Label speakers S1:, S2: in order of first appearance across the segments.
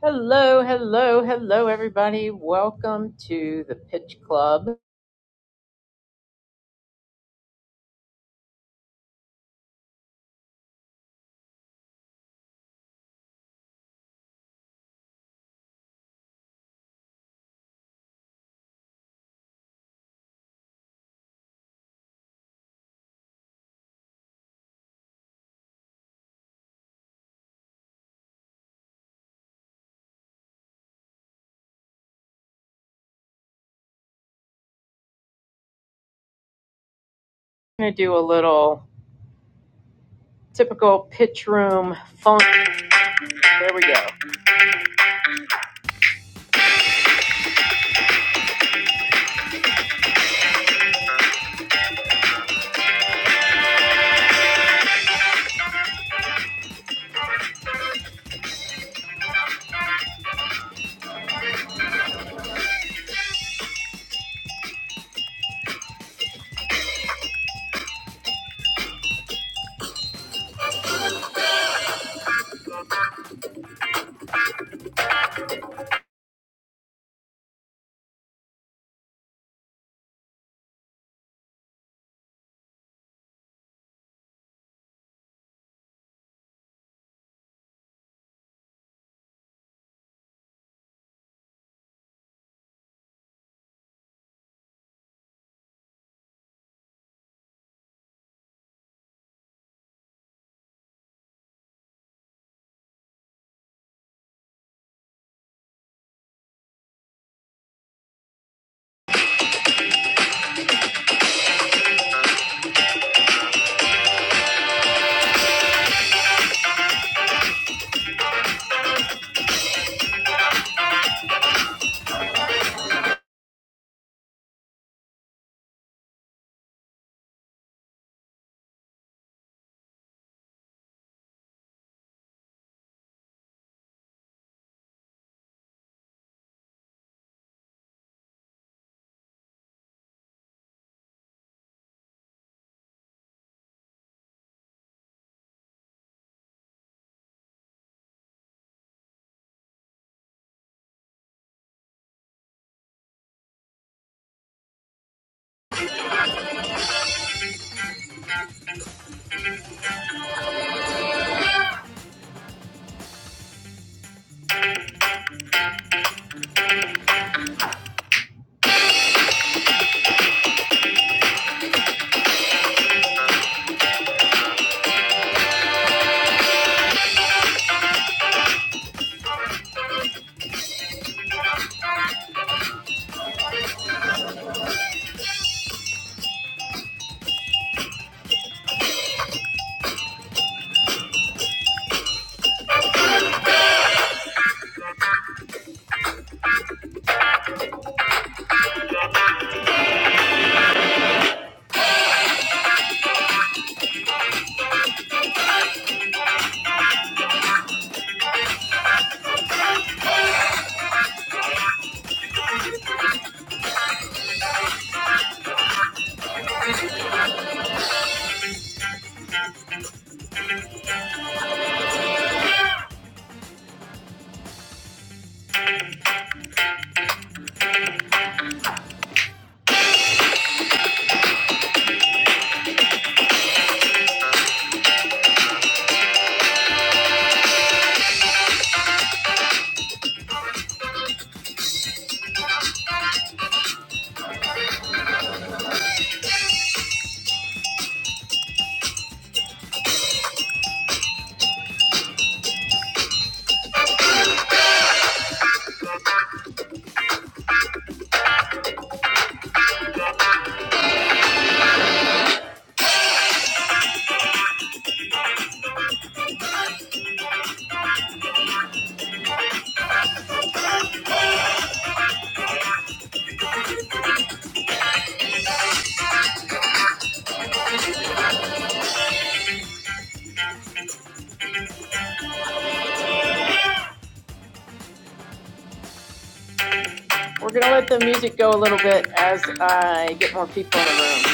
S1: Hello, hello, hello, everybody. Welcome to the Pitch Club. I'm going to do a little typical pitch room phone. There we go. We're going to let the music go a little bit as I get more people in the room.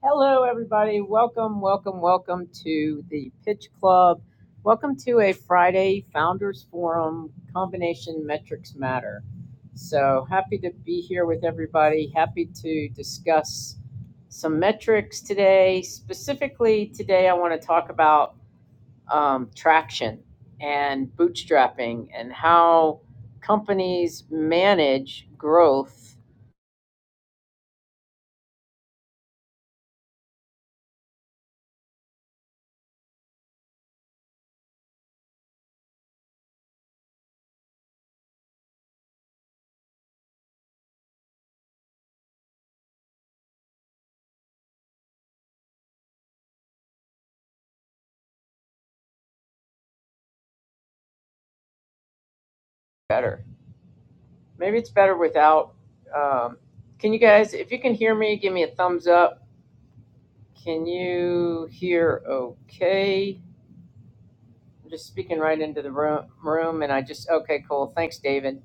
S1: Hello, everybody. Welcome, welcome, welcome to the Pitch Club. Welcome to a Friday Founders Forum combination metrics matter. So happy to be here with everybody. Happy to discuss some metrics today. Specifically, today I want to talk about um, traction and bootstrapping and how companies manage growth better. Maybe it's better without. Um, can you guys, if you can hear me, give me a thumbs up. Can you hear okay? I'm just speaking right into the room, room and I just, okay, cool. Thanks, David.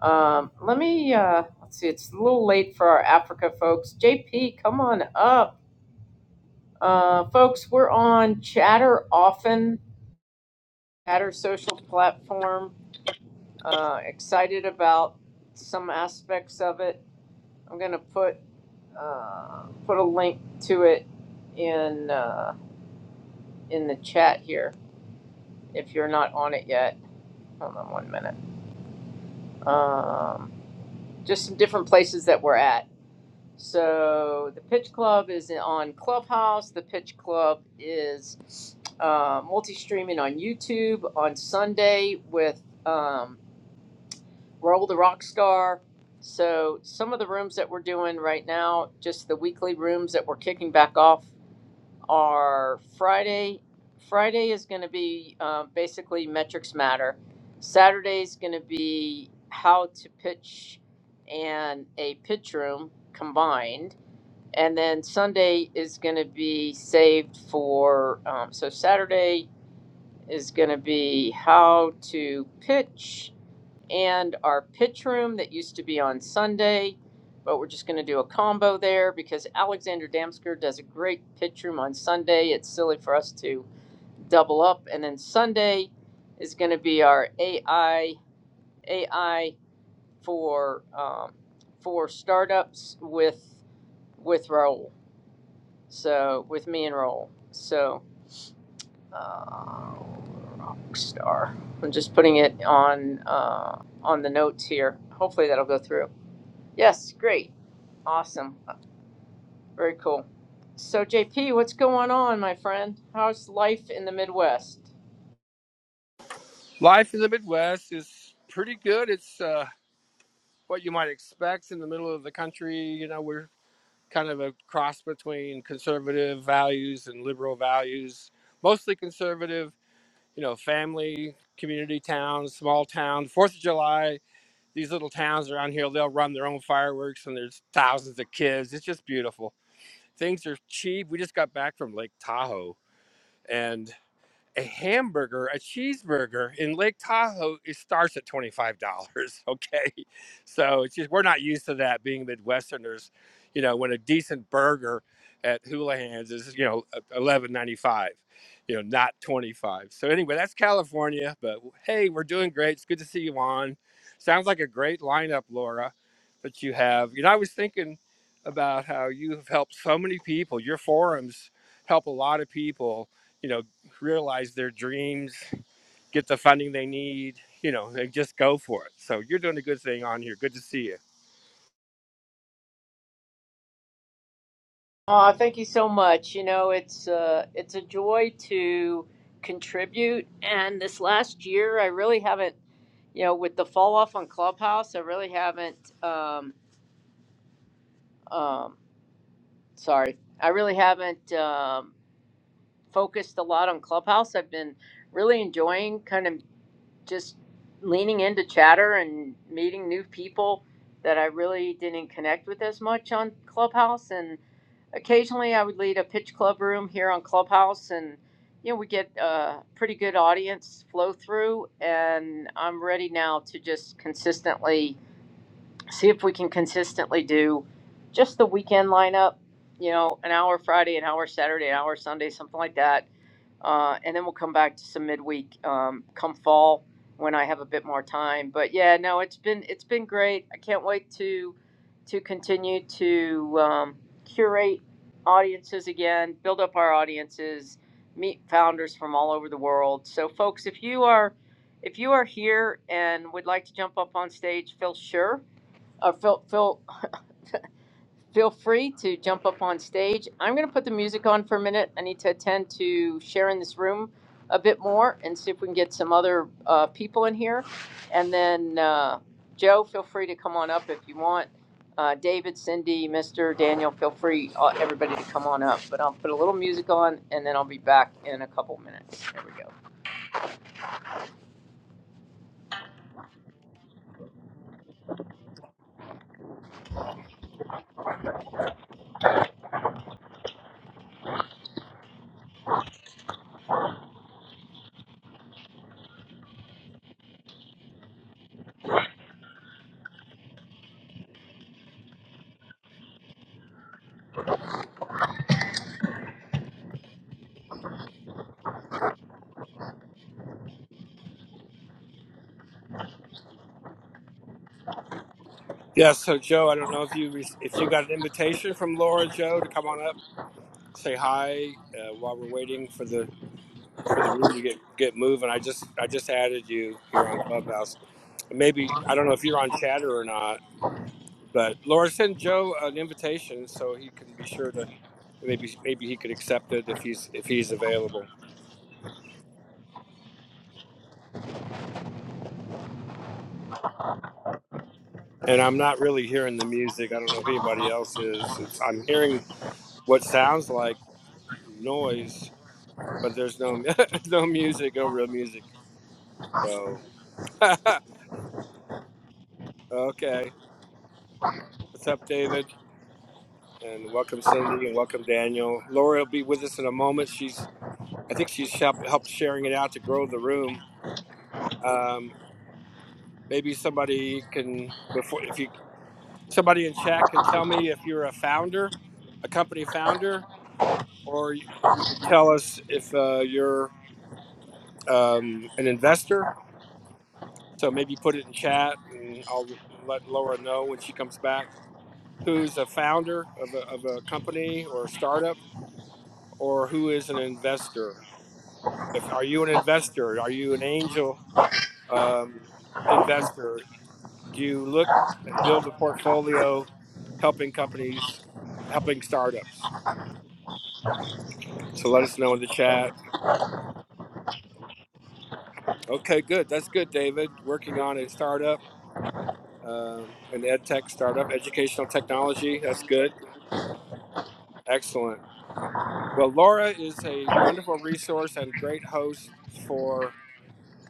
S1: Um, let me, uh, let's see, it's a little late for our Africa folks. JP, come on up. Uh, folks, we're on Chatter often, Chatter social platform. Uh, excited about some aspects of it. I'm going to put uh, put a link to it in uh, in the chat here if you're not on it yet. Hold on one minute. Um, just some different places that we're at. So the Pitch Club is on Clubhouse. The Pitch Club is uh, multi-streaming on YouTube on Sunday with um, Roll the Rockstar. So some of the rooms that we're doing right now, just the weekly rooms that we're kicking back off are Friday. Friday is going to be uh, basically metrics matter. Saturday is going to be how to pitch and a pitch room combined. And then Sunday is going to be saved for. Um, so Saturday is going to be how to pitch and our pitch room that used to be on Sunday, but we're just going to do a combo there because Alexander Damsker does a great pitch room on Sunday. It's silly for us to double up, and then Sunday is going to be our AI AI for um, for startups with with Raul. So with me and Raul. So uh, Rockstar. I'm just putting it on uh, on the notes here. Hopefully that'll go through. Yes, great. Awesome. Very cool. So, JP, what's going on, my friend? How's life in the Midwest?
S2: Life in the Midwest is pretty good. It's uh, what you might expect in the middle of the country. You know, we're kind of a cross between conservative values and liberal values, mostly conservative, you know, family, community towns, small towns. Fourth of July, these little towns around here, they'll run their own fireworks and there's thousands of kids. It's just beautiful. Things are cheap. We just got back from Lake Tahoe. and a hamburger, a cheeseburger in Lake Tahoe, it starts at twenty five dollars. Okay, so it's just we're not used to that being Midwesterners. You know, when a decent burger at Houlihan's is you know e, eleven ninety five, you know, not twenty five. So anyway, that's California. But hey, we're doing great. It's good to see you on. Sounds like a great lineup, Laura, that you have. You know, I was thinking about how you have helped so many people. Your forums help a lot of people You know realize their dreams, get the funding they need, you know, and just go for it. So you're doing a good thing on here. Good to see you.
S1: Oh, thank you so much. You know, it's uh, it's a joy to contribute. And this last year, I really haven't, you know, with the fall off on Clubhouse, I really haven't. Um, um, sorry, I really haven't um, focused a lot on Clubhouse. I've been really enjoying kind of just leaning into chatter and meeting new people that I really didn't connect with as much on Clubhouse. And occasionally I would lead a pitch club room here on Clubhouse, and you know, we get a pretty good audience flow through. And I'm ready now to just consistently see if we can consistently do just the weekend lineup, you know, an hour Friday, an hour Saturday, an hour Sunday, something like that uh, and then we'll come back to some midweek um, come fall when I have a bit more time. But yeah, no, it's been it's been great. I can't wait to to continue to um, curate audiences again, build up our audiences, meet founders from all over the world. So, folks, if you are if you are here and would like to jump up on stage, feel sure, or feel feel feel free to jump up on stage. I'm going to put the music on for a minute. I need to attend to sharing this room a bit more and see if we can get some other uh, people in here. And then, uh, Joe, feel free to come on up if you want. Uh, David, Cindy, Mr. Daniel, feel free, uh, everybody to come on up. But I'll put a little music on and then I'll be back in a couple minutes. There we go.
S2: Yeah. So Joe, I don't know if you re- if you got an invitation from Laura Joe to come on up, say hi uh, while we're waiting for the for the room to get get moving. I just I just added you here on Clubhouse. Maybe I don't know if you're on Chatter or not, but Laura send Joe an invitation so he can be sure to maybe maybe he could accept it if he's if he's available. and I'm not really hearing the music. I don't know if anybody else is. It's, I'm hearing what sounds like noise, but there's no no music, no real music. So okay, what's up, David? And welcome, Cindy, and welcome, Daniel. Lori will be with us in a moment. She's I think she's help, helped sharing it out to grow the room. Um, maybe somebody can before if you somebody in chat can tell me if you're a founder, a company founder, or you can tell us if uh, you're um, an investor. So maybe put it in chat, and I'll let Laura know when she comes back. Who's a founder of a, of a company or a startup, or who is an investor? If are you an investor? Are you an angel um, investor? Do you look and build a portfolio, helping companies, helping startups? So let us know in the chat. Okay, good. That's good, David. Working on a startup, um, an ed tech startup, educational technology. That's good. Excellent. Well, Laura is a wonderful resource and great host for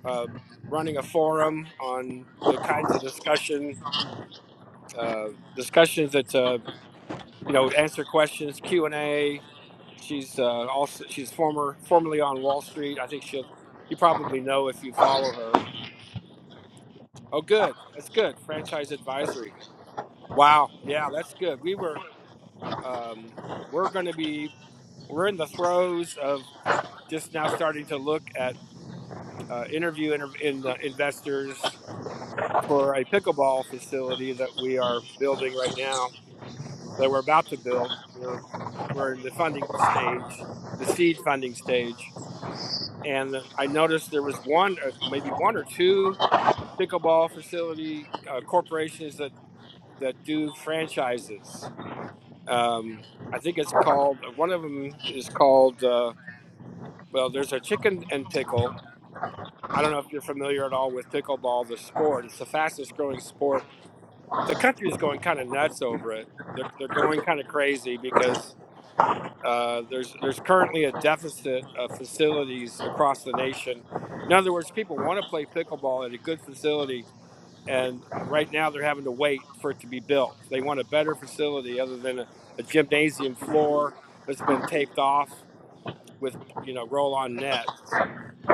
S2: uh, running a forum on the kinds of discussion uh, discussions that uh, you know answer questions Q and A. She's uh, also she's former formerly on Wall Street. I think she'll you probably know if you follow her. Oh, good. That's good. Franchise advisory. Wow. Yeah, that's good. We were um, we're going to be we're in the throes of just now starting to look at uh, interview inter- in, uh, investors for a pickleball facility that we are building right now, that we're about to build. We're, we're in the funding stage, the seed funding stage. And I noticed there was one, uh, maybe one or two pickleball facility uh, corporations that, that do franchises. Um, I think it's called, uh, one of them is called, uh, well, there's a chicken and pickle. I don't know if you're familiar at all with pickleball, the sport. It's the fastest growing sport the country's going kind of nuts over it. They're they're going kind of crazy because uh, there's there's currently a deficit of facilities across the nation. In other words, people want to play pickleball at a good facility, and right now they're having to wait for it to be built. They want a better facility other than a, a gymnasium floor that's been taped off with you know roll-on nets.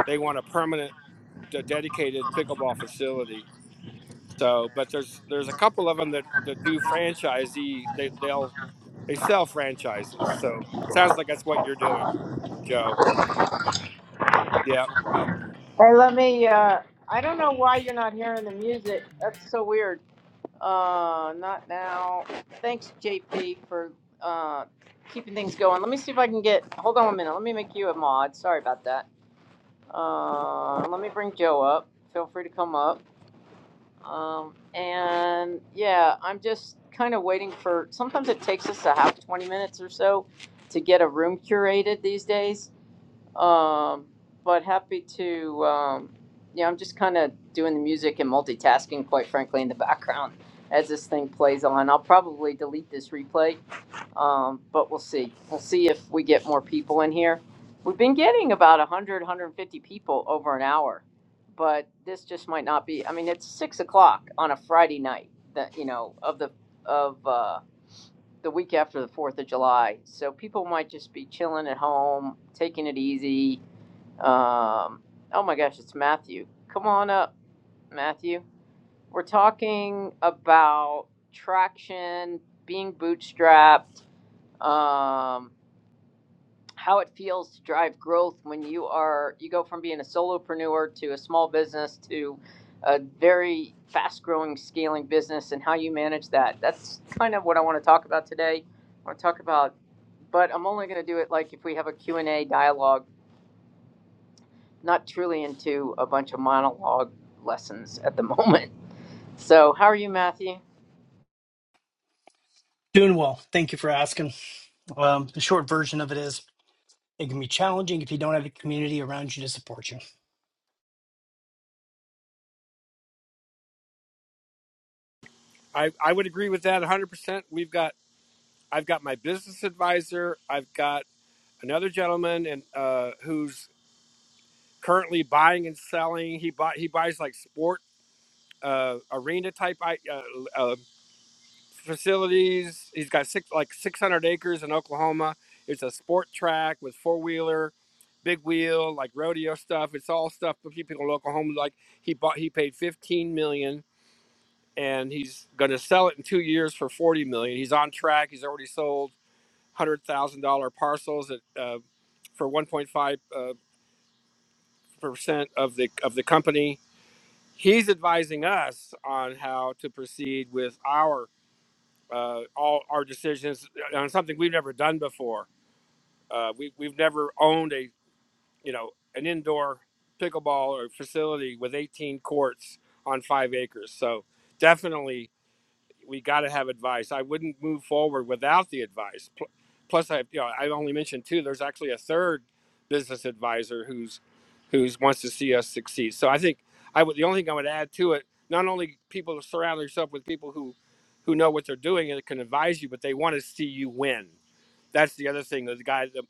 S2: They want a permanent, de- dedicated pickleball facility so, but there's there's a couple of them that, that do franchisee. They they'll they sell franchises. So sounds like that's what you're doing, Joe. Yeah,
S1: Hey, let me. Uh, I don't know why you're not hearing the music. That's so weird. Uh, not now. Thanks, JP, for uh, keeping things going. Let me see if I can get. Hold on a minute. Let me make you a mod. Sorry about that. Uh, let me bring Joe up. Feel free to come up. Um, and yeah, I'm just kind of waiting for. Sometimes it takes us a half 20 minutes or so to get a room curated these days. Um, but happy to, um, yeah, I'm just kind of doing the music and multitasking, quite frankly, in the background as this thing plays on. I'll probably delete this replay, um, but we'll see. We'll see if we get more people in here. We've been getting about 100, 150 people over an hour, but this just might not be. I mean, it's six o'clock on a Friday night, that you know, of the of uh, the week after the Fourth of July, so people might just be chilling at home, taking it easy um, oh my gosh, it's Matthew. Come on up, Matthew. We're talking about traction, being bootstrapped, um, how it feels to drive growth when you are you go from being a solopreneur to a small business to a very fast-growing, scaling business, and how you manage that. That's kind of what I want to talk about today. I want to talk about, but I'm only going to do it like if we have a Q and A dialogue not truly into a bunch of monologue lessons at the moment. So, how are you, Matthew?
S3: Doing well. Thank you for asking. Um, the short version of it is it can be challenging if you don't have a community around you to support you.
S2: I I would agree with that 100. percent We've got I've got my business advisor. I've got another gentleman and uh, who's currently buying and selling. He buy he buys like sport uh, arena type I- uh, uh, facilities. He's got six like 600 acres in Oklahoma. It's a sport track with four wheeler, big wheel, like rodeo stuff. It's all stuff for people in Oklahoma. Like he bought, he paid 15 million, dollars, and he's going to sell it in two years for 40 million. dollars. He's on track. He's already sold one hundred thousand dollar parcels at, uh, for 1.5 uh, percent of the of the company. He's advising us on how to proceed with our uh, all our decisions uh, on something we've never done before. Uh, we, we've never owned a you know an indoor pickleball or facility with 18 courts on five acres. So definitely we got to have advice. I wouldn't move forward without the advice. Plus, I you know I only mentioned two. There's actually a third business advisor who's who's wants to see us succeed. So I think I would the only thing I would add to it. Not only people surround yourself with people who who know what they're doing and can advise you, but they want to see you win. That's the other thing. The guy the,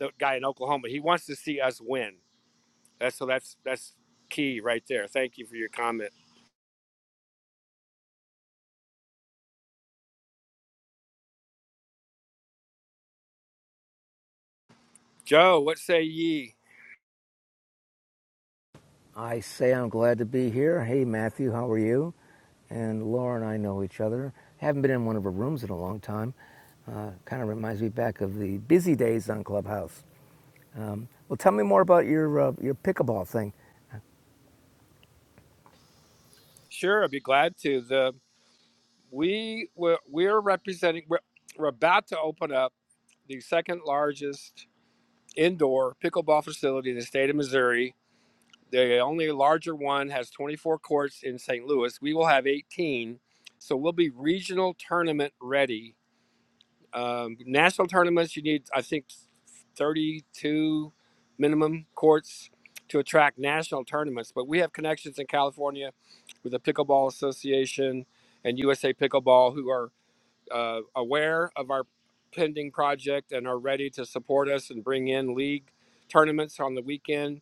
S2: the guy in Oklahoma he wants to see us win. That's so that's that's key right there. Thank you for your comment, Joe. What say ye?
S4: I say I'm glad to be here. Hey, Matthew, how are you? And Laura and I know each other. Haven't been in one of her rooms in a long time. Uh, kind of reminds me back of the busy days on Clubhouse. Um, well, tell me more about your uh, your pickleball thing.
S2: Sure, I'd be glad to. The We were we're representing. We're, we're about to open up the second largest indoor pickleball facility in the state of Missouri. The only larger one has 24 courts in St. Louis. We will have 18, so we'll be regional tournament ready. Um, national tournaments, you need I think 32 minimum courts to attract national tournaments. But we have connections in California with the Pickleball Association and USA Pickleball, who are uh, aware of our pending project and are ready to support us and bring in league tournaments on the weekend.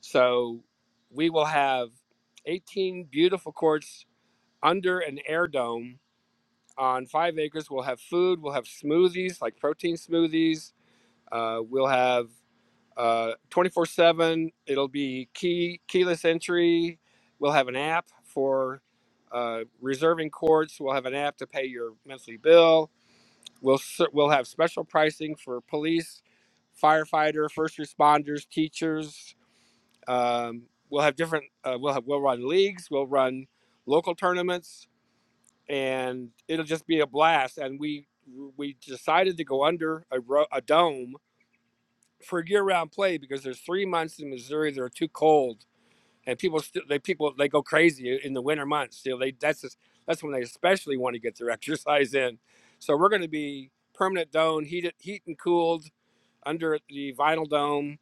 S2: So we will have 18 beautiful courts under an air dome on five acres. We'll have food, we'll have smoothies like protein smoothies, uh, we'll have uh, 24 7, it'll be key keyless entry. We'll have an app for uh, reserving courts. We'll have an app to pay your monthly bill We'll we'll have special pricing for police, firefighter, first responders, teachers. Um, we'll have different. Uh, we'll have we'll run leagues. We'll run local tournaments, and it'll just be a blast. And we we decided to go under a, ro- a dome for year round play because there's three months in Missouri that are too cold and people still they people they go crazy in the winter months. You know, they that's just, that's when they especially want to get their exercise in. So we're going to be permanent dome, heated, heat and cooled under the vinyl dome,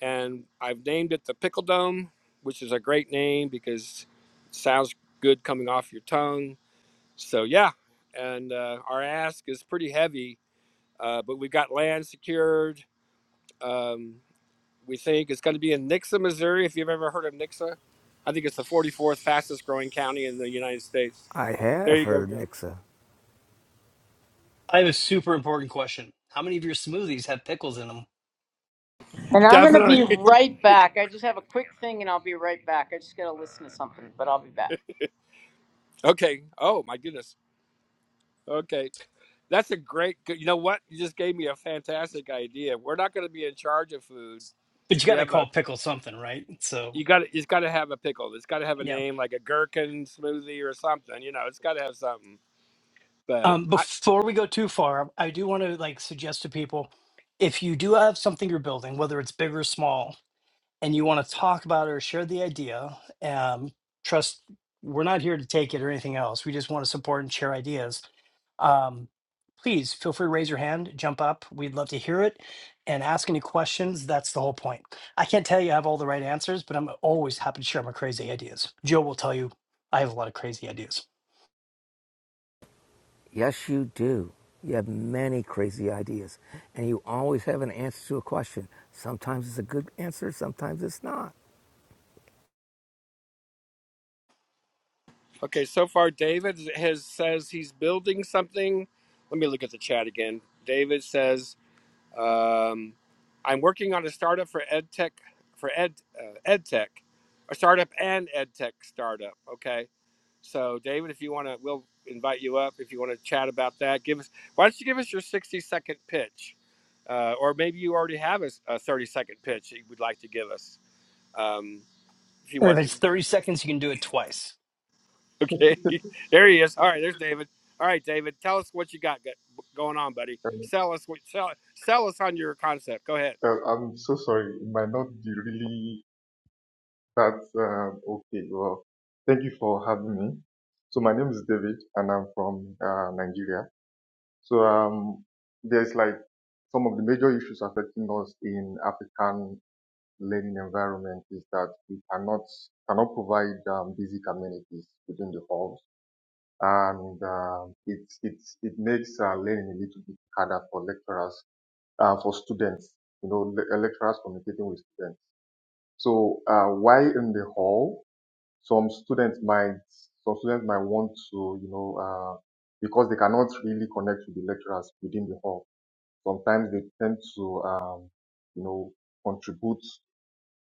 S2: and I've named it the pickle dome, which is a great name because it sounds good coming off your tongue. So yeah, and uh, our ask is pretty heavy, uh, but we got land secured. Um, we think. It's going to be in Nixa, Missouri, if you've ever heard of Nixa. I think it's the 44th fastest growing county in the United States.
S4: I
S2: There
S4: have
S2: you go,
S4: heard of
S2: Joe.
S4: Nixa.
S3: I have a super important question. How many of your smoothies have pickles in them?
S1: And I'm going to
S2: Definitely.
S1: be right back. I just have a quick thing and I'll be right back. I just got to listen to something, but I'll be back.
S2: Okay. Oh, my goodness. Okay. That's a great, good- you know what? You just gave me a fantastic idea. We're not going to be in charge of food.
S3: But you
S2: We
S3: got to
S2: have a,
S3: call pickle something, right? So,
S2: you got to, it's got to have a pickle. It's got to have a
S3: yeah.
S2: name like a gherkin smoothie or something. You know, it's got to have something. But
S3: Um,
S2: I,
S3: before we go too far, I do want to like suggest to people if you do have something you're building, whether it's big or small, and you want to talk about or share the idea, um, trust we're not here to take it or anything else. We just want to support and share ideas. Um, please feel free to raise your hand, jump up. We'd love to hear it and ask any questions. That's the whole point. I can't tell you I have all the right answers, but I'm always happy to share my crazy ideas. Joe will tell you I have a lot of crazy ideas.
S4: Yes, you do. You have many crazy ideas, and you always have an answer to a question. Sometimes it's a good answer, sometimes it's not.
S2: okay, so far David has says he's building something let me look at the chat again. David says Um, I'm working on a startup for EdTech, for Ed uh, EdTech, a startup and EdTech startup. Okay, so David, if you want to, we'll invite you up if you want to chat about that. Give us, why don't you give us your 60 second pitch, uh, or maybe you already have a a 30 second pitch that you would like to give us, um, if you
S3: And if
S2: want to.
S3: it's 30 seconds, you can do it twice.
S2: Okay, there he is. All right, there's David. All right, David, tell us what you got go- going on, buddy.
S5: Um,
S2: Sell us what sell sell us on your concept. Go ahead.
S5: uh, I'm so sorry. It might not be really that um, okay. Well, thank you for having me. So my name is David, and I'm from uh, Nigeria. So um, there's like some of the major issues affecting us in African learning environment is that we cannot cannot provide um, basic amenities within the halls, and um, it it it makes uh, learning a little bit harder for lecturers, uh, for students. You know, le- lecturers communicating with students. So uh, while in the hall, some students might some students might want to, you know, uh, because they cannot really connect with the lecturers within the hall. Sometimes they tend to, um, you know, contribute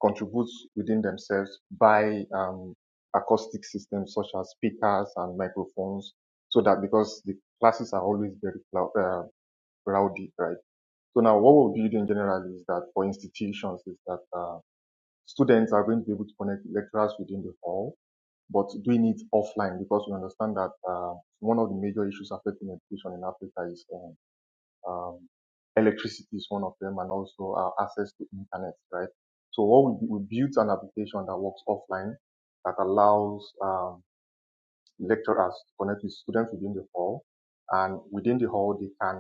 S5: contribute within themselves by um, acoustic systems such as speakers and microphones, so that because the classes are always very clou- uh, rowdy, right? So now what we'll be doing generally is that for institutions is that. Uh, students are going to be able to connect lecturers within the hall, but doing it offline because we understand that uh, one of the major issues affecting education in Africa is um, um, electricity is one of them and also uh, access to internet, right? So what we, we built an application that works offline that allows um, lecturers to connect with students within the hall and within the hall they can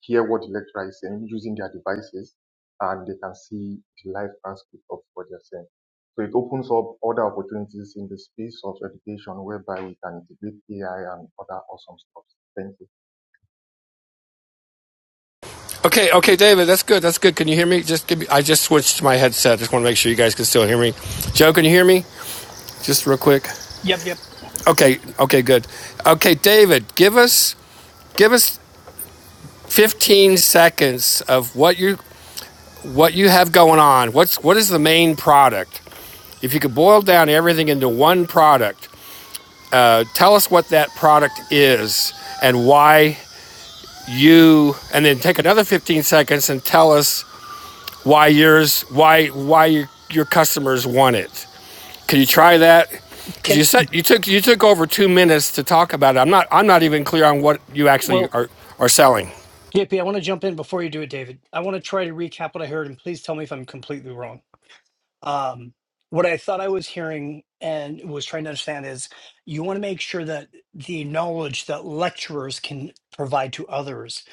S5: hear what the lecturer is saying using their devices, and they can see the live transcript of what they're saying. So it opens up other opportunities in the space of education whereby we can integrate AI and other awesome stuff. Thank
S2: Okay, okay, David, that's good. That's good. Can you hear me? Just give me. I just switched to my headset. Just want to make sure you guys can still hear me. Joe, can you hear me? Just real quick.
S3: Yep, yep.
S2: Okay, okay, good. Okay, David, give us give us 15 seconds of what you what you have going on. What's what is the main product? If you could boil down everything into one product, uh, tell us what that product is and why you. And then take another 15 seconds and tell us why yours why why your, your customers want it. Can you try that? Because you
S3: Can
S2: said you took you took over two minutes to talk about it. I'm not I'm not even clear on what you actually
S3: well,
S2: are are selling.
S3: JP, I want to jump in before you do it, David. I want to try to recap what I heard and please tell me if I'm completely wrong. um, what I thought I was hearing and was trying to understand is you want to make sure that the knowledge that lecturers can provide to others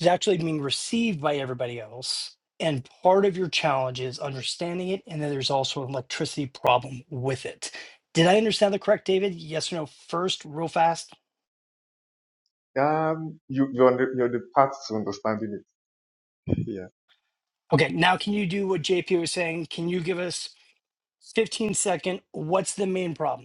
S3: is actually being received by everybody else. And part of your challenge is understanding it, and then there's also an electricity problem with it. Did I understand that correct, David? Yes or no? First, real fast.
S5: you. Um, you, you're, on the, you're the path to understanding it. Yeah.
S3: Okay, now can you do what JP was saying? Can you give us 15 second? What's the main problem?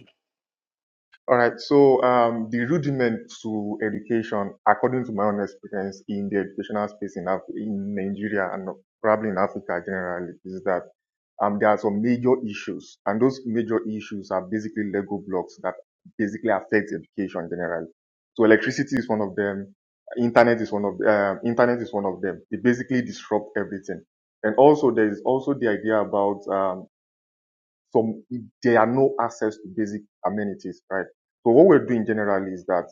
S5: All right. So um, the rudiment to education, according to my own experience in the educational space in, Af- in Nigeria and probably in Africa generally, is that um, there are some major issues, and those major issues are basically Lego blocks that basically affect education generally. So electricity is one of them. Internet is one of um internet is one of them. They basically disrupt everything. And also there is also the idea about um, some there are no access to basic amenities, right? So what we're doing generally is that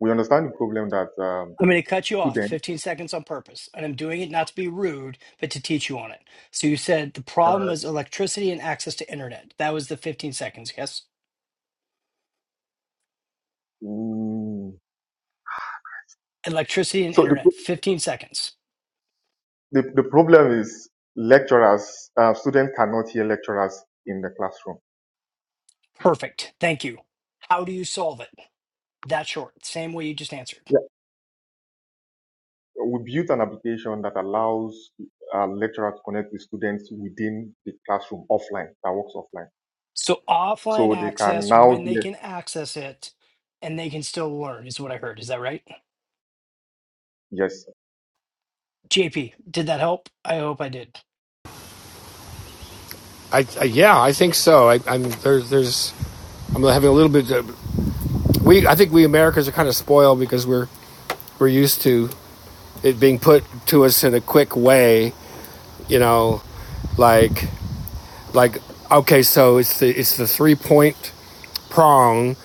S5: we understand the problem that um,
S3: I'm going to cut you off
S5: students.
S3: 15 seconds on purpose, and I'm doing it not to be rude, but to teach you on it. So you said the problem is electricity and access to internet. That was the 15 seconds, yes?
S5: Mm,
S3: Electricity and
S5: so the, pro-
S3: internet, 15 seconds.
S5: the the problem is lecturers, uh, students cannot hear lecturers in the classroom.
S3: Perfect. Thank you. How do you solve it? That short, same way you just answered.
S5: Yeah. We built an application that allows uh, lecturers to connect with students within the classroom offline, that works offline.
S3: So offline
S5: So they can
S3: access
S5: now
S3: when they
S5: hear.
S3: can access it and they can still learn is what I heard. Is that right?
S5: Yes,
S3: JP, did that help? I hope I did.
S2: I, I yeah, I think so. I, I'm there's there's I'm having a little bit. Of, We I think we Americans are kind of spoiled because we're we're used to it being put to us in a quick way. You know, like Like, okay, so it's the it's the three point prong.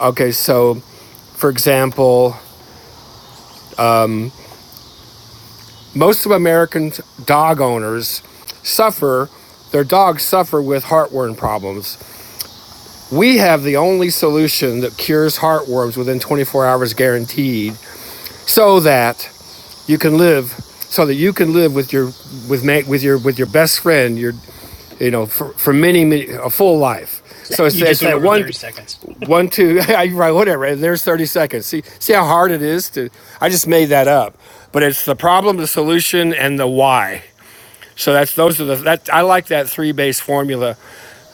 S2: Okay, so for example, most of American dog owners suffer their dogs suffer with heartworm problems. We have the only solution that cures heartworms within 24 hours guaranteed so that you can live so that you can live with your with mate with your with your best friend, your you know, for, for many, many a full life. So it's,
S3: You
S2: it's
S3: just went
S2: that
S3: over 30
S2: one.
S3: seconds.
S2: One, two, I write whatever, and there's 30 seconds. See, see how hard it is to, I just made that up, but it's the problem, the solution, and the why. So that's, those are the, that, I like that three base formula.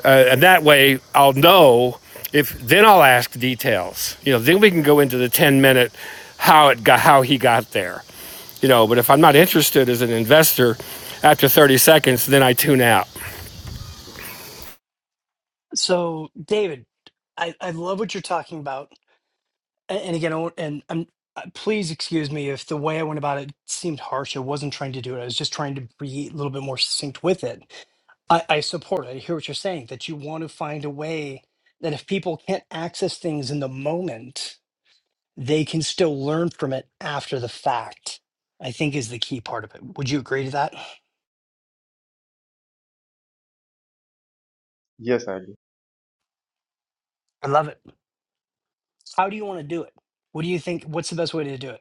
S2: Uh, and that way I'll know if, then I'll ask details. You know, then we can go into the 10 minute how it got, how he got there. You know, but if I'm not interested as an investor after 30 seconds, then I tune out.
S3: So, David, I, I love what you're talking about. And, and again, I won't- and I'm, uh, please excuse me if the way I went about it seemed harsh. I wasn't trying to do it. I was just trying to be a little bit more succinct with it. I, I support it. I hear what you're saying that you want to find a way that if people can't access things in the moment, they can still learn from it after the fact, I think is the key part of it. Would you agree to that?
S5: yes, I do.
S3: I love it. How do you want to do it? What do you think? What's the best way to do it?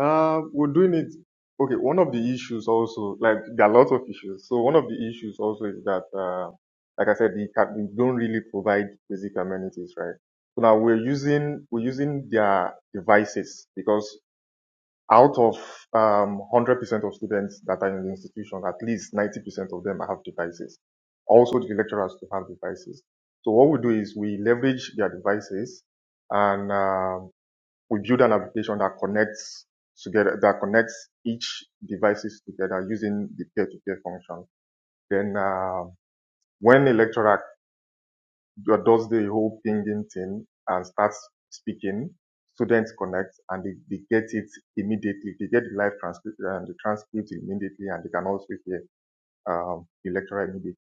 S5: Uh, we're doing it. Okay, one of the issues also, like there are lots of issues. So one of the issues also is that, uh, like I said, the, ca- we don't really provide basic amenities, right? So now we're using we're using their devices because out of um 100% of students that are in the institution, at least 90% of them have devices. Also, the lecturers to have devices. So what we do is we leverage their devices, and um, we build an application that connects together, that connects each devices together using the peer-to-peer function. Then uh, when a lecturer does the whole pinging thing and starts speaking, students connect and they, they get it immediately. They get the live transcript and the transcript immediately and they can also hear um, the lecturer immediately.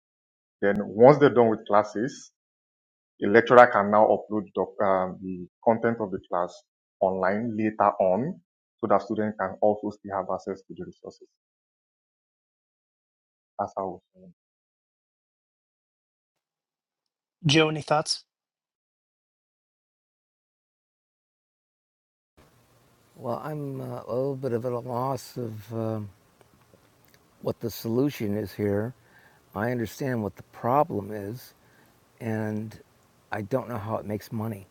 S5: Then once they're done with classes, A lecturer can now upload doc, um, the content of the class online later on so that students can also still have access to the resources. That's how
S3: Joe, any thoughts?
S4: Well, I'm uh, a little bit of at a loss of. um what the solution is here. I understand what the problem is, and I don't know how it makes money.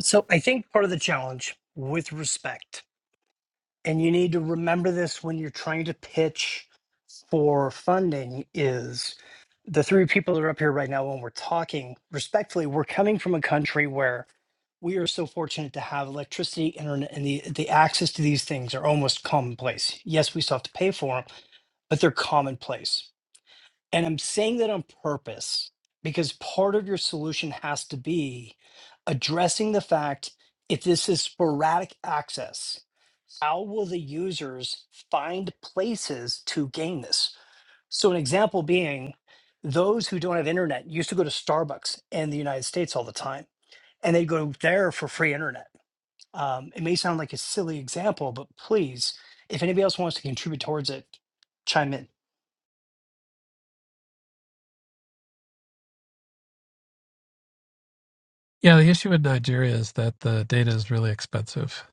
S3: So I think part of the challenge with respect, and you need to remember this when you're trying to pitch for funding, is the three people that are up here right now, when we're talking respectfully, we're coming from a country where we are so fortunate to have electricity, internet, and the, the access to these things are almost commonplace. Yes, we still have to pay for them, but they're commonplace. And I'm saying that on purpose because part of your solution has to be addressing the fact if this is sporadic access, how will the users find places to gain this? So, an example being those who don't have internet used to go to Starbucks in the United States all the time, and they go there for free internet. Um, it may sound like a silly example, but please, if anybody else wants to contribute towards it, chime in.
S6: Yeah, the issue with Nigeria is that the data is really expensive.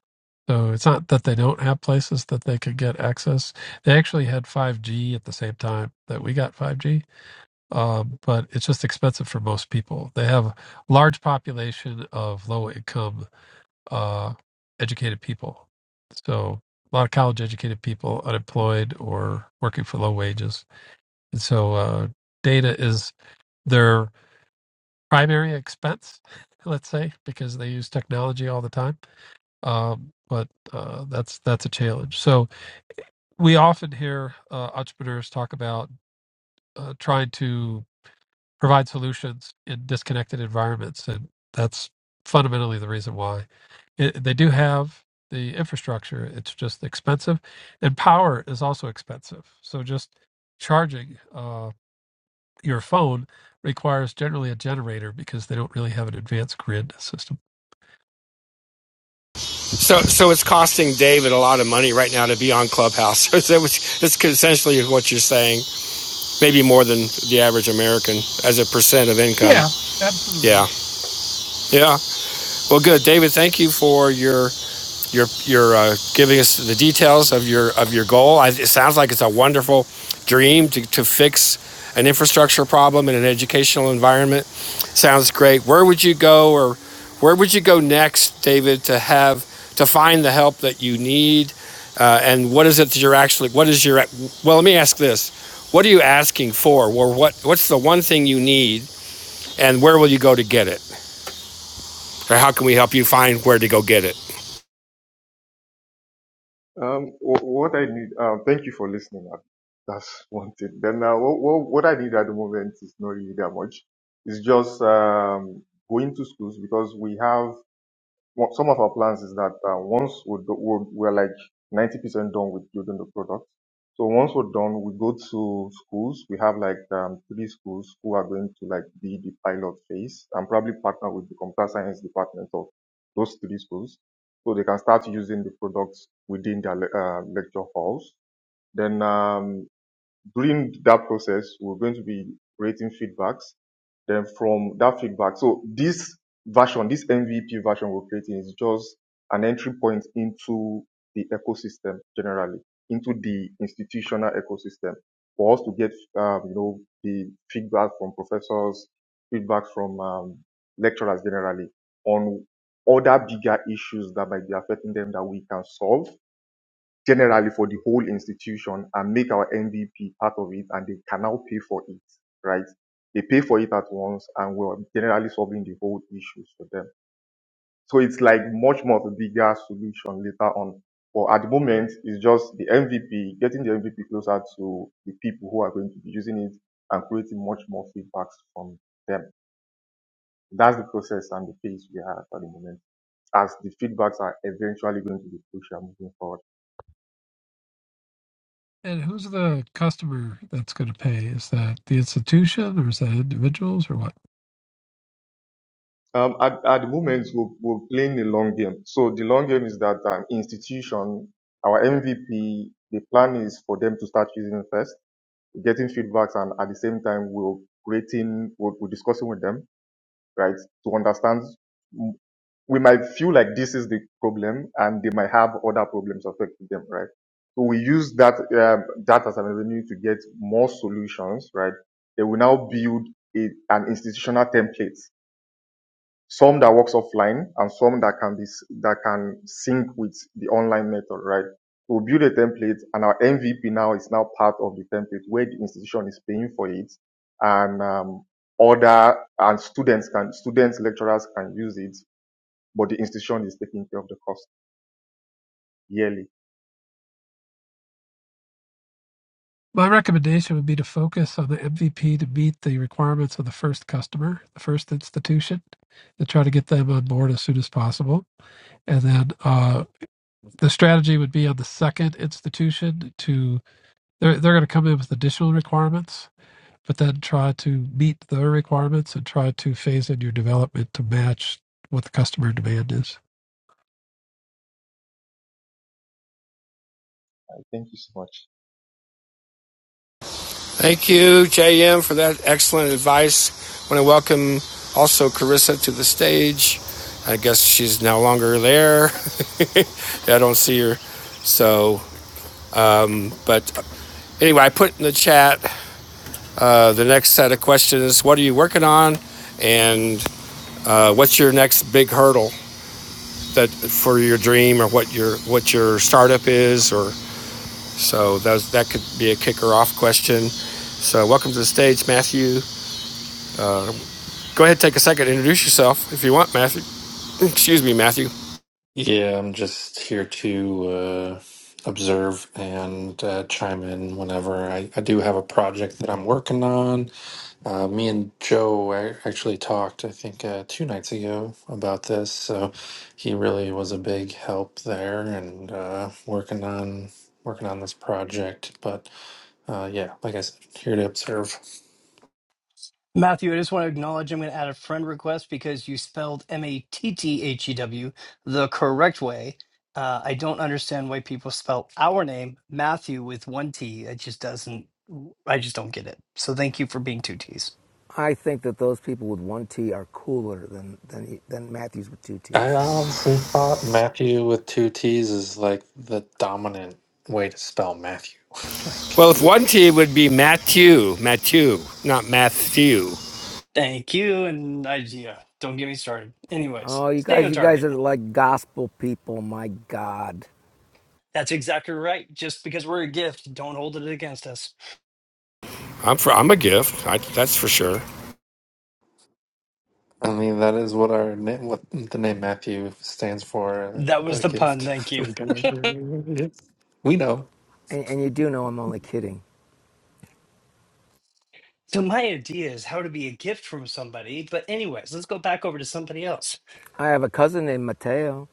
S6: So it's not that they don't have places that they could get access. They actually had 5G at the same time that we got 5G, um, but it's just expensive for most people. They have a large population of low income, uh, educated people. So a lot of college educated people, unemployed or working for low wages. And so uh, data is their primary expense, let's say, because they use technology all the time. Um, but uh, that's that's a challenge. So we often hear uh, entrepreneurs talk about uh, trying to provide solutions in disconnected environments, and that's fundamentally the reason why it, they do have the infrastructure. It's just expensive, and power is also expensive. So just charging uh, your phone requires generally a generator because they don't really have an advanced grid system.
S2: So, so it's costing David a lot of money right now to be on Clubhouse. that's essentially what you're saying. Maybe more than the average American as a percent of income.
S6: Yeah, absolutely.
S2: Yeah, yeah. Well, good, David. Thank you for your your your uh, giving us the details of your of your goal. I, it sounds like it's a wonderful dream to, to fix an infrastructure problem in an educational environment. Sounds great. Where would you go, or where would you go next, David, to have to find the help that you need? Uh, and what is it that you're actually? What is your? Well, let me ask this: What are you asking for? Or what what's the one thing you need, and where will you go to get it? Or how can we help you find where to go get it?
S5: um, what I need, uh, thank you for listening. That's one thing. Then uh, what, what, what I need at the moment is not really that much. It's just um, going to schools because we have Well, some of our plans is that uh, once we're, do- we're, we're like 90% done with building the product. So once we're done, we go to schools. We have like um, three schools who are going to like be the pilot phase and probably partner with the computer science department of those three schools. So they can start using the products within their le- uh, lecture halls. Then um, during that process, we're going to be creating feedbacks then from that feedback, so this version, this MVP version we're creating is just an entry point into the ecosystem generally, into the institutional ecosystem for us to get, um, you know, the feedback from professors, feedback from um, lecturers generally on other bigger issues that might be affecting them that we can solve generally for the whole institution and make our MVP part of it, and they can now pay for it, right? They pay for it at once, and we're generally solving the whole issues for them. So it's like much more of a bigger solution later on. But at the moment, it's just the MVP, getting the MVP closer to the people who are going to be using it and creating much more feedbacks from them. That's the process and the pace we are at at the moment, as the feedbacks are eventually going to be crucial moving forward.
S6: And who's the customer that's going to pay? Is that the institution or is that individuals or what?
S5: Um, at, at the moment, we're, we're playing the long game. So the long game is that um, institution, our MVP, the plan is for them to start using first, getting feedbacks, and at the same time, we're creating, we're, we're discussing with them, right, to understand. mm, We might feel like this is the problem, and they might have other problems affecting them, right? So we use that um, that as an avenue to get more solutions, right? They will now build a, an institutional template some that works offline and some that can be that can sync with the online method, right? We'll build a template and our MVP now is now part of the template where the institution is paying for it and um, other and students can students lecturers can use it, but the institution is taking care of the cost yearly.
S6: My recommendation would be to focus on the MVP to meet the requirements of the first customer, the first institution, and try to get them on board as soon as possible. And then uh, the strategy would be on the second institution to, they're, they're going to come in with additional requirements, but then try to meet their requirements and try to phase in your development to match what the customer demand is.
S5: Uh, Thank you so much.
S2: Thank you, JM, for that excellent advice. I want to welcome also Carissa to the stage. I guess she's no longer there. I don't see her. So, but anyway, I put in the chat uh, the next set of questions. What are you working on? And uh, what's your next big hurdle that for your dream or what your what your startup is? Or so that was, that could be a kicker off question. So, welcome to the stage, Matthew. Go ahead, take a second, introduce yourself if you want, Matthew. Excuse me, Matthew.
S7: Yeah, I'm just here to uh, observe and uh, chime in whenever. I, I do have a project that I'm working on. Uh, me and Joe a- actually talked, I think, uh, two nights ago about this. So he really was a big help there and uh, working on working on this project. But uh, yeah, like I said, here to observe.
S3: Matthew, I just want to acknowledge I'm going to add a friend request because you spelled M A T T H E W the correct way. Uh, I don't understand why people spell our name Matthew with one T. It just doesn't. I just don't get it. So thank you for being two T's.
S4: I think that those people with one T are cooler than than than Matthews with two
S7: I
S4: T's.
S7: honestly thought Matthew with two T's is like the dominant way to spell Matthew. like.
S2: Well, if
S4: It,
S2: one T it would be Matthew, Matthew, not Matthew.
S3: Thank you, and I yeah, don't get me started. Anyways,
S4: oh, you
S3: stay
S4: guys,
S3: on
S4: you guys
S3: target.
S4: are like gospel people. My God,
S3: That's exactly right. Just because we're a gift, don't hold it against us.
S2: I'm for, I'm a gift. I, that's for sure.
S7: I mean, that is what our name, what the name Matthew stands for,
S3: That was
S7: a
S3: the
S7: gift
S3: pun. Thank you.
S7: from God. We know.
S4: and, and you do know I'm only kidding.
S3: So my idea is how to be a gift from somebody. But anyways, let's go back over to somebody else.
S4: I have a cousin named Mateo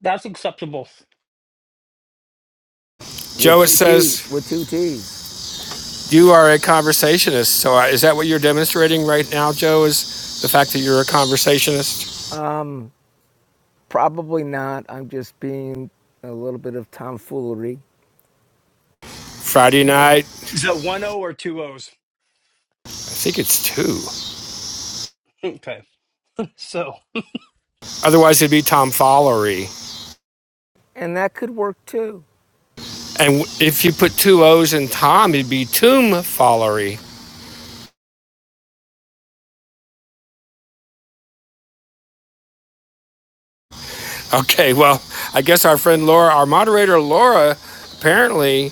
S3: That's acceptable.
S4: with
S2: Joe, it
S4: two T's.
S2: says
S4: With two T's.
S2: you are a conversationist. So uh, is that what you're demonstrating right now, Joe? Is the fact that you're a conversationist?
S4: Um, probably not. I'm just being a little bit of tomfoolery,
S2: Friday night.
S3: Is that one O or two O's?
S2: I think it's two.
S3: Okay. So
S2: Otherwise, it'd be tomfoolery.
S4: and that could work too.
S2: And if you put two O's in Tom, it'd be tomfoolery. Okay, well, I guess our friend Laura, our moderator Laura, apparently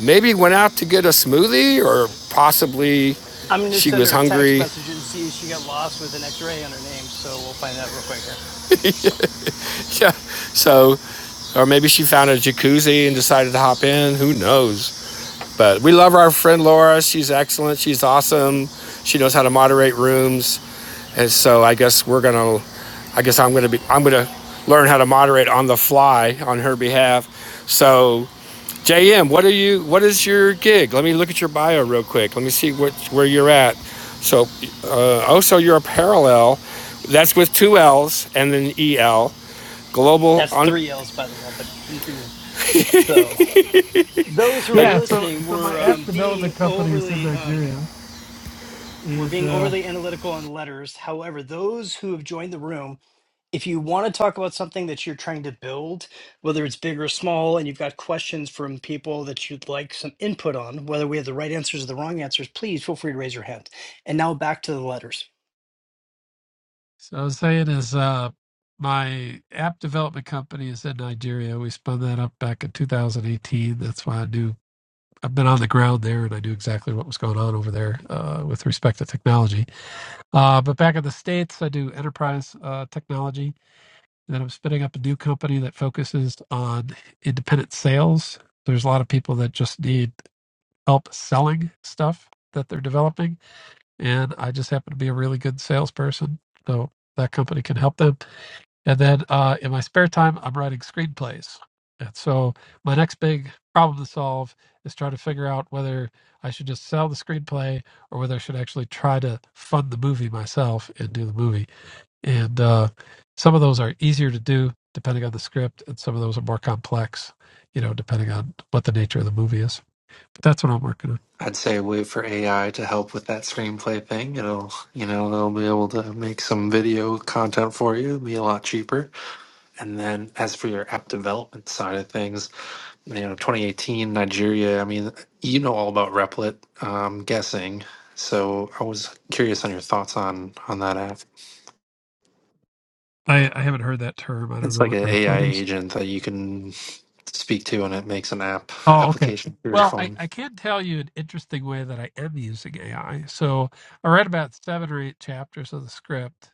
S2: maybe went out to get a smoothie or possibly
S3: I'm going to
S2: she
S3: send
S2: was
S3: her a text
S2: hungry.
S3: message and see if she got lost with an X ray on her name. So we'll find out real quick here.
S2: Yeah. So, or maybe she found a jacuzzi and decided to hop in. Who knows? But we love our friend Laura. She's excellent. She's awesome. She knows how to moderate rooms. And so I guess we're going to, I guess I'm going to be, I'm going to learn how to moderate on the fly on her behalf. So JM, what are you? What is your gig? Let me look at your bio real quick. Let me see what where you're at. So, uh, oh, so you're a parallel. That's with two L's and then EL. Global
S3: That's
S2: on.
S3: three L's, by the way, but continue. So those who
S2: Uh,
S3: are
S6: Yeah, so
S3: listening
S6: so my
S3: were
S6: app
S3: um, being
S6: development company is in
S3: overly um,
S6: Nigeria,
S3: were
S6: and
S3: being
S6: uh,
S3: overly analytical on letters. However, those who have joined the room if you want to talk about something that you're trying to build, whether it's big or small, and you've got questions from people that you'd like some input on, whether we have the right answers or the wrong answers, please feel free to raise your hand. And now back to the letters.
S6: so I was saying is uh, my app development company is in Nigeria. We spun that up back in 2018. That's why I do. I've been on the ground there, and I do exactly what was going on over there uh, with respect to technology. Uh, but back in the states, I do enterprise uh, technology, and I'm spinning up a new company that focuses on independent sales. There's a lot of people that just need help selling stuff that they're developing, and I just happen to be a really good salesperson, so that company can help them. And then uh, in my spare time, I'm writing screenplays. And so my next big problem to solve is try to figure out whether I should just sell the screenplay or whether I should actually try to fund the movie myself and do the movie and uh, some of those are easier to do depending on the script and some of those are more complex you know depending on what the nature of the movie is but that's what i'm working on
S7: I'd say wait for AI to help with that screenplay thing. It'll, you know, they'll be able to make some video content for you. It'll be a lot cheaper. And then as for your app development side of things, you know, 2018 Nigeria. I mean, you know all about Replit. I'm guessing. So I was curious on your thoughts on on that app.
S6: i, I haven't heard that term i don't
S7: It's
S6: know
S7: like
S6: what
S7: an AI
S6: replit is
S7: agent that you can speak to, and it makes an app
S6: oh okay
S7: application for your
S6: well I,
S7: phone.
S6: I can tell you an interesting way that i am using ai so i read about seven or eight chapters of the script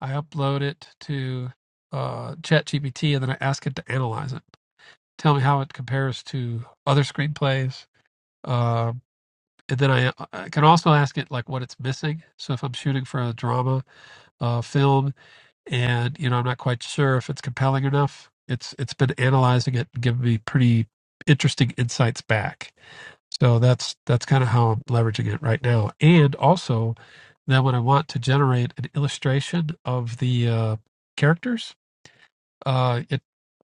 S6: i upload it to uh, chat and then i ask it to analyze it tell me how it compares to other screenplays um, and then I, I can also ask it like what it's missing. So if I'm shooting for a drama uh, film, and you know I'm not quite sure if it's compelling enough, it's it's been analyzing it and giving me pretty interesting insights back. So that's that's kind of how I'm leveraging it right now. And also, then when I want to generate an illustration of the uh, characters, uh, it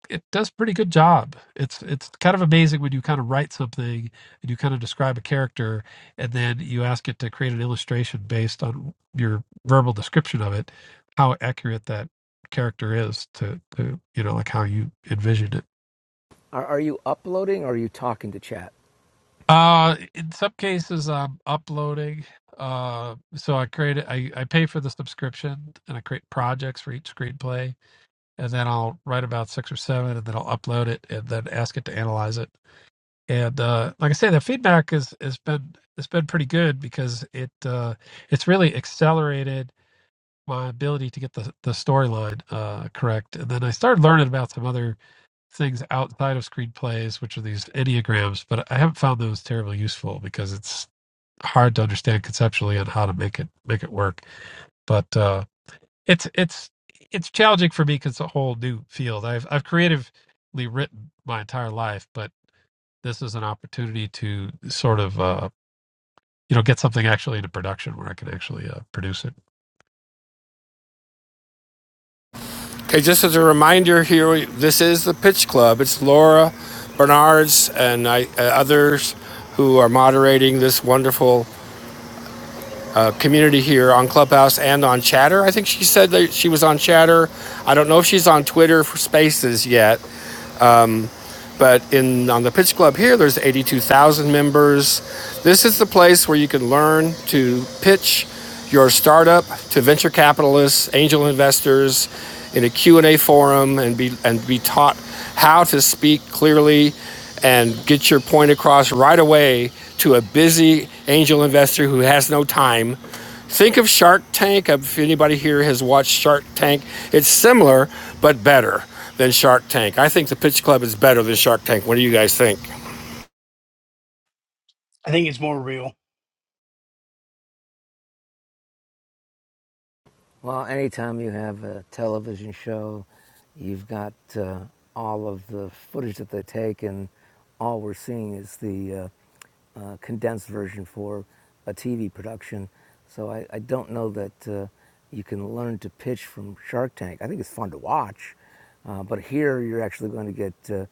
S6: it does pretty good job. It's it's kind of amazing when you kind of write something and you kind of describe a character, and then you ask it to create an illustration based on your verbal description of it, how accurate that character is to, to you know like how you envisioned it.
S4: Are, are you uploading or are you talking to chat?
S6: Uh, in some cases, I'm uploading. Uh, so I create I I pay for the subscription and I create projects for each screenplay, and then I'll write about six or seven, and then I'll upload it, and then ask it to analyze it and uh, like I say, the feedback is has been it's been pretty good because it uh, it's really accelerated my ability to get the the storyline uh, correct, and then I started learning about some other things outside of screenplays, which are these enneagrams, but I haven't found those terribly useful because it's hard to understand conceptually on how to make it make it work. But uh, it's it's it's challenging for me because it's a whole new field. I've I've creatively written my entire life, but this is an opportunity to sort of uh, you know get something actually into production where I can actually uh, produce it.
S2: okay, just as a reminder here, this is the Pitch Club. It's Laura Bernards and I, uh, others who are moderating this wonderful uh, community here on Clubhouse and on Chatter. I think she said that she was on Chatter. I don't know if she's on Twitter for Spaces yet, But in on the Pitch Club here, there's 82,000 members. This is the place where you can learn to pitch your startup to venture capitalists, angel investors, in a Q&A forum, and be and be taught how to speak clearly and get your point across right away to a busy angel investor who has no time Think of Shark Tank. If anybody here has watched Shark Tank, it's similar but better than Shark Tank. I think the Pitch Club is better than Shark Tank. What do you guys think?
S3: I think it's more real.
S4: Well, anytime you have a television show, you've got uh, all of the footage that they take, and all we're seeing is the uh, uh, condensed version for a TV production. So I, I don't know that uh, you can learn to pitch from Shark Tank. I think it's fun to watch, uh, but here you're actually going to get uh,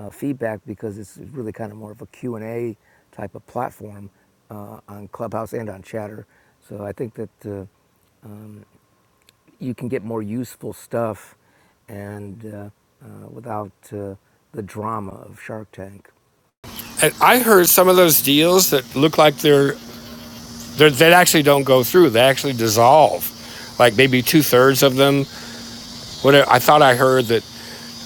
S4: uh, feedback because it's really kind of more of a Q and a type of platform uh, on Clubhouse and on Chatter. So I think that uh, um, you can get more useful stuff and uh, uh, without uh, the drama of Shark Tank.
S2: And I heard some of those deals that look like they're, they're that actually don't go through. They actually dissolve, like maybe two thirds of them. What I thought I heard that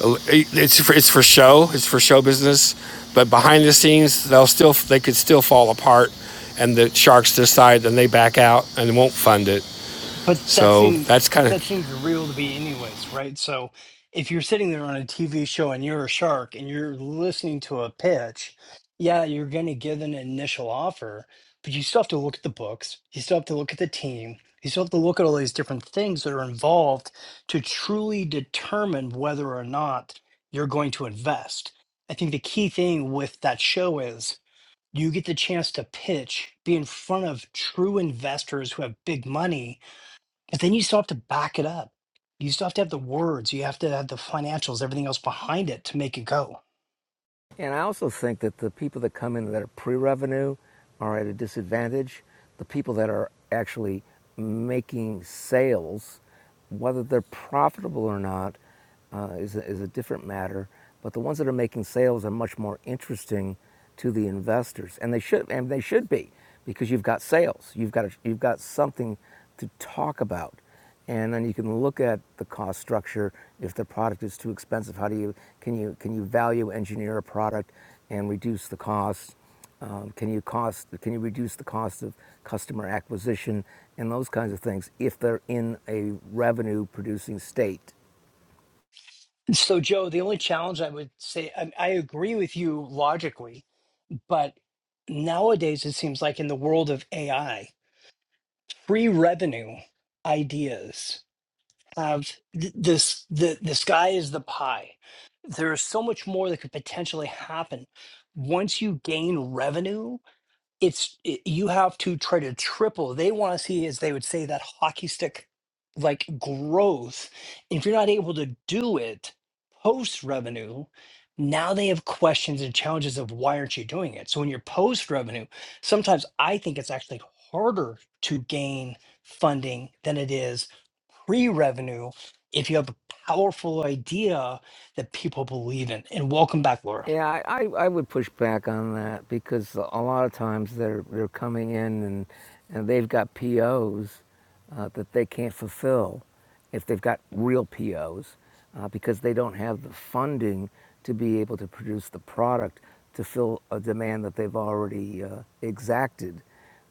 S2: uh, it's for, it's for show. It's for show business, but behind the scenes they'll still they could still fall apart, and the sharks decide and they back out and won't fund it.
S3: but that
S2: So
S3: seems
S2: that's kind of.
S3: that seems real to be anyways right so if you're sitting there on a tv show and you're a shark and you're listening to a pitch yeah you're going to give an initial offer but you still have to look at the books you still have to look at the team you still have to look at all these different things that are involved to truly determine whether or not you're going to invest i think the key thing with that show is you get the chance to pitch be in front of true investors who have big money but then you still have to back it up. You still have to have the words, you have to have the financials, everything else behind it to make it go.
S4: And I also think that the people that come in that are pre-revenue are at a disadvantage. The people that are actually making sales, whether they're profitable or not, uh, is, a, is a different matter. But the ones that are making sales are much more interesting to the investors, and they should and they should be because you've got sales, you've got a, you've got something to talk about and then you can look at the cost structure. If the product is too expensive, how do you can you can you value engineer a product and reduce the cost? Um, can you cost can you reduce the cost of customer acquisition and those kinds of things if they're in a revenue producing state?
S3: So, Joe, the only challenge I would say, I, I agree with you logically, but nowadays it seems like in the world of AI, free revenue ideas have th- this, the, the sky is the pie. There is so much more that could potentially happen once you gain revenue it's it, you have to try to triple. They want to see, as they would say, that hockey stick like growth. If you're not able to do it post revenue, now they have questions and challenges of why aren't you doing it? So when you're post revenue, sometimes I think it's actually harder to gain funding than it is pre revenue if you have a powerful idea that people believe in. And welcome back, Laura.
S4: Yeah, I, I would push back on that because a lot of times they're they're coming in and and they've got POs uh, that they can't fulfill if they've got real POs uh, because they don't have the funding to be able to produce the product to fill a demand that they've already uh, exacted.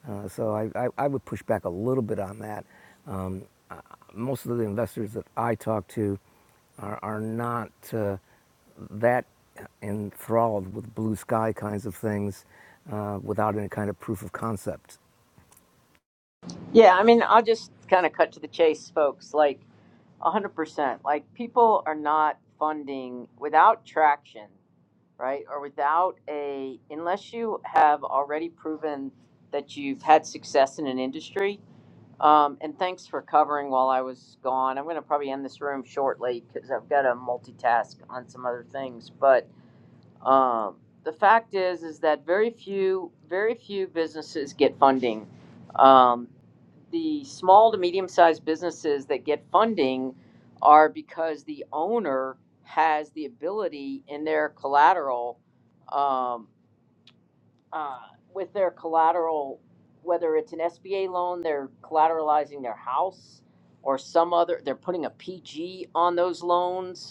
S4: Uh, so I, I, I would push back a little bit on that. Um, uh, most of the investors that I talk to are, are not. Uh, that enthralled with blue sky kinds of things uh, without any kind of proof of concept.
S1: Yeah, I mean, I'll just kind of cut to the chase, folks. Like, 100%. Like, people are not funding without traction, right? Or without a, unless you have already proven that you've had success in an industry, Um, and thanks for covering while I was gone. I'm going to probably end this room shortly because I've got to multitask on some other things. But um, the fact is, is that very few, very few businesses get funding. Um, the small to medium sized businesses that get funding are because the owner has the ability in their collateral. Um, uh, with their collateral, whether it's an SBA loan, they're collateralizing their house or some other, they're putting a PG on those loans.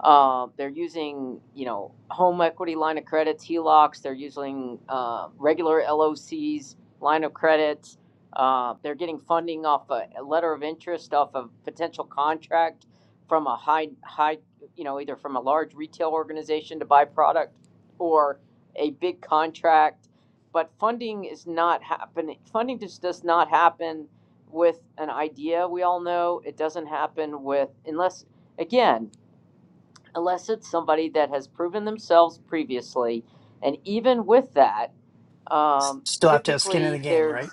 S1: Uh, they're using, you know, home equity line of credits, HELOCs. They're using uh, regular LOCs, line of credits. Uh, they're getting funding off a, a letter of interest off a potential contract from a high, high, you know, either from a large retail organization to buy product or a big contract. But funding is not happening. Funding just does not happen with an idea. We all know it doesn't happen with unless again unless it's somebody that has proven themselves previously. And even with that,
S3: S-
S1: um,
S3: Still have to have skin in
S1: typically
S3: the game,
S1: there's
S3: right?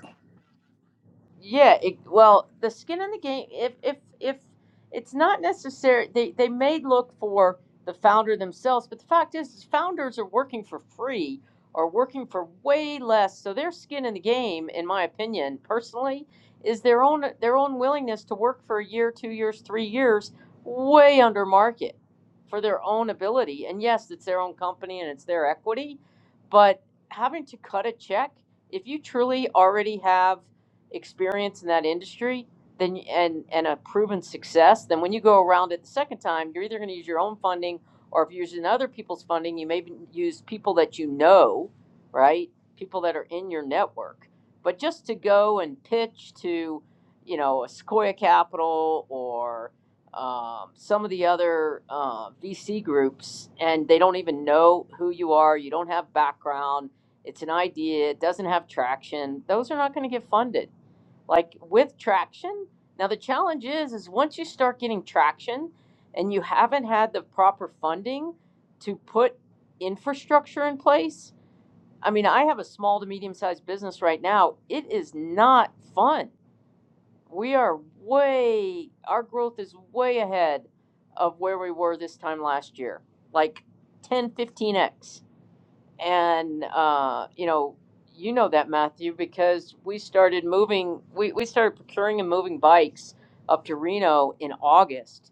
S1: yeah, it, well, the skin in the game, if if if it's not necessary, they they may look for the founder themselves, but the fact is, is founders are working for free or working for way less, so their skin in the game, in my opinion, personally, is their own their own willingness to work for a year, two years, three years, way under market for their own ability. And yes, it's their own company and it's their equity, but having to cut a check if you truly already have experience in that industry then and and a proven success then when you go around it the second time you're either going to use your own funding or if you're using other people's funding you may use people that you know right people that are in your network but just to go and pitch to you know a sequoia capital or um, some of the other uh, vc groups and they don't even know who you are you don't have background it's an idea it doesn't have traction those are not going to get funded like with traction. Now the challenge is is once you start getting traction and you haven't had the proper funding to put infrastructure in place. I mean, I have a small to medium sized business right now. It is not fun. We are way our growth is way ahead of where we were this time last year. Like ten, fifteen x and, uh, you know, you know that, Matthew, because we started moving, we, we started procuring and moving bikes up to Reno in August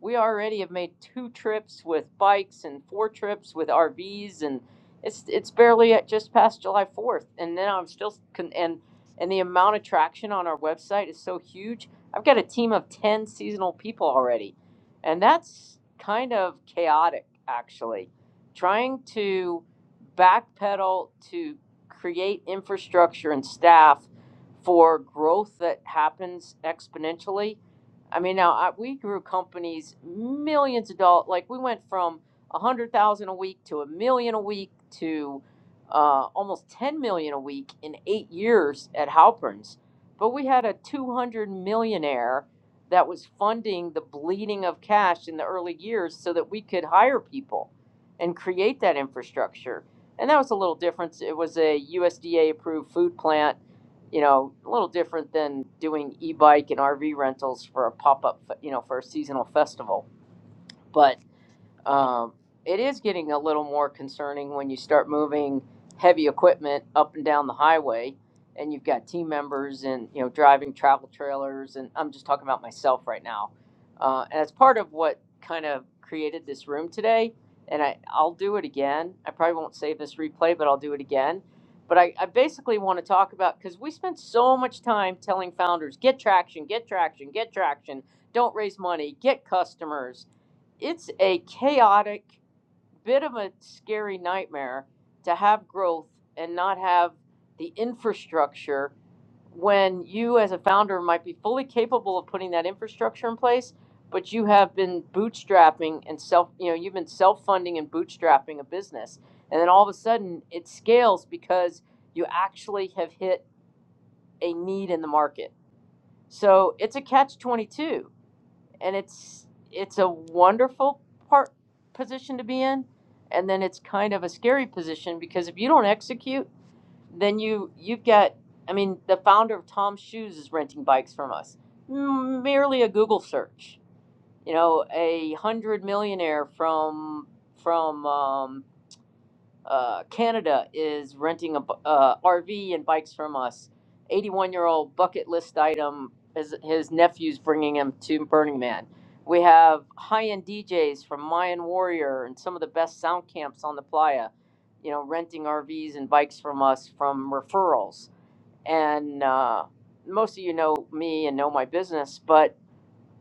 S1: we already have made two trips with bikes and four trips with RVs, and it's it's barely at just past July fourth, and then I'm still con- and and the amount of traction on our website is so huge. I've got a team of ten seasonal people already, and that's kind of chaotic actually. Trying to backpedal to create infrastructure and staff for growth that happens exponentially I mean, now I, we grew companies millions of dollars. Like we went from a hundred thousand a week to a million a week to uh, almost ten million a week in eight years at Halperns. But we had a two hundred millionaire that was funding the bleeding of cash in the early years so that we could hire people and create that infrastructure. And that was a little different. It was a USDA approved food plant you know, a little different than doing e-bike and RV rentals for a pop-up, you know, for a seasonal festival. But um, it is getting a little more concerning when you start moving heavy equipment up and down the highway and you've got team members and you know driving travel trailers and i'm just talking about myself right now uh, and it's part of what kind of created this room today and I, i'll do it again i probably won't save this replay but i'll do it again but i, I basically want to talk about because we spent so much time telling founders get traction get traction get traction don't raise money get customers it's a chaotic bit of a scary nightmare to have growth and not have the infrastructure when you as a founder might be fully capable of putting that infrastructure in place but you have been bootstrapping and self you know you've been self-funding and bootstrapping a business and then all of a sudden it scales because you actually have hit a need in the market so it's a catch 22 and it's it's a wonderful part position to be in and then it's kind of a scary position because if you don't execute then you you've got i mean the founder of tom's shoes is renting bikes from us merely a google search you know a hundred millionaire from from um, uh, Canada is renting a bu- uh, RV and bikes from us. 81 year old bucket list item. His, his nephew's bringing him to Burning Man. We have high end DJs from Mayan Warrior and some of the best sound camps on the playa, you know, renting RVs and bikes from us from referrals. And uh, most of you know me and know my business, but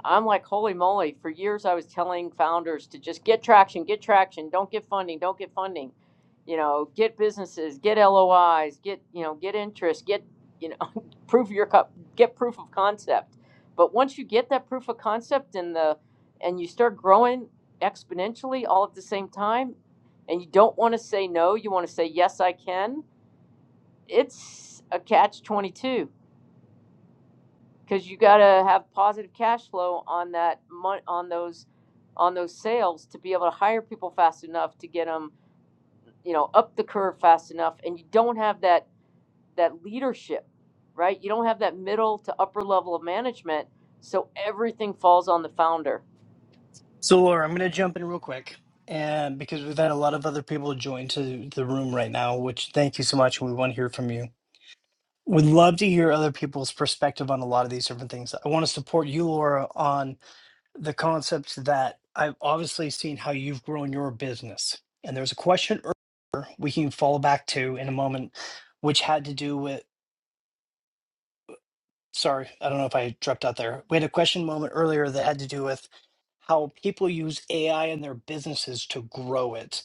S1: I'm like, holy moly, for years I was telling founders to just get traction, get traction, don't get funding, don't get funding. You know, get businesses, get LOIs, get, you know, get interest, get, you know, prove your cup, get proof of concept. But once you get that proof of concept and the and you start growing exponentially all at the same time and you don't want to say no, you want to say yes I can. It's a catch 22 because you got to have positive cash flow on that mon- on those on those sales to be able to hire people fast enough to get them you know up the curve fast enough and you don't have that that leadership right you don't have that middle to upper level of management so everything falls on the founder
S3: So, Laura, I'm going to jump in real quick, and because we've had a lot of other people join to the room right now, which thank you so much, we want to hear from you. Would love to hear other people's perspective on a lot of these different things. I want to support you, Laura, on the concepts that I've obviously seen how you've grown your business. And there's a question earlier we can fall back to in a moment, which had to do with. Sorry, I don't know if I dropped out there. We had a question moment earlier that had to do with how people use AI in their businesses to grow it.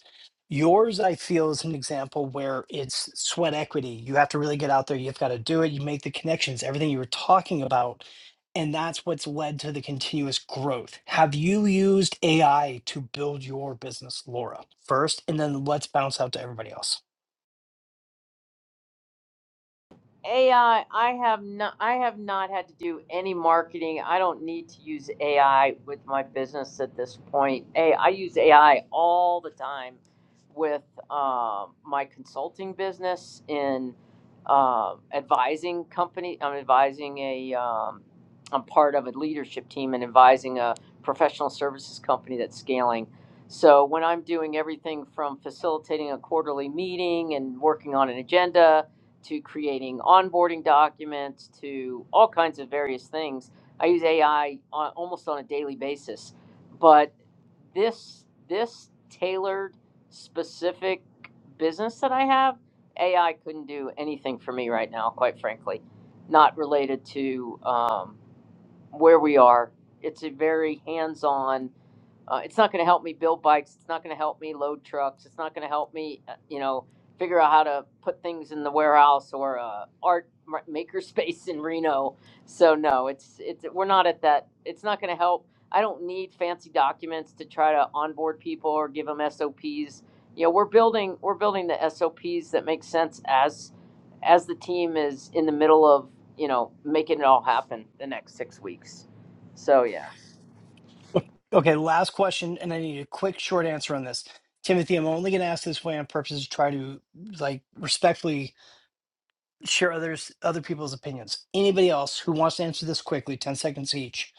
S3: Yours, I feel, is an example where it's sweat equity. You have to really get out there. You've got to do it. You make the connections, everything you were talking about. And that's what's led to the continuous growth. Have you used AI to build your business, Laura, first? And then let's bounce out to everybody else.
S1: AI, I I have not, I have not had to do any marketing. I don't need to use AI with my business at this point. Hey, I use AI all the time with um, my consulting business in uh, advising company. I'm advising a, um, I'm part of a leadership team and advising a professional services company that's scaling. So when I'm doing everything from facilitating a quarterly meeting and working on an agenda to creating onboarding documents to all kinds of various things. I use AI on, almost on a daily basis, but this this tailored specific business that I have, AI couldn't do anything for me right now, quite frankly. Not related to um, where we are. It's a very hands-on uh, it's not going to help me build bikes. It's not going to help me load trucks. It's not going to help me, uh, you know, figure out how to put things in the warehouse or uh, art maker space in Reno. So no, it's it's we're not at that. It's not going to help. I don't need fancy documents to try to onboard people or give them SOPs. You know, we're building we're building the SOPs that make sense as as the team is in the middle of you know making it all happen the next six weeks. So yeah.
S3: Okay, last question, and I need a quick, short answer on this. Timothy, I'm only going to ask this way on purpose to try to like respectfully share others other people's opinions. Anybody else who wants to answer this quickly, 10 seconds each.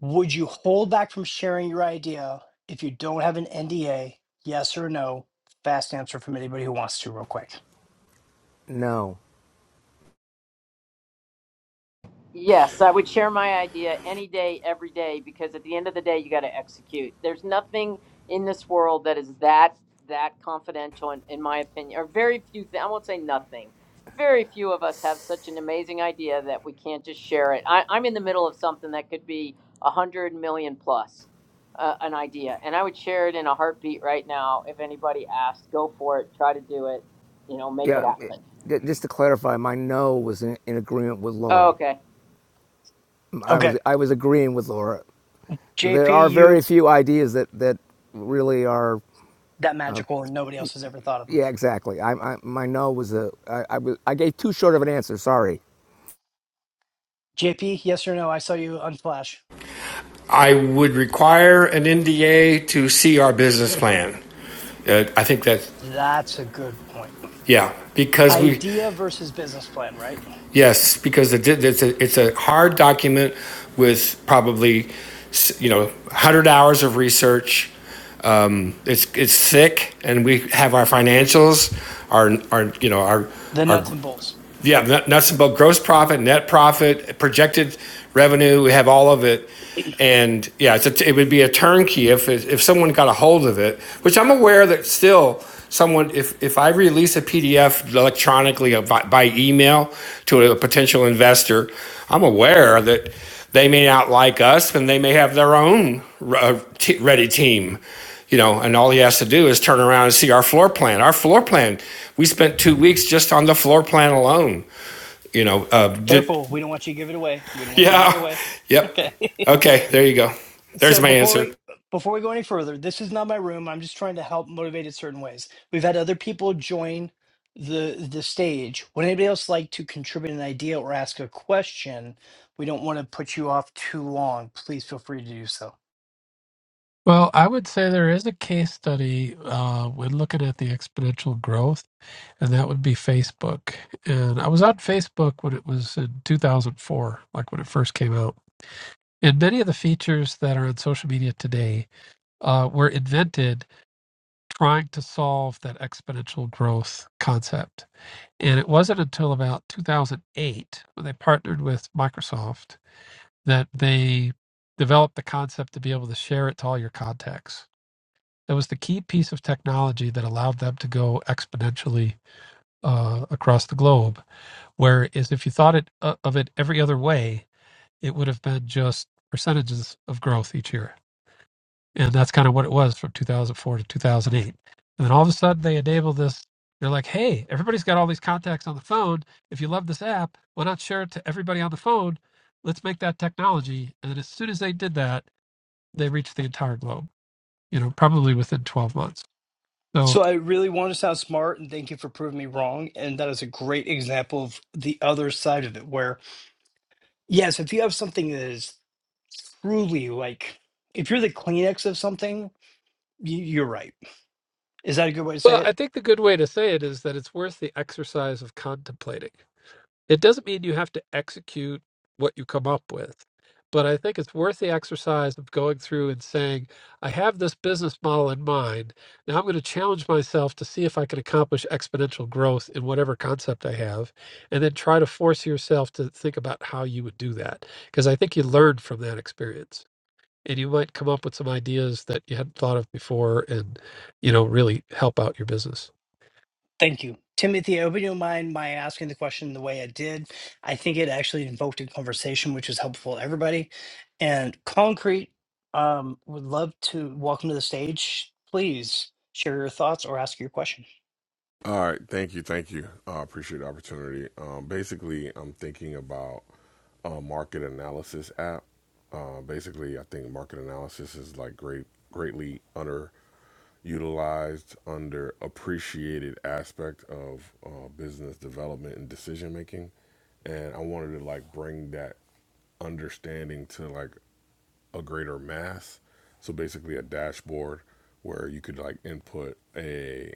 S3: Would you hold back from sharing your idea if you don't have an NDA? Yes or no? Fast answer from anybody who wants to, real quick.
S4: No.
S1: Yes, I would share my idea any day, every day, because at the end of the day, you got to execute. There's nothing in this world that is that that confidential, in, in my opinion, or very few. Th- I won't say nothing. Very few of us have such an amazing idea that we can't just share it. I, I'm in the middle of something that could be a hundred million plus uh, an idea, and I would share it in a heartbeat right now if anybody asked. Go for it. Try to do it. You know, make it
S4: Yeah. it-
S1: happen.
S4: just to clarify, my no was in, in agreement with
S1: Oh,
S4: Laura.
S1: Okay.
S4: I
S3: Okay.
S4: was I was agreeing with Laura. There are
S3: JP,
S4: very
S3: you
S4: few ideas that that really are.
S3: that magical and nobody else has ever thought of him.
S4: Yeah, exactly. I, I my no was a I, I was I gave too short of an answer. Sorry.
S3: JP, yes or no? I saw you on Flash.
S2: I would require an NDA to see our business plan. Uh, I think that,
S3: That's a good point.
S2: yeah, because we,
S3: Idea versus business plan, right?
S2: yes, because it's, a, it's a hard document with probably, you know, 100 hours of research. Um, it's, it's thick, and we have our financials, our, our you know, our,
S3: The
S2: our
S3: nuts and bolts.
S2: yeah, nut- nuts and bolts, gross profit, net profit, projected revenue. We have all of it. And yeah, it's a, it would be a turnkey if if someone got a hold of it, which I'm aware that still someone if if I release a PDF electronically by, by email to a potential investor, I'm aware that they may not like us and they may have their own uh, ready team you know, and all he has to do is turn around and see our floor plan. Our floor plan, we spent two weeks just on the floor plan alone. You know, uh, did,
S3: Careful, we don't want you to give it away. We don't want you to give it
S2: yeah,
S3: away.
S2: yep.
S3: Okay.
S2: Okay, there you go. There's
S3: so
S2: my
S3: before we
S2: answer.
S3: before we go any further, this is not my room. I'm just trying to help motivate in certain ways. We've had other people join the the stage. Would anybody else like to contribute an idea or ask a question? We don't want to put you off too long. Please feel free to do so.
S6: Well, I would say there is a case study uh, when looking at the exponential growth, and that would be Facebook. And I was on Facebook when it was in 2004, like when it first came out. And many of the features that are on social media today uh, were invented trying to solve that exponential growth concept. And it wasn't until about 2008 when they partnered with Microsoft that they developed the concept to be able to share it to all your contacts. That was the key piece of technology that allowed them to go exponentially uh, across the globe. Whereas if you thought it, uh, of it every other way, it would have been just percentages of growth each year. And that's kind of what it was from 2004 to 2008. And then all of a sudden they enable this. They're like, hey, everybody's got all these contacts on the phone. If you love this app, why not share it to everybody on the phone? Let's make that technology. And then as soon as they did that, they reach the entire globe, you know, probably within 12 months. So,
S3: So I really want to sound smart and thank you for proving me wrong. And that is a great example of the other side of it where Yes, if you have something that is truly like, if you're the Kleenex of something, you, you're right. Is that a good way to say
S6: well, I
S3: it?
S6: think the good way to say it is that it's worth the exercise of contemplating. It doesn't mean you have to execute what you come up with, but I think it's worth the exercise of going through and saying, I have this business model in mind. Now I'm going to challenge myself to see if I can accomplish exponential growth in whatever concept I have, and then try to force yourself to think about how you would do that. Because I think you learn from that experience. and you might come up with some ideas that you hadn't thought of before and you know really help out your business
S3: Thank you. Timothy, I hope you don't mind my asking the question the way I did. I think it actually invoked a conversation, which is helpful to everybody. And Concrete, um, would love to welcome to the stage. Please share your thoughts or ask your question.
S8: All right, thank you, thank you. I uh, appreciate the opportunity. Um, basically, I'm thinking about a market analysis app. Uh, basically, I think market analysis is like great, greatly underutilized, underappreciated aspect of uh, business development and decision making, and I wanted to like bring that understanding to like a greater mass. So basically, a dashboard where you could like input a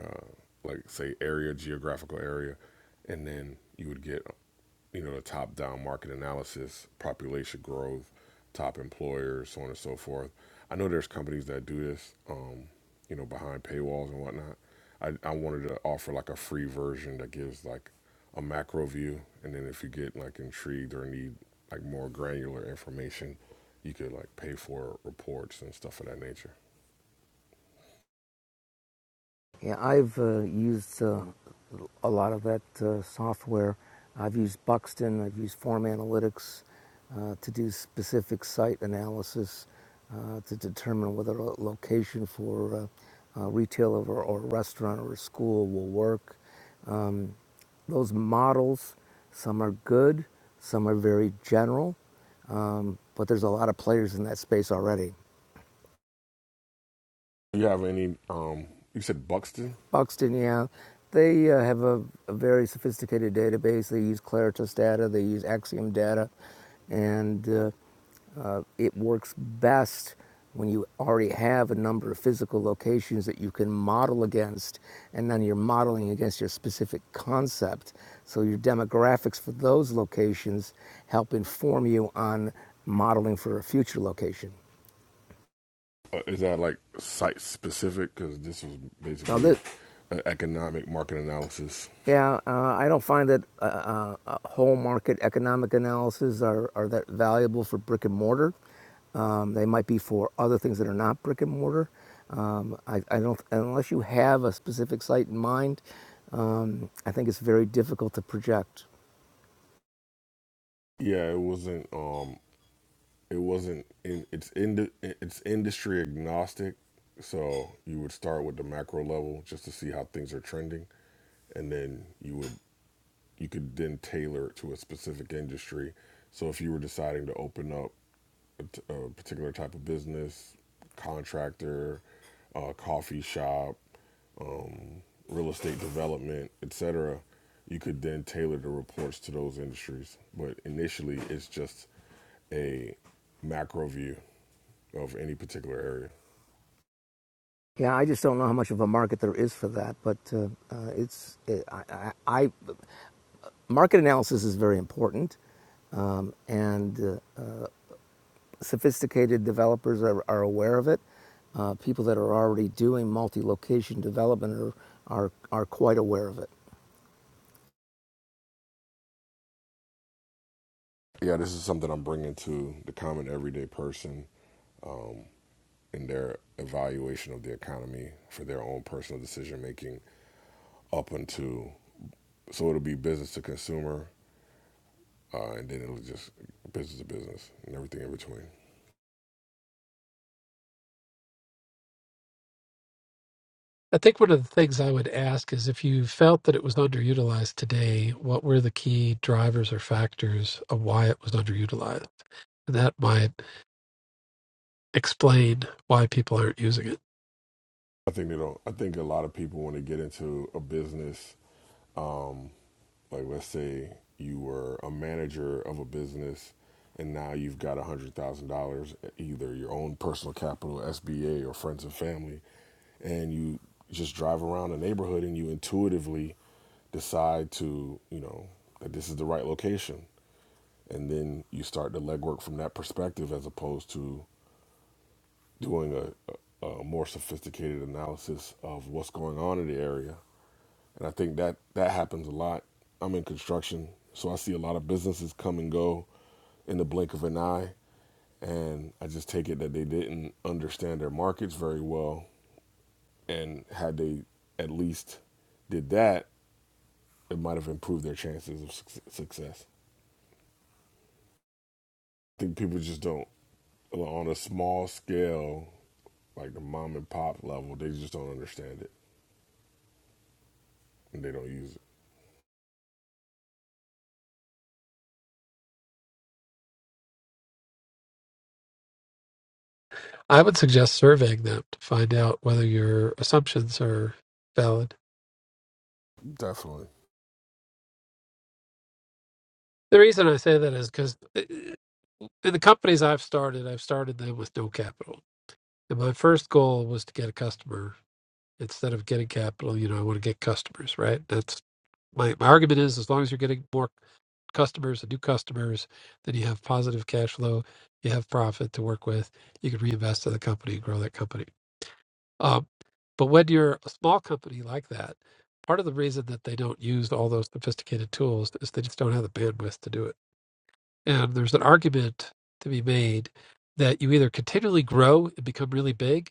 S8: uh, like say area, geographical area, and then you would get you know the top down market analysis, population growth, top employers, so on and so forth. I know there's companies that do this, um, you know, behind paywalls and whatnot. I, I wanted to offer like a free version that gives like a macro view, and then if you get like intrigued or need like more granular information, you could like pay for reports and stuff of that nature.
S4: Yeah, I've uh, used uh, a lot of that uh, software. I've used Buxton, I've used Form Analytics uh, to do specific site analysis uh, to determine whether a location for uh, a retailer or, or a restaurant or a school will work. Um, those models, some are good, some are very general, um, but there's a lot of players in that space already.
S8: You have any? Um, you said Buxton.
S4: Buxton, yeah. They uh, have a, a very sophisticated database. They use Claritas data, they use Axiom data, and uh, uh, it works best when you already have a number of physical locations that you can model against, and then you're modeling against your specific concept. So your demographics for those locations help inform you on modeling for a future location.
S8: Uh, is that like site specific? Because this was
S4: Now,
S8: basically
S4: this,
S8: an economic market analysis.
S4: Yeah, uh, I don't find that uh, uh, uh, whole market economic analyses are, are that valuable for brick and mortar. Um, they might be for other things that are not brick and mortar. Um, I, I don't, unless you have a specific site in mind, um, I think it's very difficult to project.
S8: Yeah, it wasn't. Um, it wasn't. In, it's in, it's industry agnostic. So you would start with the macro level just to see how things are trending, and then you would you could then tailor it to a specific industry. So if you were deciding to open up A particular type of business, contractor, uh, coffee shop, um, real estate development, etc., you could then tailor the reports to those industries. But initially, it's just a macro view of any particular area.
S4: Yeah, I just don't know how much of a market there is for that, but uh, uh, it's it, I, I, I market analysis is very important, um, and uh, uh, sophisticated developers are, are aware of it. Uh, people that are already doing multi-location development are, are, are quite aware of it.
S8: Yeah, this is something I'm bringing to the common everyday person um, in their evaluation of the economy for their own personal decision making up until so it'll be business to consumer uh, and then it was just business to business and everything in between.
S6: I think one of the things I would ask is if you felt that it was underutilized today, what were the key drivers or factors of why it was underutilized? that might explain why people aren't using it.
S8: I think they don't. I think a lot of people want to get into a business, um, like let's say you were a manager of a business, and now you've got a hundred thousand dollars, either your own personal capital, SBA, or friends and family, and you just drive around the neighborhood and you intuitively decide to, you know, that this is the right location, and then you start the legwork from that perspective as opposed to doing a, a more sophisticated analysis of what's going on in the area. And I think that that happens a lot. I'm in construction, so I see a lot of businesses come and go in the blink of an eye. And I just take it that they didn't understand their markets very well. And had they at least did that, it might have improved their chances of suc success. I think people just don't, on a small scale, like the mom and pop level, they just don't understand it and they don't use
S6: I would suggest surveying them to find out whether your assumptions are valid.
S8: it. Definitely.
S6: The reason I say that is because in the companies I've started, I've started them with no capital And my first goal was to get a customer instead of getting capital. You know, I want to get customers, right? That's my, my argument is as long as you're getting more customers and new customers, then you have positive cash flow, you have profit to work with, you can reinvest in the company and grow that company. Um, but when you're a small company like that, part of the reason that they don't use all those sophisticated tools is they just don't have the bandwidth to do it and there's an argument to be made that you either continually grow and become really big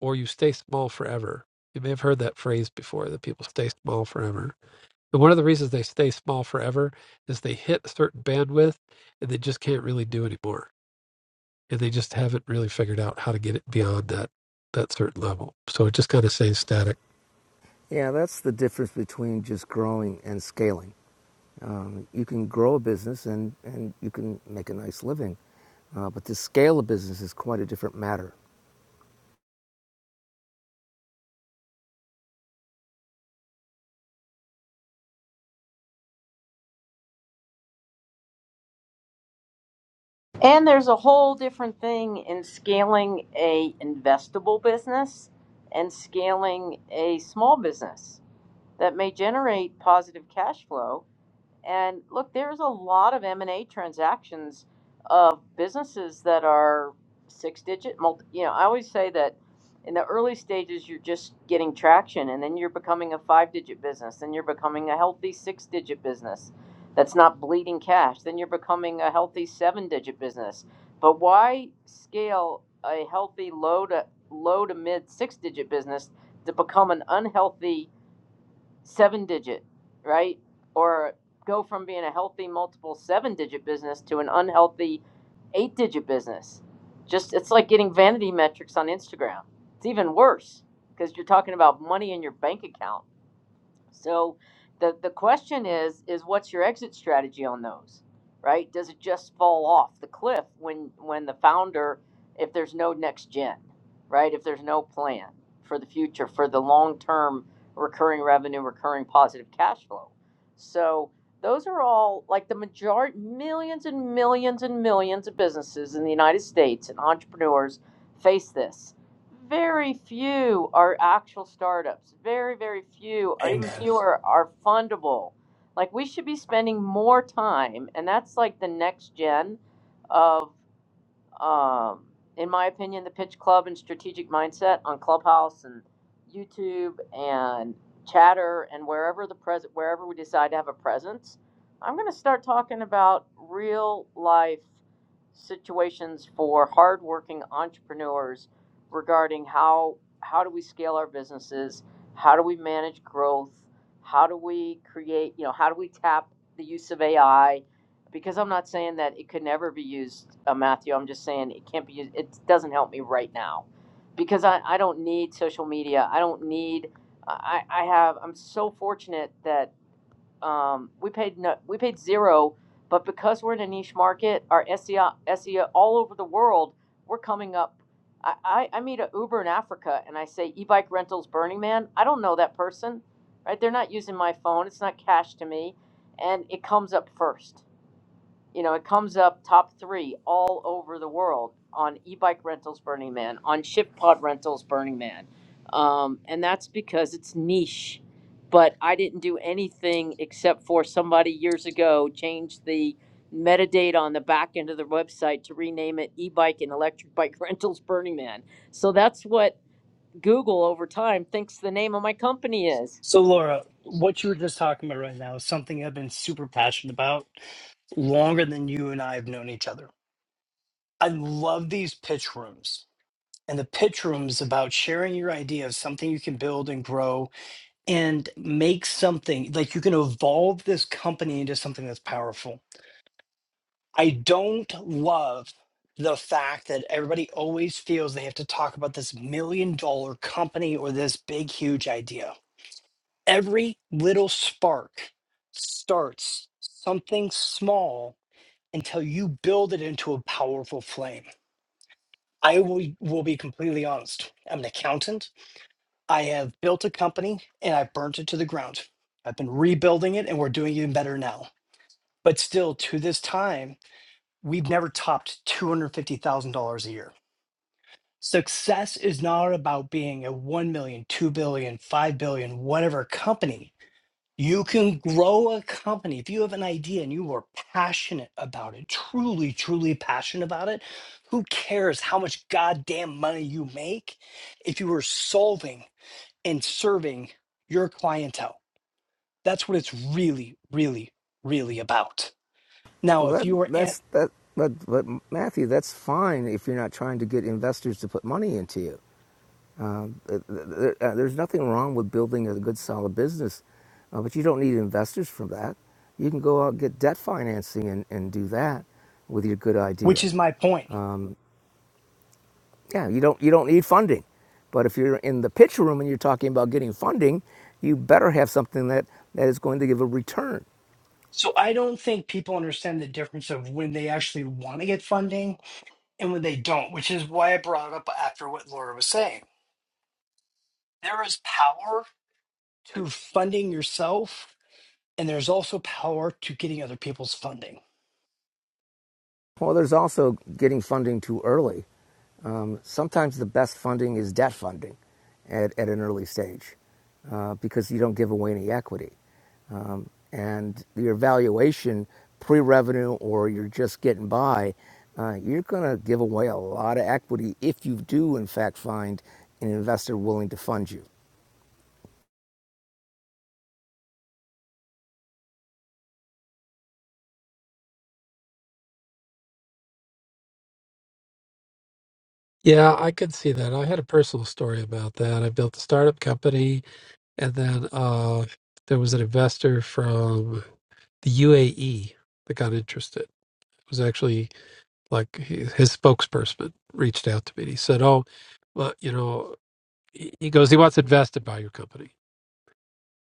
S6: or you stay small forever. You may have heard that phrase before that people stay small forever. And one of the reasons they stay small forever is they hit a certain bandwidth and they just can't really do anymore. And they just haven't really figured out how to get it beyond that that certain level. So it just kind of stays static.
S4: Yeah, that's the difference between just growing and scaling. Um, you can grow a business and, and you can make a nice living, uh, but to scale a business is quite a different matter.
S1: And there's a whole different thing in scaling a investable business and scaling a small business that may generate positive cash flow and look, there's a lot of M&A transactions of businesses that are six digit multi, you know, I always say that in the early stages you're just getting traction and then you're becoming a five digit business, then you're becoming a healthy six digit business that's not bleeding cash, then you're becoming a healthy seven digit business. But why scale a healthy low to low to mid six digit business to become an unhealthy seven digit, right? Or go from being a healthy multiple seven digit business to an unhealthy eight digit business. Just it's like getting vanity metrics on Instagram. It's even worse because you're talking about money in your bank account so the the question is is what's your exit strategy on those, right? Does it just fall off the cliff when when the founder, if there's no next gen, right? If there's no plan for the future for the long term recurring revenue, recurring positive cash flow, so those are all like the majority millions and millions and millions of businesses in the United States and entrepreneurs face this very few are actual startups. Very, very few, or even
S3: Amen.
S1: fewer, are fundable. Like we should be spending more time, and that's like the next gen of um, in my opinion, the Pitch Club and Strategic Mindset on Clubhouse and YouTube and Chatter and wherever the pres wherever we decide to have a presence, I'm going to start talking about real life situations for hardworking entrepreneurs regarding how how do we scale our businesses, how do we manage growth, how do we create, you know, how do we tap the use of AI, because I'm not saying that it could never be used, uh, Matthew. I'm just saying it can't be used. It doesn't help me right now because I, I don't need social media. I don't need. I, I have. I'm so fortunate that um, we paid no, we paid zero, but because we're in a niche market, our SEO SEO all over the world, we're coming up. I, I, I meet an Uber in Africa and I say e-bike rentals Burning Man. I don't know that person, right? They're not using my phone. It's not cash to me, and it comes up first you know, it comes up top three all over the world on e-bike rentals, Burning Man, on ship pod rentals, Burning Man, um, and that's because it's niche. But I didn't do anything except for somebody years ago changed the metadata on the back end of the website to rename it e-bike and electric bike rentals Burning Man. So that's what Google over time thinks the name of my company is.
S3: So, Laura, what you were just talking about right now is something I've been super passionate about longer than you and I have known each other. I love these pitch rooms and the pitch rooms about sharing your idea of something you can build and grow and make something like you can evolve this company into something that's powerful. I don't love the fact that everybody always feels they have to talk about this million dollar company or this big, huge idea. Every little spark starts something small until you build it into a powerful flame I will, will be completely honest. I'm an accountant. I have built a company and I burnt it to the ground. I've been rebuilding it and we're doing even better now. But still, to this time, we've never topped $250,000 a year. Success is not about being a one million, two billion, five billion, whatever company. You can grow a company if you have an idea and you are passionate about it, truly, truly passionate about it. Who cares how much goddamn money you make if you are solving and serving your clientele? That's what it's really, really, really about. Now,
S4: Well,
S3: if
S4: that,
S3: you are at,
S4: that's that, but, but Matthew, that's fine if you're not trying to get investors to put money into you. Um, uh, there's nothing wrong with building a good, solid business, uh, but you don't need investors for that. You can go out and get debt financing and, and do that with your good
S3: which
S4: idea.
S3: is my point.
S4: Um, yeah, you don't you don't need funding, but if you're in the pitch room and you're talking about getting funding, you better have something that, that is going to give a return.
S3: So I don't think people understand the difference of when they actually want to get funding and when they don't, which is why I brought up after what Laura was saying. There is power to funding yourself and there's also power to getting other people's funding
S4: Well, there's also getting funding too early. Um, sometimes the best funding is debt funding at, at an early stage uh, because you don't give away any equity. Um, and your valuation, pre revenue, or you're just getting by, uh, you're going to give away a lot of equity if you do, in fact, find an investor willing to fund you.
S6: Yeah, I could see that. I had a personal story about that. I built a startup company and then uh there was an investor from the UAE that got interested. It was actually like his, his spokesperson reached out to me. And he said, "Oh, well, you know," he he goes, "He wants invested by your company."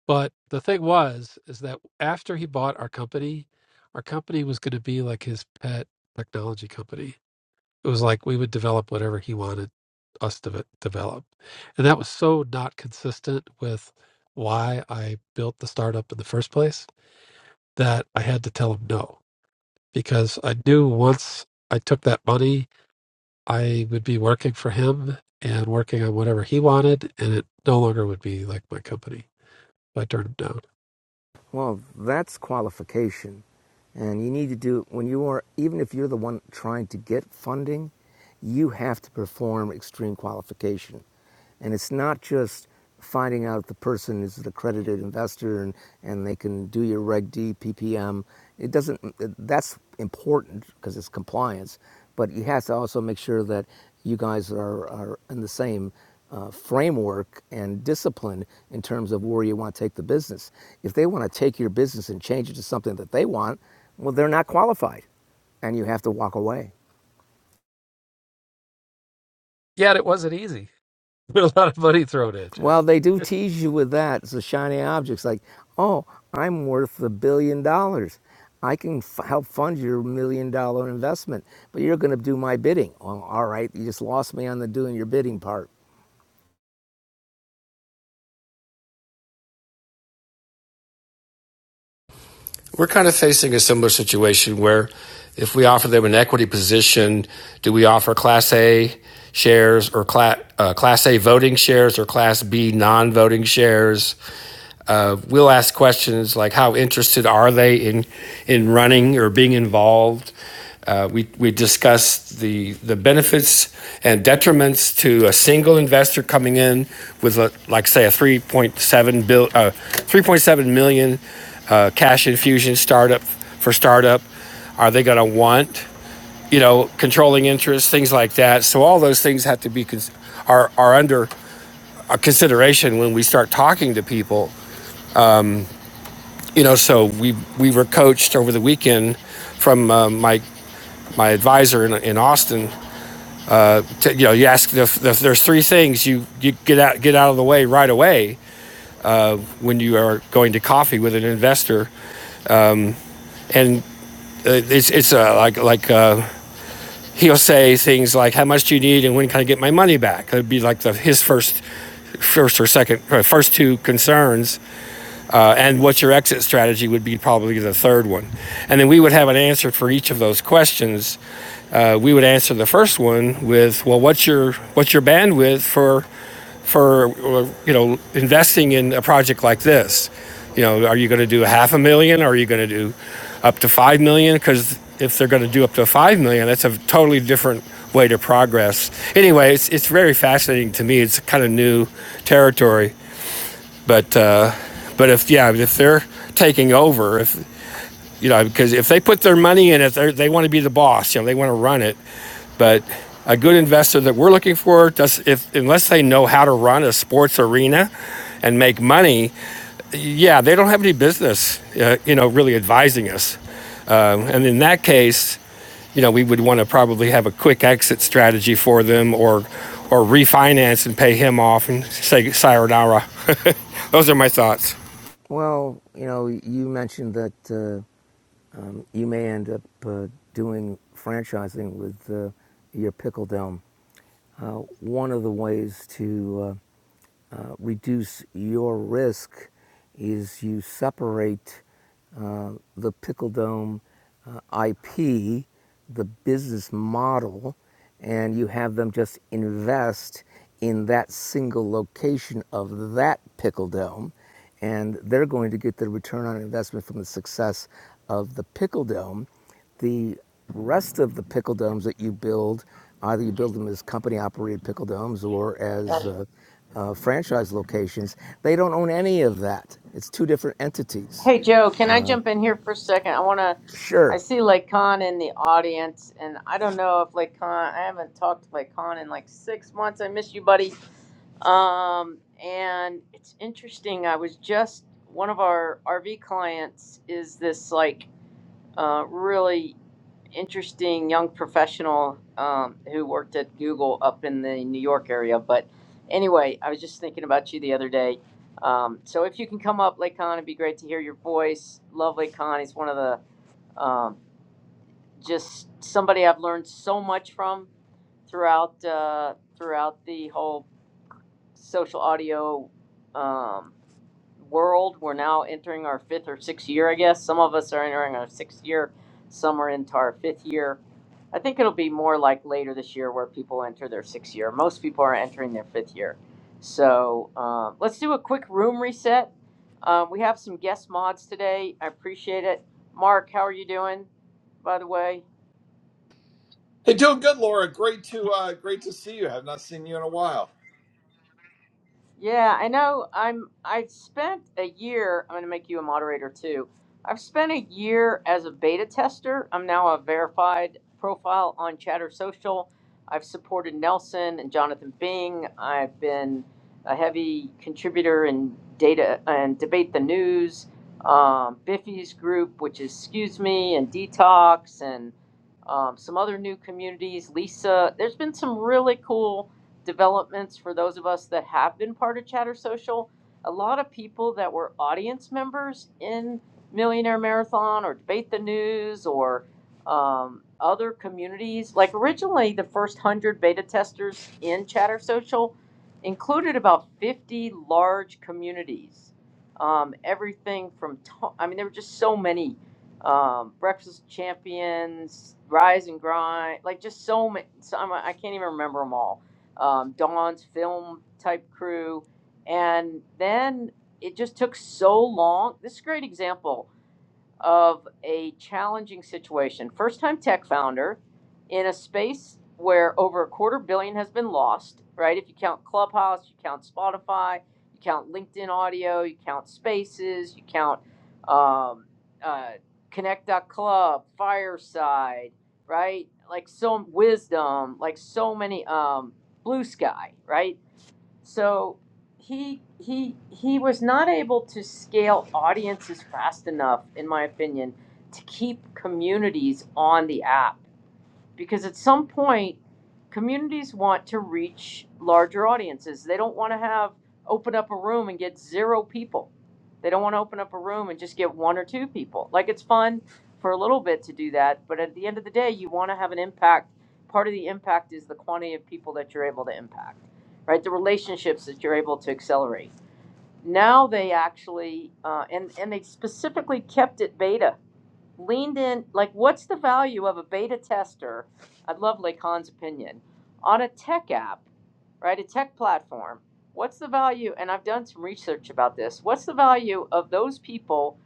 S6: But the thing was, is that after he bought our company, our company was going to be like his pet technology company. It was like we would develop whatever he wanted us to develop, and that was so not consistent with why I built the startup in the first place that I had to tell him no because I knew once I took that money, I would be working for him and working on whatever he wanted, and it no longer would be like my company. So I turned him down.
S4: Well, that's qualification. And you need to do it when you are, even if you're the one trying to get funding, you have to perform extreme qualification. And it's not just finding out if the person is an accredited investor and, and they can do your Reg D, PPM. It doesn't, that's important because it's compliance, but you have to also make sure that you guys are, are in the same uh, framework and discipline in terms of where you want to take the business. If they want to take your business and change it to something that they want, well, they're not qualified and you have to walk away.
S6: Yet it wasn't easy. a lot of money thrown at you.
S4: Well, they do tease you with that. It's the shiny objects like, oh, I'm worth a billion dollars. I can f- help fund your million dollar investment, but you're going to do my bidding. Well, all right, you just lost me on the doing your bidding part.
S2: We're kind of facing a similar situation where if we offer them an equity position, do we offer Class A shares or Class, uh, class A voting shares or Class B non voting shares? Uh, we'll ask questions like how interested are they in in running or being involved. Uh, we we discussed the the benefits and detriments to a single investor coming in with a, like say a 3.7 bill uh, 3.7 million uh, cash infusion startup for startup. Are they going to want you know controlling interest things like that? So all those things have to be are are under a consideration when we start talking to people you know, so we we were coached over the weekend from uh, my my advisor in, in Austin. To, you know, you ask if, if there's three things you you get out get out of the way right away when you are going to coffee with an investor, and uh, it's it's uh, like like uh, he'll say things like how much do you need and when can I get my money back? That'd be like the, his first first or second or first two concerns uh, and what your exit strategy would be probably the third one and then we would have an answer for each of those questions Uh, we would answer the first one with, "Well, what's your what's your bandwidth for for uh, you know investing in a project like this? You know, are you going to do half a million? Or are you going to do up to five million? Because if they're going to do up to five million, that's a totally different way to progress. Anyway, it's it's very fascinating to me. It's kind of new territory, but uh, but if yeah, if they're taking over, if you know, because if they put their money in it, they want to be the boss. You know, they want to run it. But a good investor that we're looking for, does, if, unless they know how to run a sports arena and make money, yeah, they don't have any business, uh, you know, really advising us. Um, and in that case, you know, we would want to probably have a quick exit strategy for them or, or refinance and pay him off and say sayonara. Those are my thoughts.
S4: Well, you know, you mentioned that. Uh, um, you may end up uh, doing franchising with uh, your pickle dome. Uh, one of the ways to uh, uh, reduce your risk is you separate uh, the Pickle Dome uh, IP, the business model, and you have them just invest in that single location of that Pickle Dome and they're going to get the return on investment from the success of the Pickle Dome the rest of the pickle domes that you build, either you build them as company operated pickle domes or as uh, uh, franchise locations, they don't own any of that. It's two different entities.
S1: Hey, Joe, can I
S4: Uh,
S1: jump in here for a second? I want to, I
S4: sure,
S1: see Lakon in the audience, and I don't know if Lakon, I haven't talked to Lakon in like six months. I miss you, buddy. Um, and it's interesting. I was just, one of our RV clients is this like uh, really interesting young professional um, who worked at Google up in the New York area. But anyway, I was just thinking about you the other day. Um, so if you can come up, Lake Con, it'd be great to hear your voice. Love Lake Con. He's one of the um, just somebody I've learned so much from throughout uh, throughout the whole social audio. Um, world. We're now entering our fifth or sixth year, I guess. Some of us are entering our sixth year, some are into our fifth year. I think it'll be more like later this year where people enter their sixth year. Most people are entering their fifth year. So um, let's do a quick room reset. Um, we have some guest mods today. I appreciate it. Mark, how are you doing, by the way?
S9: Hey, doing good, Laura. Great to uh, great to see you. have not seen you in a while.
S1: Yeah, I know. I'm. I've spent a year. I'm going to make you a moderator too. I've spent a year as a beta tester. I'm now a verified profile on Chatter Social. I've supported Nelson and Jonathan Bing. I've been a heavy contributor in data and debate the news, um, Biffy's group, which is Excuse Me and Detox, and um, some other new communities. Lisa, there's been some really cool developments for those of us that have been part of Chatter Social. A lot of people that were audience members in Millionaire Marathon or Debate the News or um, other communities. Like originally, the first 100 beta testers in Chatter Social included about 50 large communities. Um, everything from, to- I mean, there were just so many um, Breakfast Champions, Rise and Grind, like just so many. So I'm, I can't even remember them all. Um, Dawn's film type crew, and then it just took so long. This is a great example of a challenging situation. First time tech founder in a space where over a quarter billion has been lost, right? If you count Clubhouse, you count Spotify, you count LinkedIn audio, you count spaces, you count um, uh, Connect.club, Fireside, right? Like so, wisdom, like so many, um, blue sky, right? so he he he was not able to scale audiences fast enough in my opinion to keep communities on the app because at some point communities want to reach larger audiences they don't want to have open up a room and get zero people they don't want to open up a room and just get one or two people like it's fun for a little bit to do that but at the end of the day you want to have an impact part of the impact is the quantity of people that you're able to impact right the relationships that you're able to accelerate now they actually uh, and and they specifically kept it beta leaned in like what's the value of a beta tester i'd love lacan's opinion on a tech app right a tech platform what's the value and i've done some research about this what's the value of those people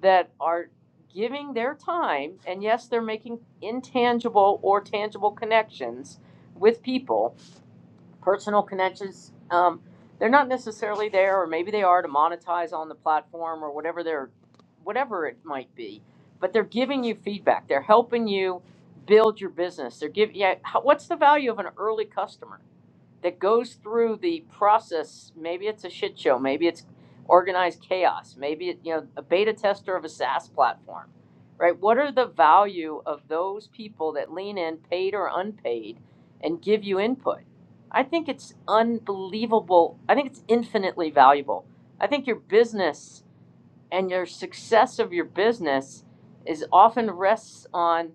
S1: that are giving their time and yes they're making intangible or tangible connections with people personal connections. Um, they're not necessarily there, or maybe they are to monetize on the platform or whatever they're, whatever it might be. But they're giving you feedback. They're helping you build your business. They're giving. Yeah, how, what's the value of an early customer? that goes through the process maybe it's a shit show maybe it's organized chaos maybe it, you know a beta tester of a saas platform right what are the value of those people that lean in paid or unpaid and give you input i think it's unbelievable i think it's infinitely valuable i think your business and your success of your business is often rests on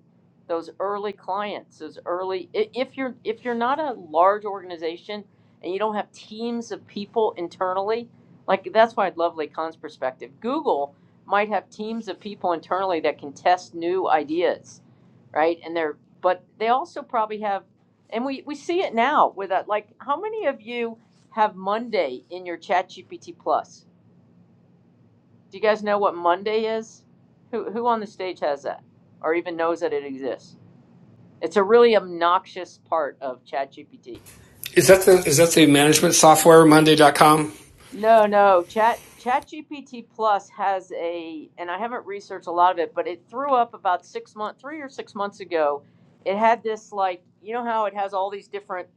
S1: those early clients those early i- if you're if you're not a large organization and you don't have teams of people internally like that's why i love lacan's perspective google might have teams of people internally that can test new ideas right and they're but they also probably have and we we see it now with that like how many of you have monday in your chat gpt plus do you guys know what Monday is? Who who on the stage has that, or even knows that it exists? It's a really obnoxious part of ChatGPT.
S2: Is that the is that the management software Monday dot com?
S1: No, no, Chat ChatGPT Plus has a, and I haven't researched a lot of it, but it threw up about six month, three or six months ago. It had this like, you know how it has all these different,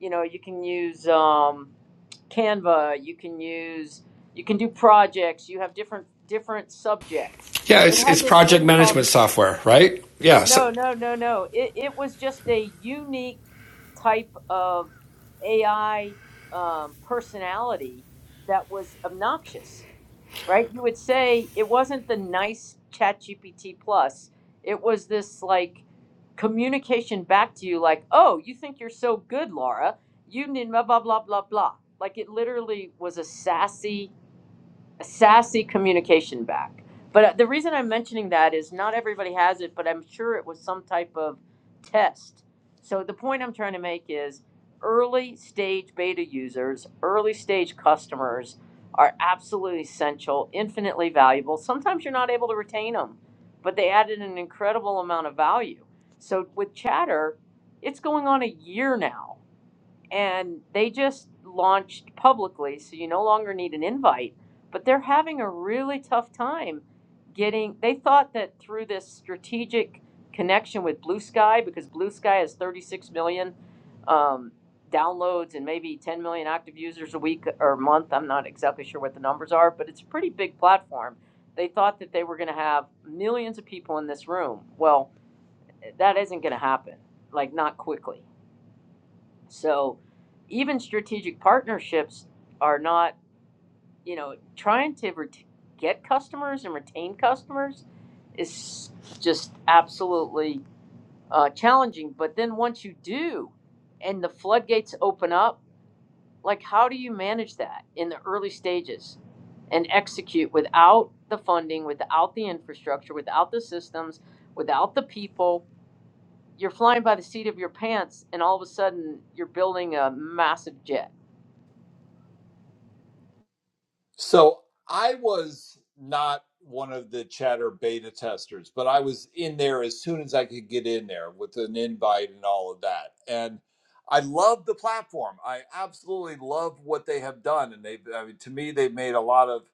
S1: you know, you can use um, Canva, you can use, you can do projects, you have different different subjects.
S2: Yeah,
S1: It
S2: it's
S1: had
S2: it's
S1: this
S2: project
S1: thing called
S2: management software, right? Yeah, so,
S1: No, no, no, no. It, it was just a unique type of AI um, personality that was obnoxious, right? You would say it wasn't the nice ChatGPT plus. It was this like communication back to you, like, "Oh, you think you're so good, Laura? You need blah blah blah blah blah." Like it literally was a sassy sassy communication back. But uh, the reason I'm mentioning that is not everybody has it, but I'm sure it was some type of test. So the point I'm trying to make is early stage beta users, early stage customers are absolutely essential, infinitely valuable. Sometimes you're not able to retain them, but they added an incredible amount of value. So with Chatter, it's going on a year now and they just launched publicly, so you no longer need an invite. But they're having a really tough time getting. They thought that through this strategic connection with Blue Sky, because Blue Sky has 36 million um, downloads and maybe 10 million active users a week or month. I'm not exactly sure what the numbers are, but it's a pretty big platform. They thought that they were going to have millions of people in this room. Well, that isn't going to happen, like, not quickly. So even strategic partnerships are not, you know, trying to ret- get customers and retain customers is just absolutely uh, challenging. But then once you do and the floodgates open up, like how do you manage that in the early stages and execute without the funding, without the infrastructure, without the systems, without the people? You're flying by the seat of your pants, and all of a sudden you're building a massive jet
S9: So I was not one of the chatter beta testers, but I was in there as soon as I could get in there with an invite and all of that. And I love the platform. I absolutely love what they have done, and they I mean, to me they've made a lot of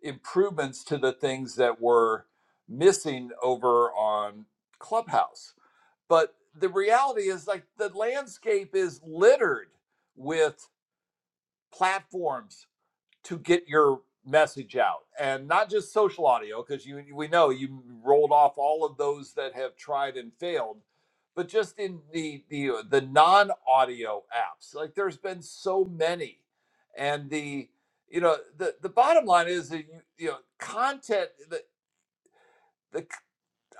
S9: improvements to the things that were missing over on Clubhouse But the reality is, like, the landscape is littered with platforms to get your message out, and not just social audio, because you we know you rolled off all of those that have tried and failed, but just in the the uh, the non audio apps, like there's been so many, and the you know the the bottom line is that you you know content the the.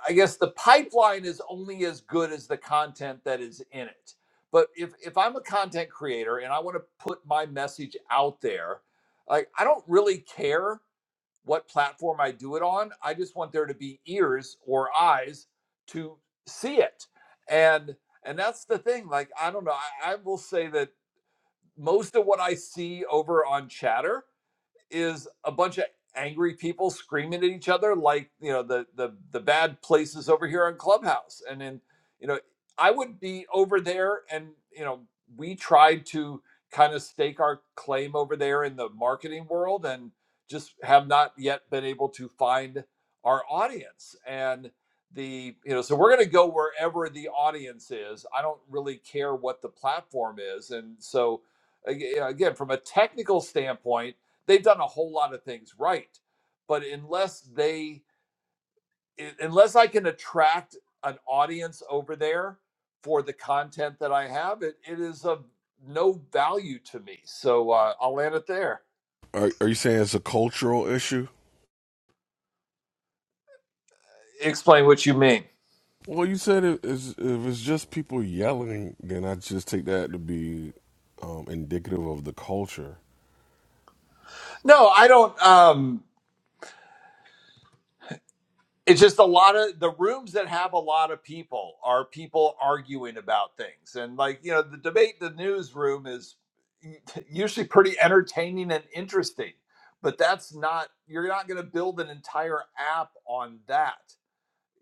S9: I guess the pipeline is only as good as the content that is in it. But if if I'm a content creator and I want to put my message out there, like I don't really care what platform I do it on. I just want there to be ears or eyes to see it. And and that's the thing. Like I don't know. I, I will say that most of what I see over on Chatter is a bunch of angry people screaming at each other like you know the the the bad places over here on clubhouse and then you know i would be over there and you know we tried to kind of stake our claim over there in the marketing world and just have not yet been able to find our audience and the you know so we're going to go wherever the audience is i don't really care what the platform is and so ag- again from a technical standpoint they've done a whole lot of things right but unless they unless i can attract an audience over there for the content that i have it, it is of no value to me so uh, i'll land it there
S8: Are, are you saying it's a cultural issue?
S9: explain what you mean
S8: Well, you said it is, if it's just people yelling, then I just take that to be um, indicative of the culture.
S9: no i don't um it's just a lot of the rooms that have a lot of people are people arguing about things and like you know the debate the newsroom is usually pretty entertaining and interesting but that's not you're not going to build an entire app on that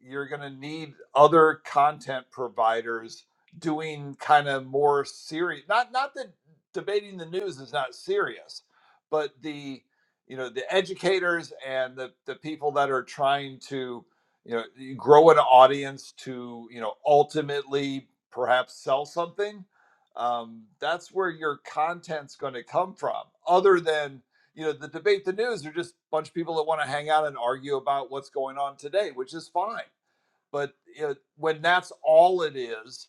S9: you're going to need other content providers doing kind of more serious not not that debating the news is not serious but the you know the educators and the the people that are trying to you know grow an audience to you know ultimately perhaps sell something um, that's where your content's going to come from other than you know, the debate, the news are just a bunch of people that want to hang out and argue about what's going on today, which is fine. But you know, when that's all it is,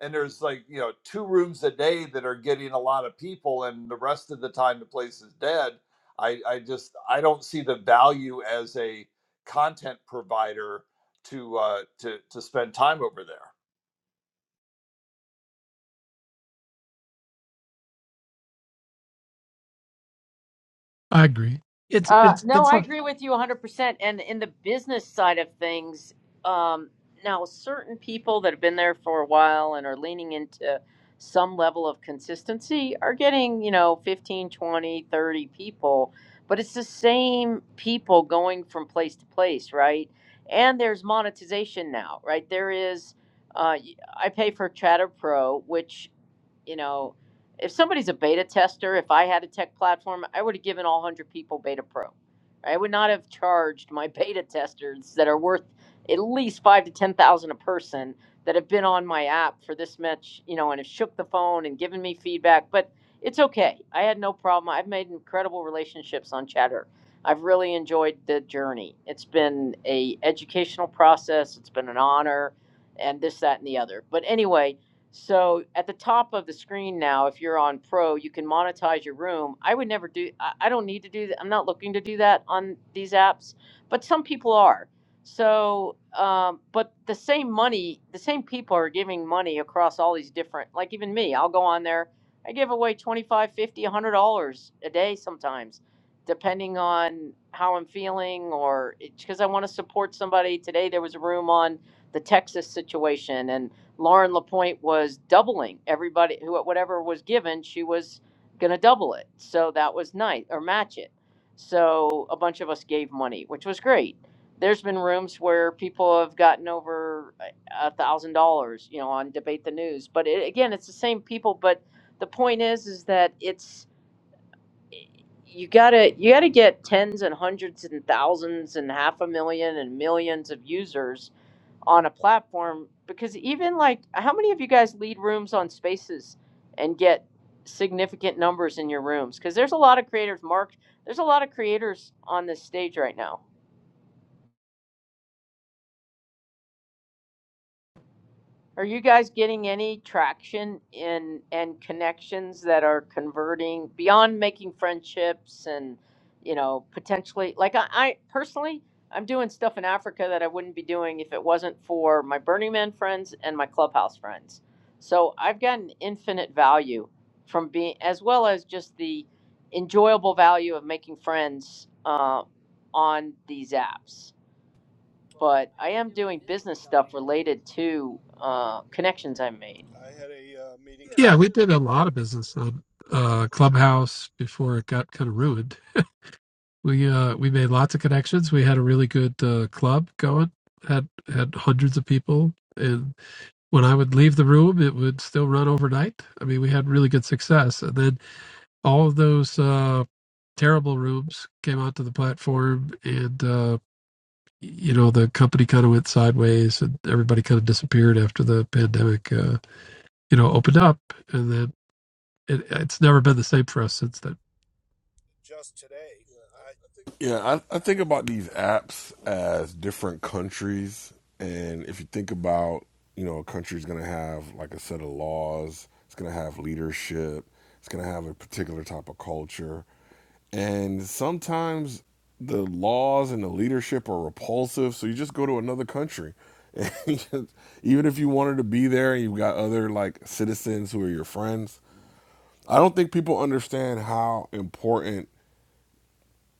S9: and there's like, you know, two rooms a day that are getting a lot of people and the rest of the time the place is dead, I, I just I don't see the value as a content provider to uh to to spend time over there.
S6: I agree. It's
S1: Uh,
S6: it's
S1: no,
S6: it's
S1: I
S6: like
S1: agree with you 100%. And in the business side of things, um, now certain people that have been there for a while and are leaning into some level of consistency are getting, you know, 15, 20, 30 people, but it's the same people going from place to place, right? And there's monetization now, right? There is, uh, y- I pay for Chatter Pro, which you know, if somebody's a beta tester, if I had a tech platform, I would have given all 100 people Beta Pro. I would not have charged my beta testers that are worth at least five to 10,000 a person that have been on my app for this much, you know, and have shook the phone and given me feedback. But it's okay. I had no problem. I've made incredible relationships on Chatter. I've really enjoyed the journey. It's been a educational process. It's been an honor and this, that, and the other. But anyway, so at the top of the screen now, if you're on Pro, you can monetize your room. I would never do. I I don't need to do that. I'm not looking to do that on these apps, but some people are. So, um, but the same money, the same people are giving money across all these different. Like even me, I'll go on there. I give away 25, 50, a 100 dollars a day sometimes, depending on how I'm feeling or it's because I want to support somebody. Today there was a room on the Texas situation, and. Lauren Lapointe was doubling everybody who whatever was given, she was gonna double it. So that was nice or match it. So a bunch of us gave money, which was great. There's been rooms where people have gotten over a thousand dollars, you know, on debate the news. But it, again, it's the same people. But the point is, is that it's you gotta you gotta get tens and hundreds and thousands and half a million and millions of users on a platform because even like how many of you guys lead rooms on spaces and get significant numbers in your rooms because there's a lot of creators mark there's a lot of creators on this stage right now Are you guys getting any traction in and connections that are converting beyond making friendships and you know potentially like I, I personally I'm doing stuff in Africa that I wouldn't be doing if it wasn't for my Burning Man friends and my Clubhouse friends. So I've gotten infinite value from being as well as just the enjoyable value of making friends uh, on these apps but I am doing business stuff related to uh, connections I made.
S10: I had a uh, meeting
S6: yeah, we did a lot of business on uh Clubhouse before it got kind of ruined. We uh we made lots of connections. We had a really good uh, club going. had had hundreds of people, and when I would leave the room, it would still run overnight. I mean, we had really good success, and then all of those uh, terrible rooms came onto the platform, and uh, you know the company kind of went sideways, and everybody kind of disappeared after the pandemic. Uh, you know, opened up, and then it, it's never been the same for us since then.
S10: just today. Yeah, I, I think about
S8: Yeah, I, I think about
S10: apps.
S8: these apps as different countries, and if you think about, you know, a country's going to have like a set of laws, it's going to have leadership, it's going to have a particular type of culture, And sometimes the laws and the leadership are repulsive, so you just go to another country. And just- even if you wanted to be there and you've got other like citizens who are your friends, I don't think people understand how important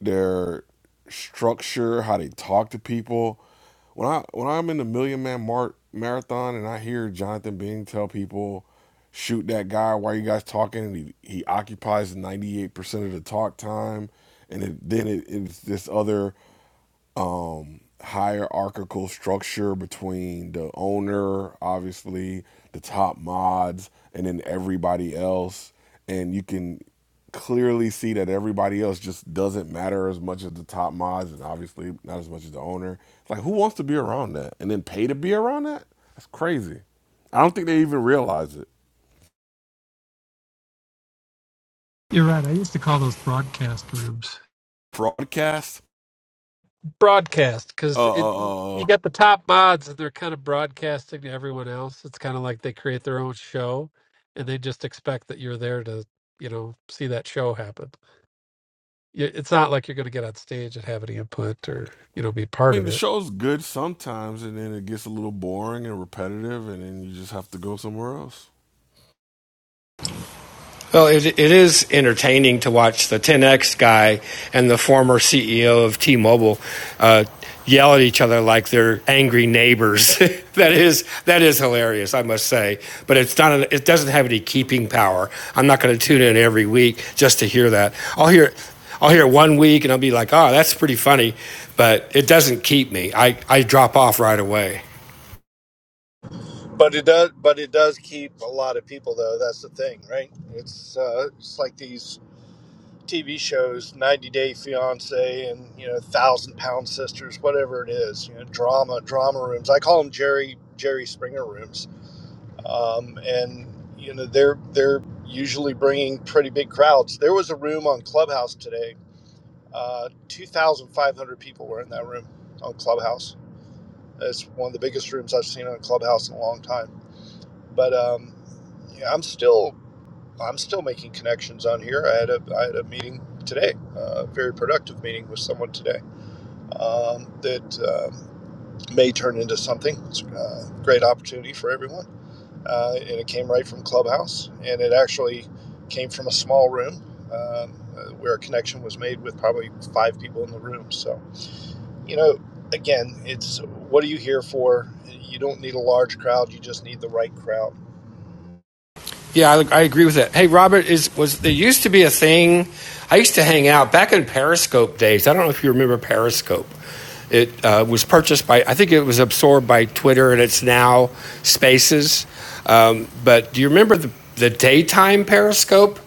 S8: their structure, how they talk to people. When I when I'm in the Million Man Mar- Marathon and I hear Jonathan Bing tell people, "Shoot that guy," why are you guys talking? And he, he occupies ninety eight percent of the talk time, and it, then it, it's this other um hierarchical structure between the owner, obviously, the top mods, and then everybody else. And you can clearly see that everybody else just doesn't matter as much as the top mods and obviously not as much as the owner. It's like who wants to be around that and then pay to be around that? That's crazy. I don't think they even realize it.
S6: You're right. I used to call those broadcast rooms
S8: Broadcast,
S6: broadcast
S8: uh,
S6: because it
S8: uh, uh,
S6: you
S8: uh,
S6: got the top mods and they're kind of broadcasting to everyone else. It's kind of like they create their own show and they just expect that you're there to you know see that show happen. You- It's not like you're going to get on stage and have any input or you know be
S8: I
S6: part of
S8: mean, the
S6: it.
S8: show's good sometimes, and then it gets a little boring and repetitive, and then you just have to go somewhere else.
S2: Well, it, it is entertaining to watch the 10X guy and the former CEO of T Mobile uh, yell at each other like they're angry neighbors. that, is, that is hilarious, I must say. But it's not an, it doesn't have any keeping power. I'm not going to tune in every week just to hear that. I'll hear, I'll hear it one week and I'll be like, oh, that's pretty funny. But it doesn't keep me. I, I drop off right away.
S10: but it does, but it does keep a lot of people though. That's the thing, right? It's uh, it's like these TV shows, 90 Day Fiance, and you know, Thousand Pound Sisters, whatever it is. You know, drama, drama rooms. I call them Jerry Jerry Springer rooms, um, and you know, they're they're usually bringing pretty big crowds. There was a room on Clubhouse today Uh, 2,500 people were in that room on Clubhouse. It's one of the biggest rooms I've seen on Clubhouse in a long time. But um, yeah, I'm still I'm still making connections on here. I had a I had a meeting today, uh, a very productive meeting with someone today um, that um may turn into something. It's a great opportunity for everyone uh, and it came right from Clubhouse, and it actually came from a small room um, uh, where a connection was made with probably five people in the room. So, you know, again, it's what are you here for? You don't need a large crowd; you just need the right crowd.
S2: Yeah, I, I agree with that. Hey, Robert, is was there used to be a thing? I used to hang out back in Periscope days. I don't know if you remember Periscope. It uh, was purchased by, I think it was absorbed by Twitter, and it's now Spaces. Um, but do you remember the, the daytime Periscope?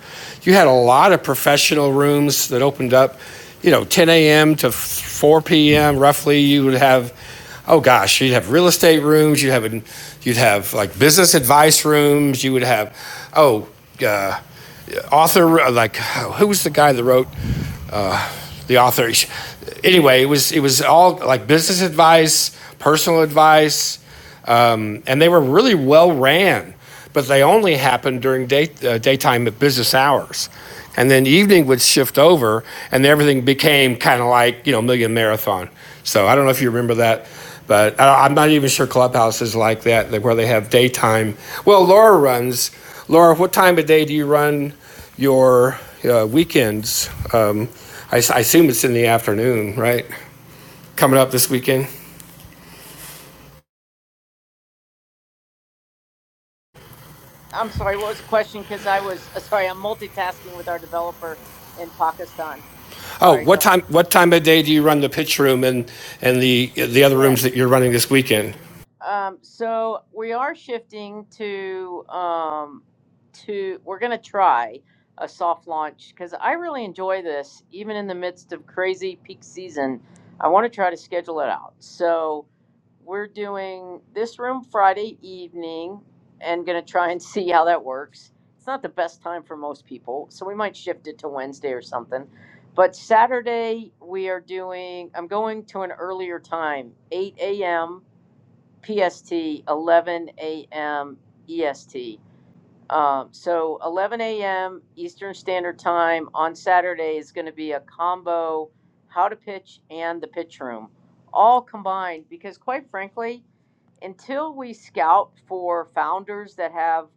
S2: You had a lot of professional rooms that opened up, you know, 10 a.m. to 4 p.m. roughly. You would have oh gosh, you'd have real estate rooms, you'd have you'd have like business advice rooms, you would have oh uh, author uh, like who was the guy that wrote uh, the author? Anyway, it was it was all like business advice, personal advice, um, and they were really well ran but they only happened during day, uh, daytime at business hours. And then evening would shift over, and everything became kind of like, you know, Million Marathon. So I don't know if you remember that, but I, I'm not even sure Clubhouse is like that, where they have daytime. Well, Laura runs. Laura, what time of day do you run your uh, weekends? Um, I, s- I assume it's in the afternoon, right? Coming up this weekend?
S1: I'm sorry, what was the question? Because I was uh, sorry, I'm multitasking with our developer in Pakistan.
S2: Oh,
S1: Sorry, go
S2: what
S1: ahead.
S2: time? What time of day do you run the pitch room and and the the other
S1: Yeah.
S2: rooms that you're running this weekend?
S1: Um, so we are shifting to um, to we're going to try a soft launch because I really enjoy this, even in the midst of crazy peak season. I want to try to schedule it out. So we're doing this room Friday evening and going to try and see how that works. It's not the best time for most people, so we might shift it to Wednesday or something. But Saturday, we are doing, I'm going to an earlier time, 8 a.m. PST, 11 a.m. EST. Um, so 11 a.m. Eastern Standard Time on Saturday is going to be a combo how to pitch and the pitch room all combined because quite frankly until we scout for founders that have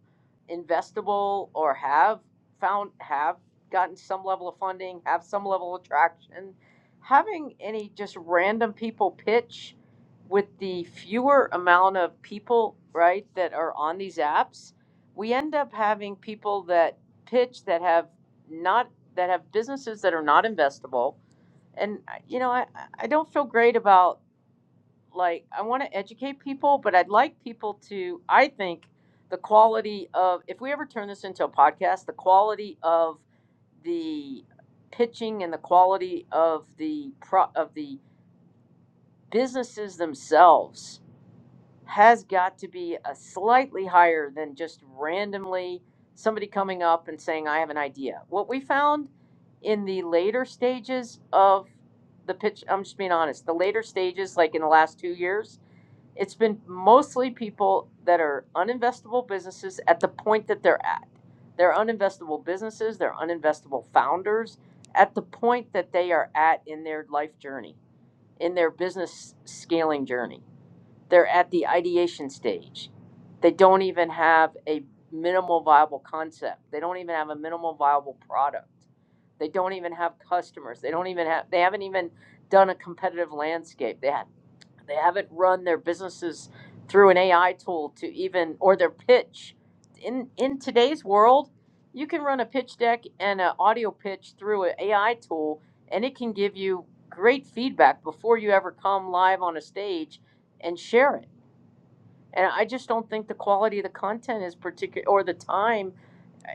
S1: investable or have found have gotten some level of funding, have some level of traction, having any just random people pitch with the fewer amount of people, right, that are on these apps, we end up having people that pitch that have not that have businesses that are not investable. And uh, you know, I, I don't feel great about like I want to educate people, but I'd like people to I think the quality of if we ever turn this into a podcast, the quality of the pitching and the quality of the pro, of the businesses themselves has got to be a slightly higher than just randomly somebody coming up and saying I have an idea. What we found in the later stages of the pitch, I'm just being honest, the later stages like in the last 2 years it's been mostly people that are uninvestable businesses at the point that they're at. They're uninvestable businesses, they're uninvestable founders at the point that they are at in their life journey, in their business scaling journey. They're at the ideation stage. They don't even have a minimal viable concept, they don't even have a minimal viable product. They don't even have customers. They don't even have. They haven't even done a competitive landscape. They have they haven't run their businesses through an AI tool to even or their pitch. In in today's world, you can run a pitch deck and an audio pitch through an AI tool, and it can give you great feedback before you ever come live on a stage and share it. And I just don't think the quality of the content is particular or the time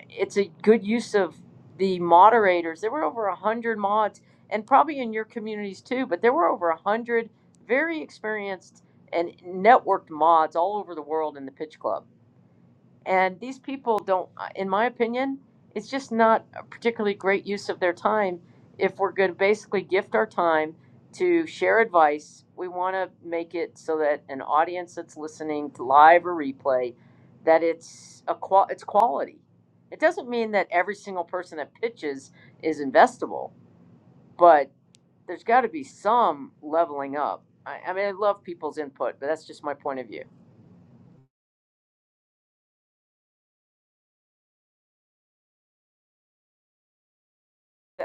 S1: it's a good use of the moderators. There were over a hundred mods, and probably in your communities too. But there were over a hundred very experienced and networked mods all over the world in the Pitch Club. And these people don't, uh, in my opinion, it's just not a particularly great use of their time. If we're going to basically gift our time to share advice, we want to make it so that an audience that's listening to live or replay, that it's a qual it's quality. It doesn't mean that every single person that pitches is investable, but there's got to be some leveling up. I, I mean, I love people's input, but that's just my point of view.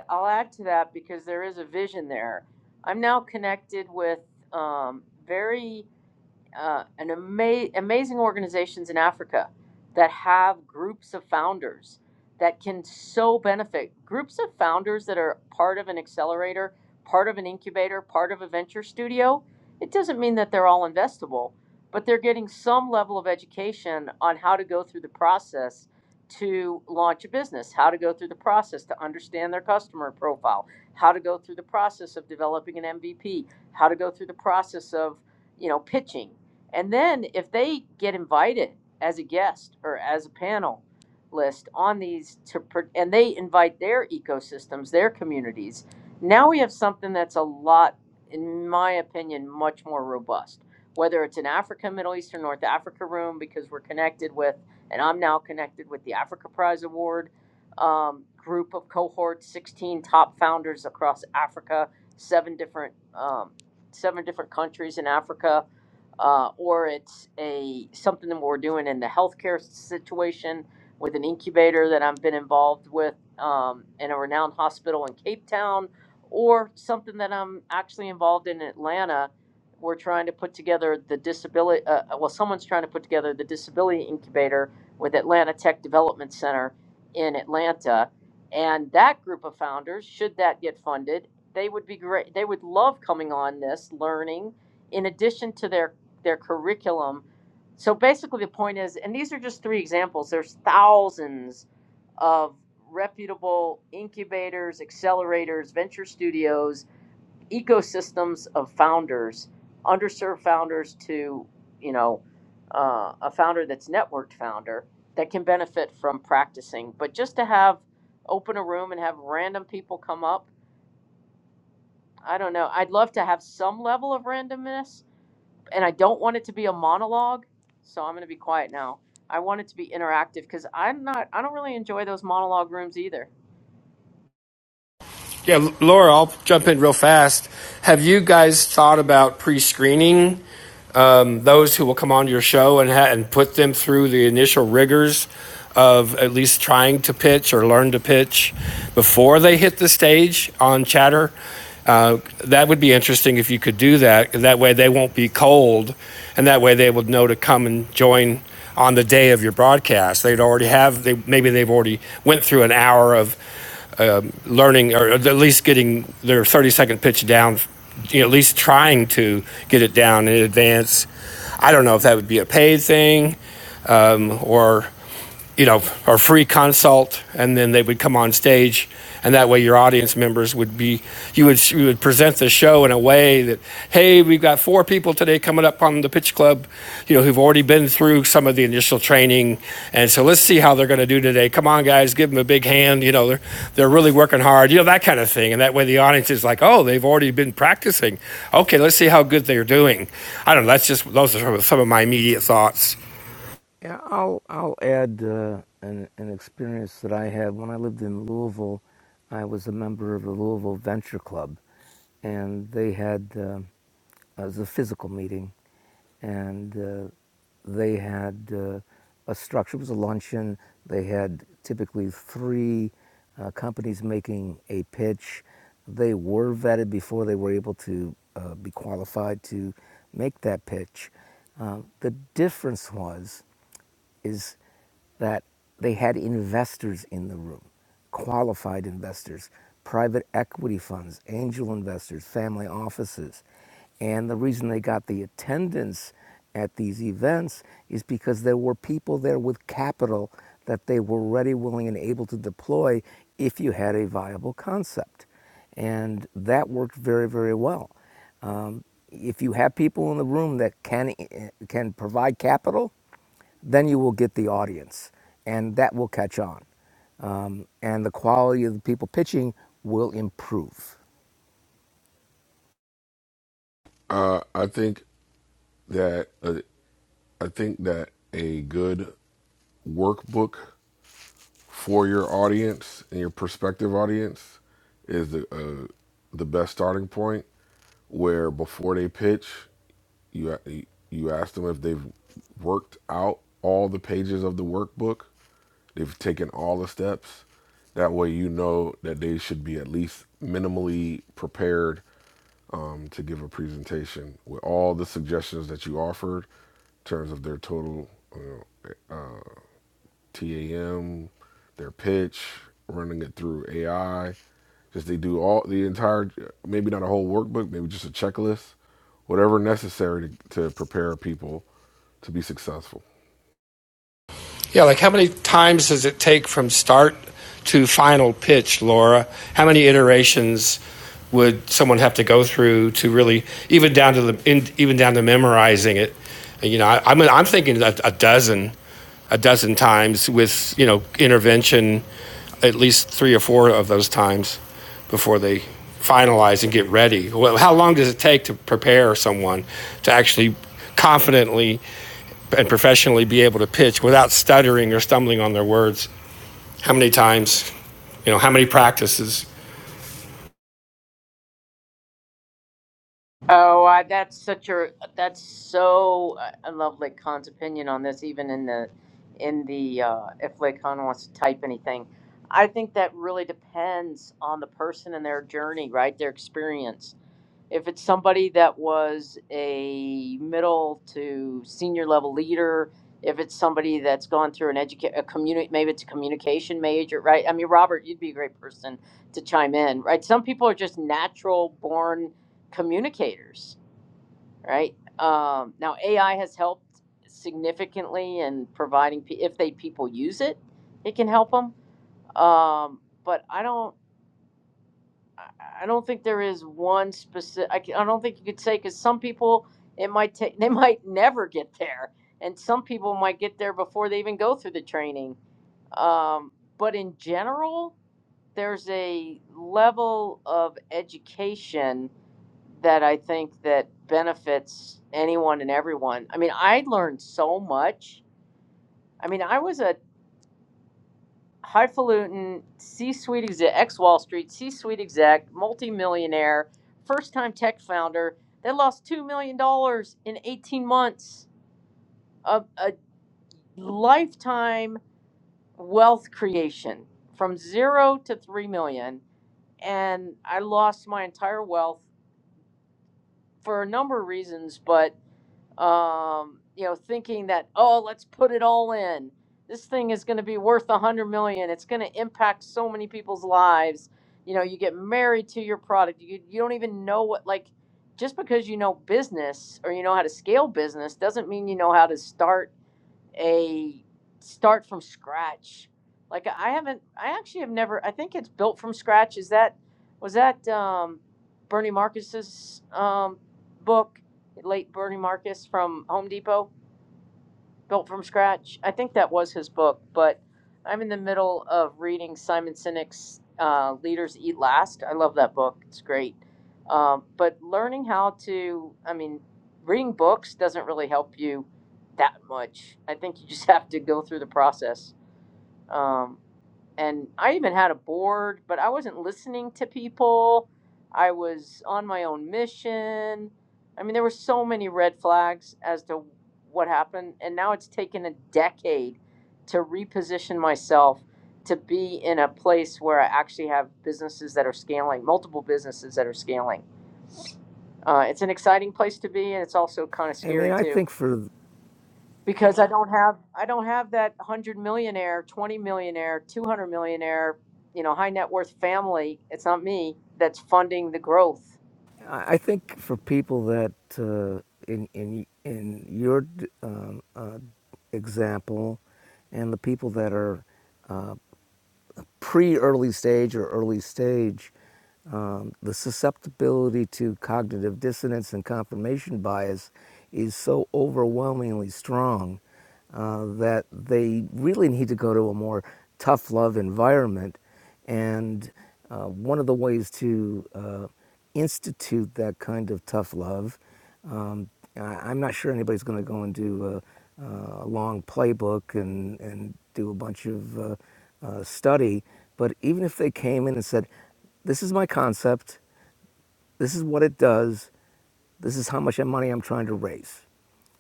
S1: I'll add to that because there is a vision there. I'm now connected with um, very uh, an ama- amazing organizations in Africa that have groups of founders that can so benefit. Groups of founders that are part of an accelerator, part of an incubator, part of a venture studio. It doesn't mean that they're all investable, but they're getting some level of education on how to go through the process to launch a business, how to go through the process to understand their customer profile, how to go through the process of developing an MVP, how to go through the process of you know pitching and then if they get invited as a guest or as a panelist on these to pro- and they invite their ecosystems, their communities, now we have something that's a lot in my opinion much more robust. Whether it's an Africa, Middle East or North Africa room because we're connected with and I'm now connected with the Africa Prize Award um, group of cohorts, 16 top founders across Africa, seven different um, seven different countries in Africa uh, or it's a something that we're doing in the healthcare situation with an incubator that I've been involved with um, in a renowned hospital in Cape Town, or something that I'm actually involved in Atlanta. We're trying to put together the disability. Uh, uh, well, someone's trying to put together the disability incubator with Atlanta Tech Development Center in Atlanta, and that group of founders, should that get funded, they would be great. They would love coming on this, learning, in addition to their their curriculum. So basically, the point is, and these are just three examples. There's thousands of reputable incubators, accelerators, venture studios, ecosystems of founders, underserved founders to, you know, uh, a founder that's networked founder that can benefit from practicing. But just to have open a room and have random people come up, I don't know. I'd love to have some level of randomness and I don't want it to be a monologue, so I'm going to be quiet now. I want it to be interactive because I'm not. I don't really enjoy those monologue rooms either.
S2: Yeah, Laura, I'll jump in real fast. Have you guys thought about pre-screening um, those who will come on your show and, ha- and put them through the initial rigors of at least trying to pitch or learn to pitch before they hit the stage on chatter. Uh, that would be interesting if you could do that. That way they won't be cold, and that way they would know to come and join on the day of your broadcast. They'd already have they maybe they've already went through an hour of um, learning or at least getting their 30 second pitch down you know, at least trying to get it down in advance I don't know if that would be a paid thing um, or you know, our free consult, and then they would come on stage, and that way your audience members would be, you would you would present the show in a way that, hey, we've got four people today coming up on the pitch club, you know, who've already been through some of the initial training, and so let's see how they're going to do today. Come on, guys, give them a big hand. You know, they're they're really working hard. You know that kind of thing, and that way the audience is like, oh, they've already been practicing. Okay, let's see how good they're doing. I don't know. That's just those are some of my immediate thoughts
S4: Yeah, I'll I'll add uh, an an experience that I had when I lived in Louisville. I was a member of the Louisville Venture Club, and they had uh, it was a physical meeting, and uh, they had uh, a structure. It was a luncheon. They had typically three uh, companies making a pitch. They were vetted before they were able to uh, be qualified to make that pitch. Uh, the difference was is that they had investors in the room, qualified investors, private equity funds, angel investors, family offices. And the reason they got the attendance at these events is because there were people there with capital that they were ready, willing, and able to deploy if you had a viable concept. And that worked very, very well. Um, if you have people in the room that can, eh, can provide capital, then you will get the audience, and that will catch on. Um, and the quality of the people pitching will improve.
S8: Uh, I think that uh, I think that a good workbook for your audience and your prospective audience is the uh, the best starting point. Where before they pitch, you you ask them if they've worked out all the pages of the workbook They've taken all the steps. That way, you know that they should be at least minimally prepared um, to give a presentation with all the suggestions that you offered in terms of their total you know, uh, TAM, their pitch, running it through AI. Just they do all the entire, maybe not a whole workbook, maybe just a checklist, whatever necessary to, to prepare people to be successful.
S2: Yeah, like how many times does it take from start to final pitch, Laura? How many iterations would someone have to go through to really even down to the in, even down to memorizing it? And, you know, I, I'm I'm thinking a, a dozen a dozen times with you know intervention at least three or four of those times before they finalize and get ready. Well, how long does it take to prepare someone to actually confidently and professionally be able to pitch without stuttering or stumbling on their words how many times, you know, how many practices.
S1: Oh, I, that's such a. That's so. uh, I love Lake Khan's opinion on this. Even in the, in the uh, if Lake Khan wants to type anything, I think that really depends on the person and their journey, right? Their experience. If it's somebody that was a middle to senior level leader, if it's somebody that's gone through an educate a community, maybe it's a communication major, right? I mean, Robert, you'd be a great person to chime in, right? Some people are just natural born communicators, right? Um, now, AI has helped significantly in providing, pe- if they people use it, it can help them. Um, but I don't. I don't think there is one specific. I, I don't think you could say because some people it might take they might never get there, and some people might get there before they even go through the training. Um, but in general, there's a level of education that I think that benefits anyone and everyone. I mean, I learned so much. I mean, I was a highfalutin C-suite exec, ex-Wall Street C-suite exec, multimillionaire, first-time tech founder. That lost two million dollars in eighteen months of a lifetime wealth creation from zero to three million, and I lost my entire wealth for a number of reasons, but um, you know, thinking that oh, let's put it all in. This thing is going to be worth a hundred million. It's going to impact so many people's lives. You know, you get married to your product. You you don't even know what like. Just because you know business or you know how to scale business doesn't mean you know how to start a start from scratch. Like I haven't, I actually have never. I think it's built from scratch. Is that was that um, Bernie Marcus's um, book, late Bernie Marcus from Home Depot? Built from Scratch. I think that was his book, but I'm in the middle of reading Simon Sinek's uh, Leaders Eat Last. I love that book, it's great. Um, but learning how to, I mean, reading books doesn't really help you that much. I think you just have to go through the process. Um, and I even had a board, but I wasn't listening to people. I was on my own mission. I mean, there were so many red flags as to what happened, and now it's taken a decade to reposition myself to be in a place where I actually have businesses that are scaling, multiple businesses that are scaling. Uh, it's an exciting place to be, and it's also kind of
S4: I mean,
S1: scary
S4: I
S1: too
S4: think for
S1: because I don't have I don't have that hundred millionaire, twenty millionaire, two hundred millionaire, you know, high net worth family. It's not me that's funding the growth.
S4: I I think for people that uh, in in in your um, uh, example, and the people that are pre-early stage or early stage, um, the susceptibility to cognitive dissonance and confirmation bias is so overwhelmingly strong uh, that they really need to go to a more tough love environment and uh, one of the ways to uh, institute that kind of tough love, um, I, I'm not sure anybody's going to go and do a, a long playbook and, and do a bunch of uh, uh, study, but even if they came in and said, This is my concept, this is what it does. This is how much money I'm trying to raise.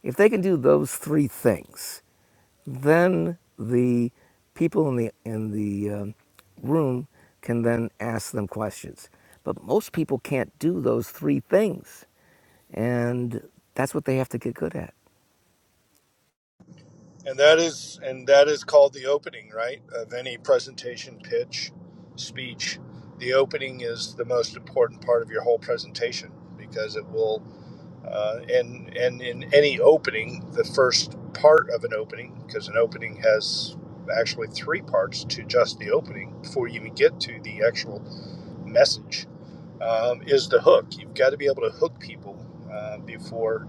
S4: If they can do those three things, then the people in the in the um, room can then ask them questions. But most people can't do those three things, and that's what they have to get good at.
S10: and that is and that is called the opening right of any presentation pitch speech the opening is the most important part of your whole presentation because it will uh, and and in any opening, the first part of an opening, because an opening has actually three parts to just the opening before you even get to the actual message, um, is the hook. You've got to be able to hook people uh, before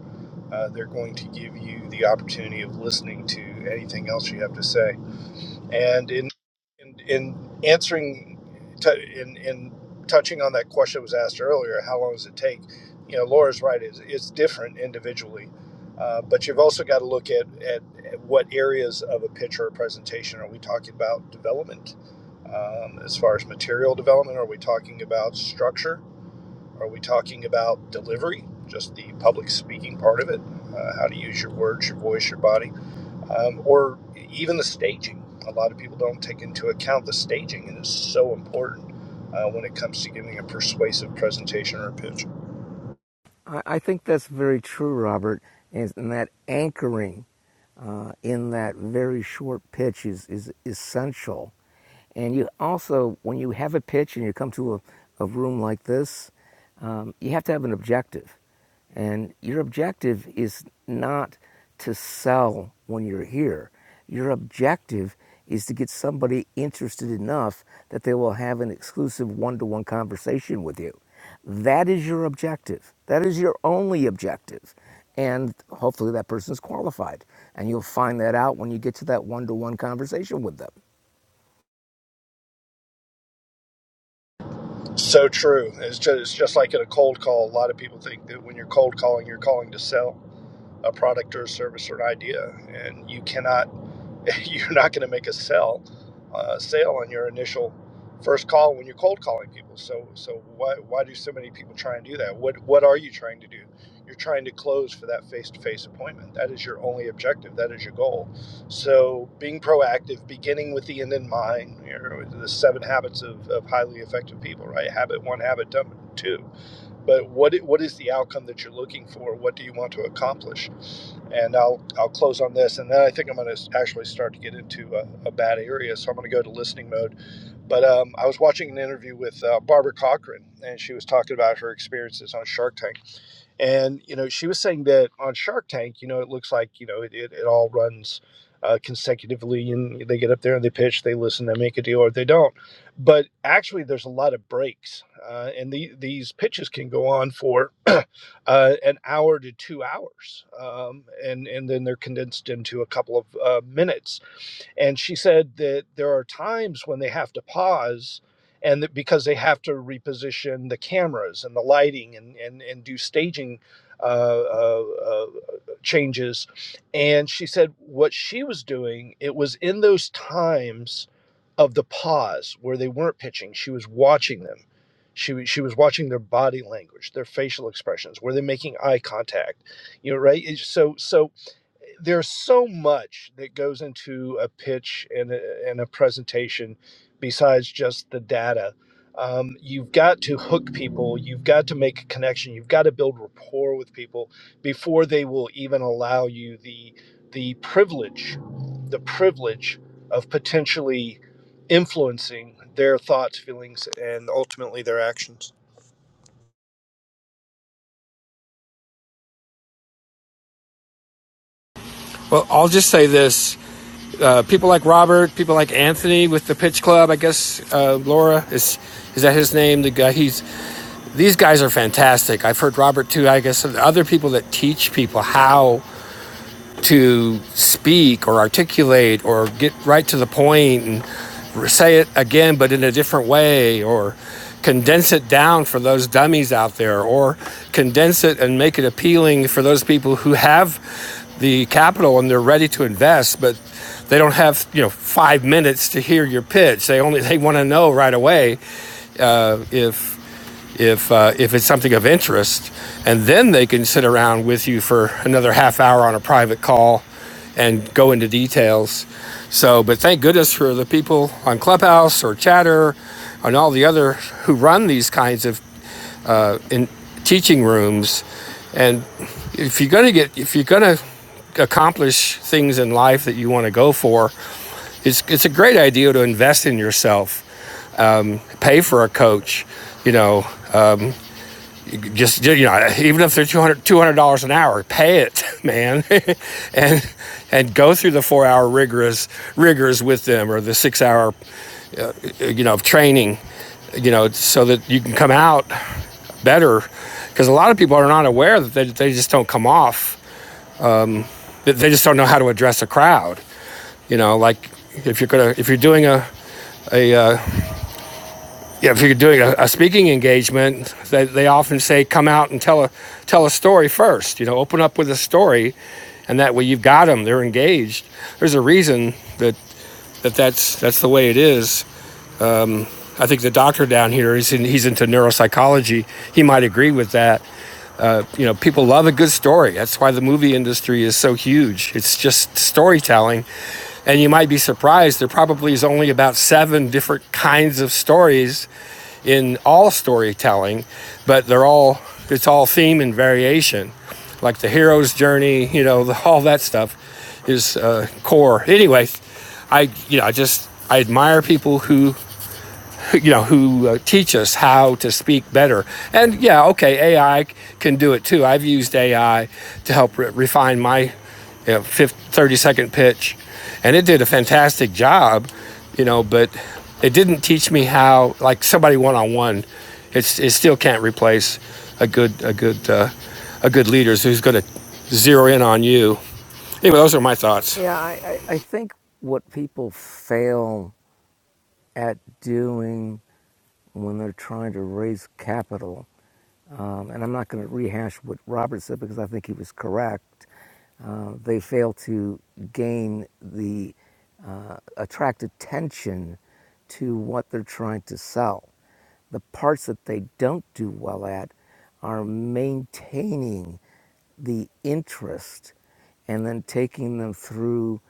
S10: uh, they're going to give you the opportunity of listening to anything else you have to say. And in in, in answering, to, in in touching on that question that was asked earlier, how long does it take? You know, Laura's right. It's, it's different individually, uh, but you've also got to look at, at at what areas of a pitch or a presentation are we talking about development? Um, as far as material development, are we talking about structure? Are we talking about delivery? Just the public speaking part of it, uh, how to use your words, your voice, your body um, or even the staging. A lot of people don't take into account the staging, and it's so important uh, when it comes to giving a persuasive presentation or a pitch.
S4: I, I think that's very true, Robert, and, and that anchoring uh, in that very short pitch is, is essential. And you also, when you have a pitch and you come to a, a room like this, um, you have to have an objective. And your objective is not to sell when you're here. Your objective is to get somebody interested enough that they will have an exclusive one to one conversation with you. That is your objective. That is your only objective. And hopefully that person is qualified. And you'll find that out when you get to that one to one conversation with them.
S10: So true. It's just, it's just like in a cold call. A lot of people think that when you're cold calling, you're calling to sell a product or a service or an idea, and you cannot you're not going to make a sell uh, sale on your initial first call when you're cold calling people. So so why why do so many people try and do that? What what are you trying to do? You're trying to close for that face-to-face appointment. That is your only objective. That is your goal. So being proactive, beginning with the end in mind, you know, the seven habits of, of highly effective people, right? Habit one, habit two but what what is the outcome that you're looking for? What do you want to accomplish? And I'll I'll close on this, and then I think I'm going to actually start to get into a, a bad area, so I'm going to go to listening mode. But um, I was watching an interview with uh, Barbara Cochran, and she was talking about her experiences on Shark Tank. And, you know, she was saying that on Shark Tank, you know, it looks like, you know, it, it, it all runs uh, consecutively and they get up there and they pitch, they listen, they make a deal or they don't but actually there's a lot of breaks uh, and the, these pitches can go on for uh, an hour to two hours um, and, and then they're condensed into a couple of uh, minutes and she said that there are times when they have to pause and that because they have to reposition the cameras and the lighting and, and, and do staging uh, uh, uh, changes and she said what she was doing it was in those times of the pause where they weren't pitching. She was watching them. She was, she was watching their body language, their facial expressions. Were they making eye contact? You know, right? So so there's so much that goes into a pitch and a, and a presentation besides just the data. Um, you've got to hook people, you've got to make a connection, you've got to build rapport with people before they will even allow you the the privilege, the privilege of potentially influencing their thoughts, feelings, and ultimately their actions.
S2: Well, I'll just say this: uh, people like Robert, people like Anthony with the Pitch Club. I guess uh, Laura is is that his name? The guy. He's these guys are fantastic. I've heard Robert too. I guess and other people that teach people how to speak or articulate or get right to the point and say it again but in a different way or condense it down for those dummies out there or condense it and make it appealing for those people who have the capital and they're ready to invest but they don't have you know five minutes to hear your pitch they only they want to know right away uh, if if uh, if it's something of interest, and then they can sit around with you for another half hour on a private call and go into details. So, but thank goodness for the people on Clubhouse or Chatter and all the other who run these kinds of uh, in teaching rooms. And if you're going to get if you're going to accomplish things in life that you want to go for, it's it's a great idea to invest in yourself. Pay for a coach, you know, just you know even if they're 200 dollars an hour pay it man and and go through the four hour rigorous rigors with them or the six hour you know of training you know so that you can come out better because a lot of people are not aware that they, they just don't come off that they just don't know how to address a crowd you know like if you're gonna if you're doing a a uh, Yeah, if you're doing a, a speaking engagement, they, they often say, come out and tell a, tell a story first. You know, open up with a story, and that way you've got them. They're engaged. There's a reason that, that that's, that's the way it is. I think the doctor down here, he's, in, he's into neuropsychology. He might agree with that uh, you know, people love a good story. That's why the movie industry is so huge. It's just storytelling. And you might be surprised, there probably is only about seven different kinds of stories in all storytelling, but they're all, it's all theme and variation. Like the hero's journey, you know, the, all that stuff is uh, core. Anyway, I, you know, I just, I admire people who you know, who uh, teach us how to speak better. And yeah, okay, AI can do it too. I've used AI to help re- refine my you know, 30 second pitch, and it did a fantastic job, you know, but it didn't teach me how, like somebody one on one, it still can't replace a good, a good, uh, a good leader who's going to zero in on you. Anyway, those are my thoughts.
S4: Yeah, I, I, I think what people fail at doing when they're trying to raise capital, um, and I'm not going to rehash what Robert said because I think he was correct, uh, they fail to gain the, uh, attract attention to what they're trying to sell. The parts that they don't do well at are maintaining the interest and then taking them through.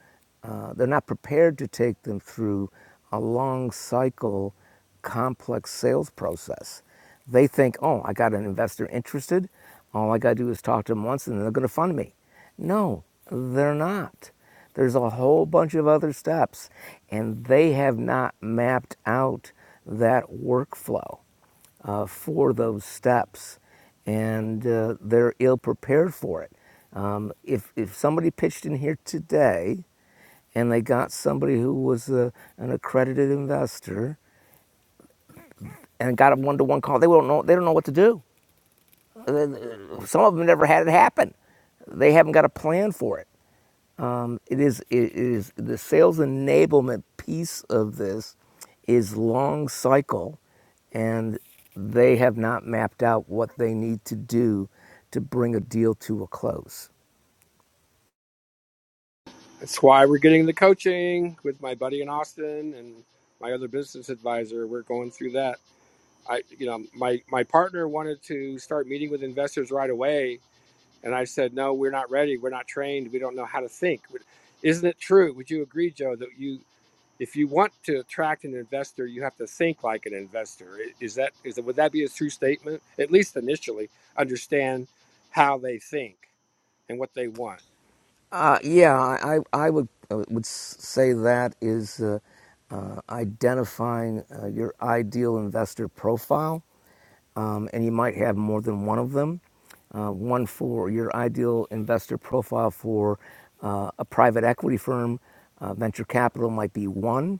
S4: Uh, they're not prepared to take them through a long cycle, complex sales process. They think, oh, I got an investor interested. All I got to do is talk to them once and they're going to fund me. No, they're not. There's a whole bunch of other steps, and they have not mapped out that workflow uh, for those steps, and uh, they're ill prepared for it. Um, if, if somebody pitched in here today and they got somebody who was a, an accredited investor and got a one to one call, they, won't know, they don't know what to do. Some of them never had it happen, they haven't got a plan for it. it is it is the sales enablement piece of this is long cycle and they have not mapped out what they need to do to bring a deal to a close
S2: That's why we're getting the coaching with my buddy in Austin and my other business advisor. We're going through that. I, you know, my my partner wanted to start meeting with investors right away, and I said, no, we're not ready. We're not trained. We don't know how to think. Isn't it true? Would you agree, Joe, that you, if you want to attract an investor, you have to think like an investor? Is that is that would that be a true statement? At least initially, understand how they think and what they want.
S4: uh, yeah i i would uh, would say that is uh, uh, identifying uh, your ideal investor profile um, and you might have more than one of them. Uh, one for your ideal investor profile for uh, a private equity firm, uh, venture capital might be one.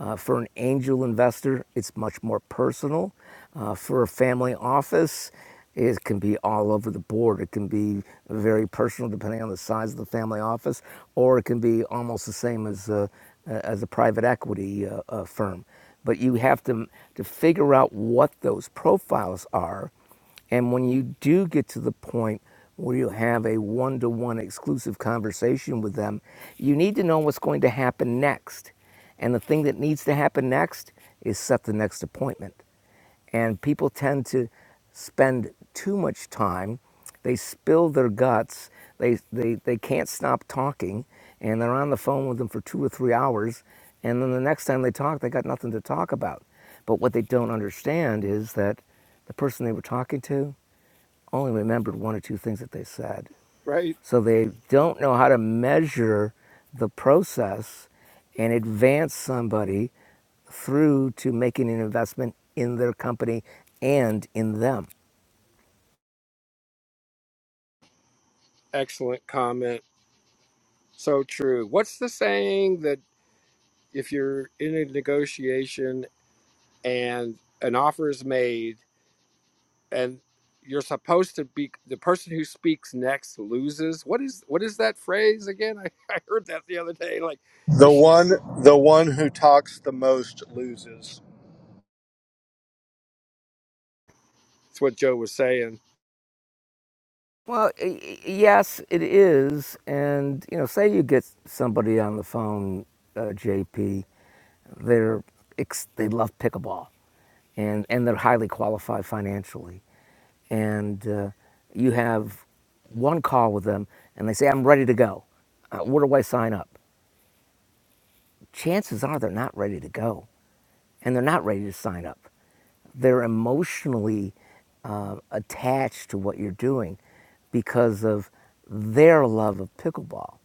S4: Uh, for an angel investor, it's much more personal. Uh, for a family office, it can be all over the board. It can be very personal, depending on the size of the family office, or it can be almost the same as uh, a, as a private equity uh, uh, firm but you have to to figure out what those profiles are and when you do get to the point where you have a one-to-one exclusive conversation with them you need to know what's going to happen next and the thing that needs to happen next is set the next appointment and people tend to spend too much time. They spill their guts. They, they, they can't stop talking. And they're on the phone with them for two or three hours. And then the next time they talk, they got nothing to talk about. But what they don't understand is that the person they were talking to only remembered one or two things that they said.
S2: Right.
S4: So they don't know how to measure the process and advance somebody through to making an investment in their company and in them.
S2: Excellent comment. So true. What's the saying that if you're in a negotiation and an offer is made and you're supposed to be the person who speaks next loses? What is what is that phrase again? I, I heard that the other day. Like you
S10: The
S2: should.
S10: one the one who talks the most loses.
S2: That's what Joe was saying.
S4: Well, yes, it is. And, you know, say you get somebody on the phone, uh, JP, they're, ex- they love pickleball and, and they're highly qualified financially. And uh, you have one call with them and they say, I'm ready to go. Uh, where do I sign up? Chances are they're not ready to go and they're not ready to sign up. They're emotionally uh, attached to what you're doing because of their love of pickleball.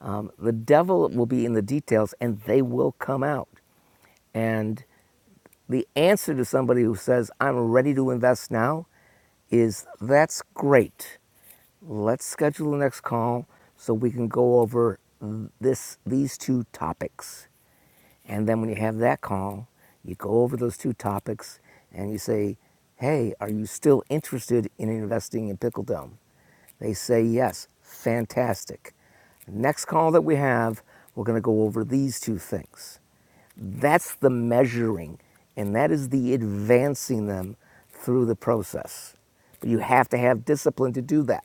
S4: Um, the devil will be in the details and they will come out. And the answer to somebody who says, I'm ready to invest now, is that's great. Let's schedule the next call so we can go over this, these two topics. And then when you have that call, you go over those two topics and you say, hey, are you still interested in investing in Pickle Dome? They say yes. Fantastic. Next call that we have, we're going to go over these two things. That's the measuring, and that is the advancing them through the process. But you have to have discipline to do that.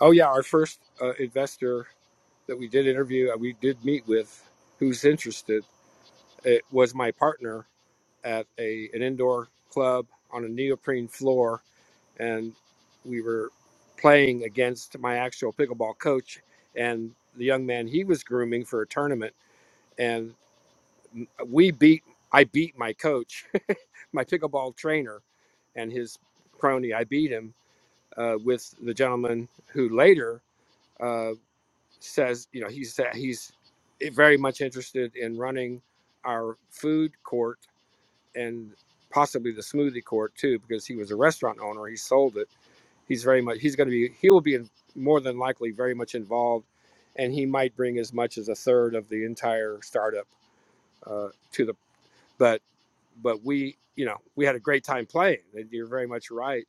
S2: Oh yeah, our first uh, investor that we did interview, uh, we did meet with, who's interested. It was my partner at a an indoor club on a neoprene floor and we were playing against my actual pickleball coach and the young man he was grooming for a tournament and we beat i beat my coach my pickleball trainer and his crony i beat him uh, with the gentleman who later uh, says you know he's he's very much interested in running our food court and possibly the smoothie court too because he was a restaurant owner he sold it he's very much he's going to be he will be more than likely very much involved and he might bring as much as a third of the entire startup uh, to the but but we you know we had a great time playing you're very much right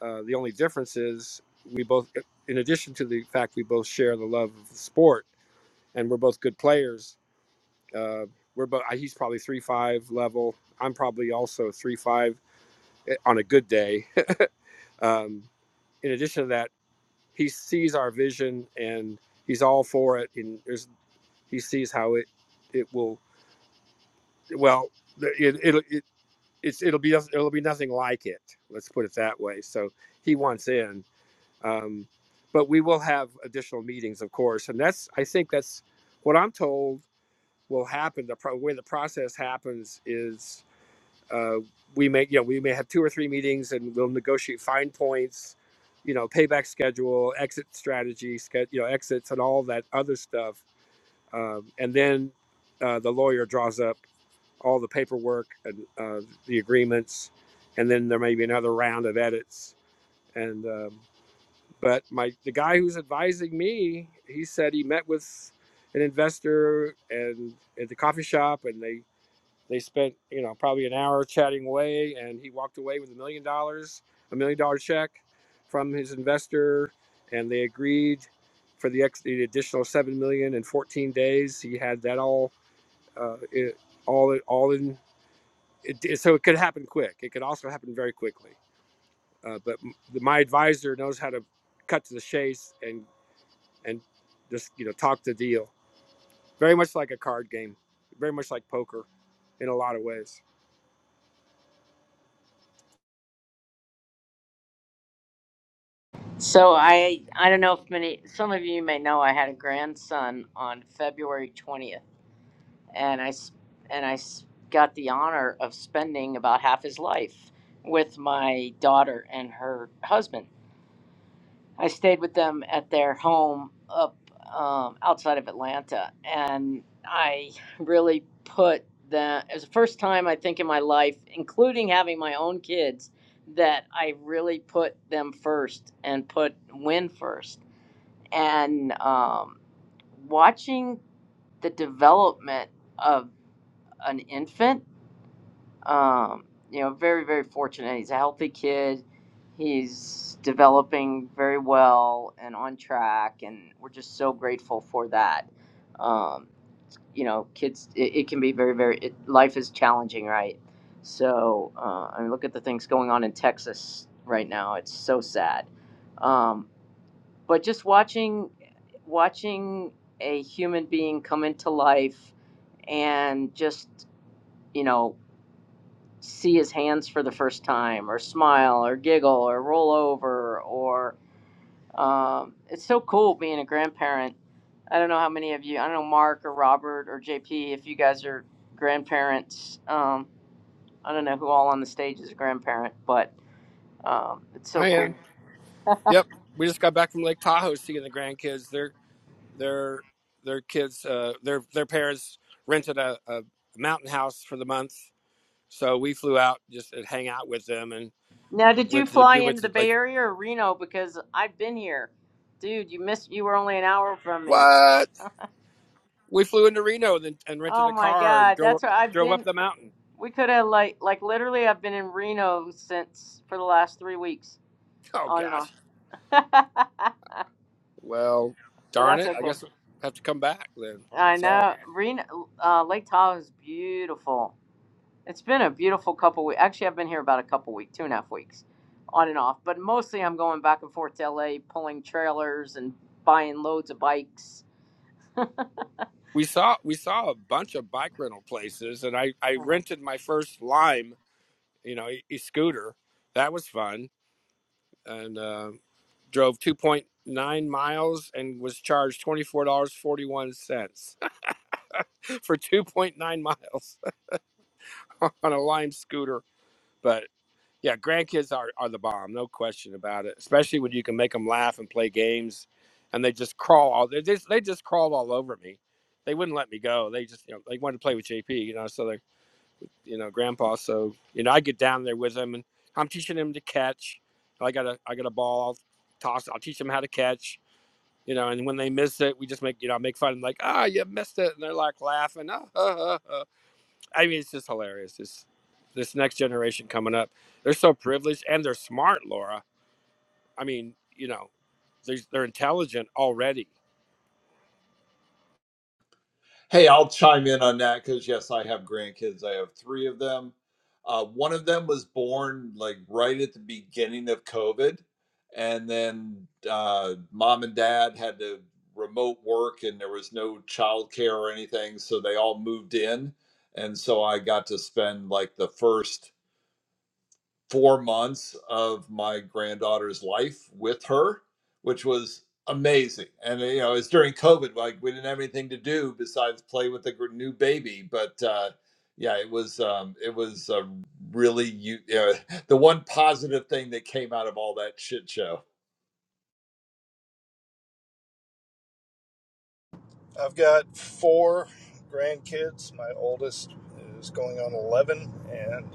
S2: uh, the only difference is we both in addition to the fact we both share the love of the sport and we're both good players uh, we're both he's probably three five level i'm probably also three five eh, on a good day um, in addition to that he sees our vision and he's all for it and there's he sees how it it will well it it'll it, it's it'll be it'll be nothing like it let's put it that way so he wants in um, but we will have additional meetings of course and that's i think that's what i'm told will happen the pro- way the process happens is uh, we may you know we may have two or three meetings and we'll negotiate fine points you know payback schedule exit strategy ske- you know exits and all that other stuff um, and then uh, the lawyer draws up all the paperwork and uh, the agreements and then there may be another round of edits and um, but my the guy who's advising me he said he met with an investor and at the coffee shop and they they spent, you know, probably an hour chatting away, and he walked away with a million dollars, a million dollar check from his investor, and they agreed for the, ex- the additional seven million in 14 days. He had that all, uh, it, all, all in. It, it- so it could happen quick. It could also happen very quickly. Uh, but m- my advisor knows how to cut to the chase and and just you know talk the deal. Very much like a card game. Very much like poker in a lot of ways.
S1: So I I don't know if many some of you may know I had a grandson on February twentieth, and I s- and I s- got the honor of spending about half his life with my daughter and her husband. I stayed with them at their home up um, outside of Atlanta, and I really put that. It was the first time I think in my life, including having my own kids, that I really put them first and put win first. And um, watching the development of an infant um, you know, very, very fortunate. He's a healthy kid. He's developing very well and on track, and we're just so grateful for that. Um, you know, kids, it, it can be very, very, it, life is challenging, right? So, uh, I mean, look at the things going on in Texas right now. It's so sad. Um, but just watching, watching a human being come into life and just, you know, see his hands for the first time or smile or giggle or roll over or um, it's so cool being a grandparent i don't know how many of you i don't know mark or robert or jp if you guys are grandparents um, i don't know who all on the stage is a grandparent but um, it's so cool
S2: Yep, we just got back from Lake Tahoe seeing the grandkids. Their their their kids, uh, their their parents rented a, a mountain house for the month, so we flew out just to hang out with them and
S1: now did you
S2: went to the,
S1: fly
S2: we went
S1: into the
S2: to
S1: bay
S2: like
S1: area or reno because i've been here dude you missed you were only an hour from me
S2: what we flew into Reno and, and rented
S1: oh
S2: a
S1: my
S2: car and
S1: god
S2: drove
S1: that's
S2: up,
S1: where i've
S2: drove
S1: been
S2: up the mountain.
S1: We could have like like literally I've been in Reno since for the last three weeks,
S2: Oh
S1: on and on.
S2: gosh,
S1: but
S2: well darn
S1: that's
S2: it, I
S1: okay.
S2: guess I have to come back then.
S1: I
S2: That's all.
S1: know Reno, uh, Lake Tahoe is beautiful. It's been a beautiful couple weeks. Actually, I've been here about a couple weeks, two and a half weeks, on and off. But mostly, I'm going back and forth to LA, pulling trailers and buying loads of bikes.
S2: We saw we saw a bunch of bike rental places, and I I
S1: Mhm.
S2: rented my first Lime you know, e- scooter That was fun, and uh, drove 2.9 miles and was charged $24.41 for 2.9 miles on a Lime scooter. But yeah, grandkids are, are the bomb, no question about it. Especially when you can make them laugh and play games, and they just crawl all they just they just crawled all over me. They wouldn't let me go. They just you know they wanted to play with JP, you know, so they you know, grandpa. So, you know, I get down there with him and I'm teaching him to catch. I got a I got a ball, I'll toss, I'll teach them how to catch, you know, and when they miss it, we just make, you know, I make fun of them like, ah, oh, you missed it. And they're like laughing. Ah, ah, ah, ah." I mean, it's just hilarious. It's this next generation coming up. They're so privileged and they're smart, Laura. I mean, you know, they're, they're intelligent already.
S9: Hey, I'll chime in on that because yes, I have grandkids. I have three of them. Uh, one of them was born like right at the beginning of COVID, and then uh, mom and dad had to remote work, and there was no childcare or anything, so they all moved in, and so I got to spend like the first four months of my granddaughter's life with her, which was amazing. And you know, it's during COVID, like we didn't have anything to do besides play with the new baby. But uh, yeah, it was um, it was a really you know the one positive thing that came out of all that shit show.
S10: I've got four grandkids. My oldest is going on 11, and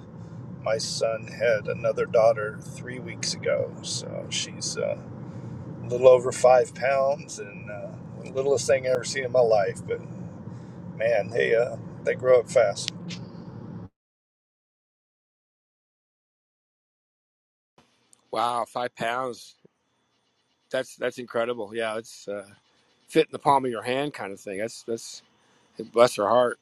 S10: my son had another daughter three weeks ago. So she's uh, a little over five pounds and uh, the littlest thing I ever seen in my life. But man, they uh, they grow up fast.
S2: Wow, five pounds. That's that's incredible. Yeah, it's uh, fit in the palm of your hand kind of thing. That's that's bless her heart.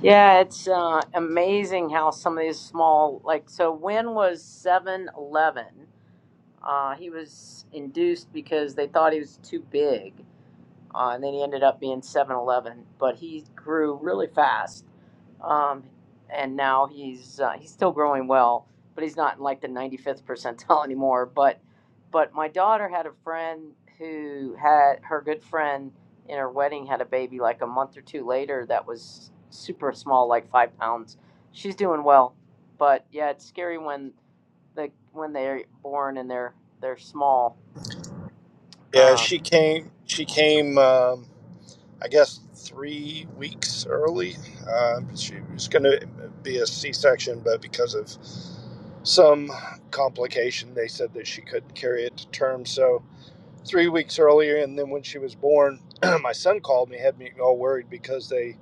S1: Yeah, it's uh, amazing how some of these small like. So when was Seven Eleven? Uh, he was induced because they thought he was too big, uh, and then he ended up being 7'11. But he grew really fast, um, and now he's uh, he's still growing well, but he's not in like the 95th percentile anymore. But but my daughter had a friend who had her good friend in her wedding had a baby like a month or two later that was super small, like five pounds. She's doing well, but yeah, it's scary when the when they're born and they're they're small.
S10: Yeah,
S1: Uh,
S10: she came. She came. Um, I guess three weeks early. Uh, she was going to be a C-section, but because of some complication, they said that she couldn't carry it to term. So three weeks earlier, and then when she was born, my son called me, had me all worried because they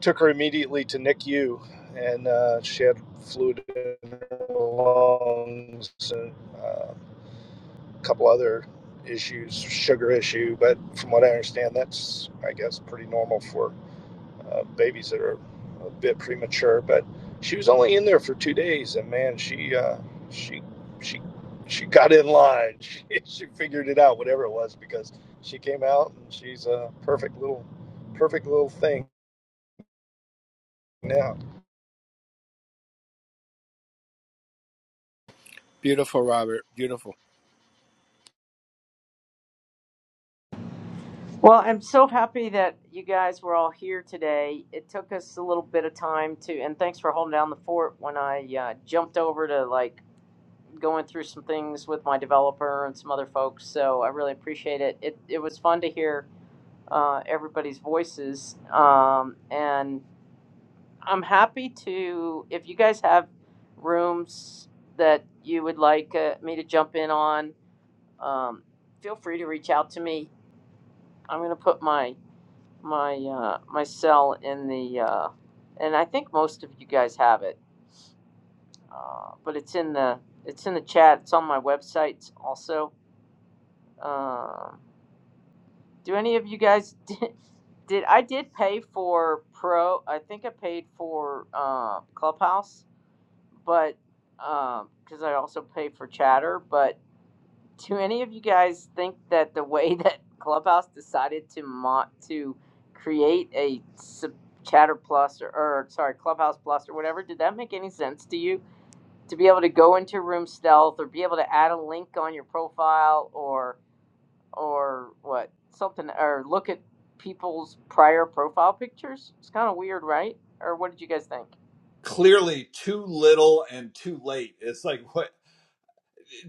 S10: took her immediately to NICU, and uh, she had fluid in her lungs and uh, a couple other issues, sugar issue. But from what I understand, that's I guess pretty normal for uh, babies that are a bit premature. But she was only in there for two days, and man, she uh, she she she got in line. She, she figured it out, whatever it was, because she came out and she's a perfect little perfect little thing now.
S2: Beautiful, Robert. Beautiful.
S1: well, I'm so happy that you guys were all here today. It took us a little bit of time to, and thanks for holding down the fort when I uh, jumped over to like going through some things with my developer and some other folks. So I really appreciate it. It it was fun to hear uh, everybody's voices, um, and I'm happy to if you guys have rooms that you would like uh, me to jump in on um, feel free to reach out to me. I'm going to put my my uh, my cell in the uh, and I think most of you guys have it, uh, but it's in the it's in the chat. It's on my website also. Um, do any of you guys did, did I did pay for Pro? I think I paid for uh, Clubhouse, but because um, I also pay for Chatter, but Do any of you guys think that the way that Clubhouse decided to mo- to create a sub- Chatter Plus or, or sorry Clubhouse Plus or whatever did that make any sense to you? To be able to go into room stealth or be able to add a link on your profile or or what something or look at people's prior profile pictures? It's kind of weird, right? Or what did you guys think?
S9: Clearly, too little and too late. It's like what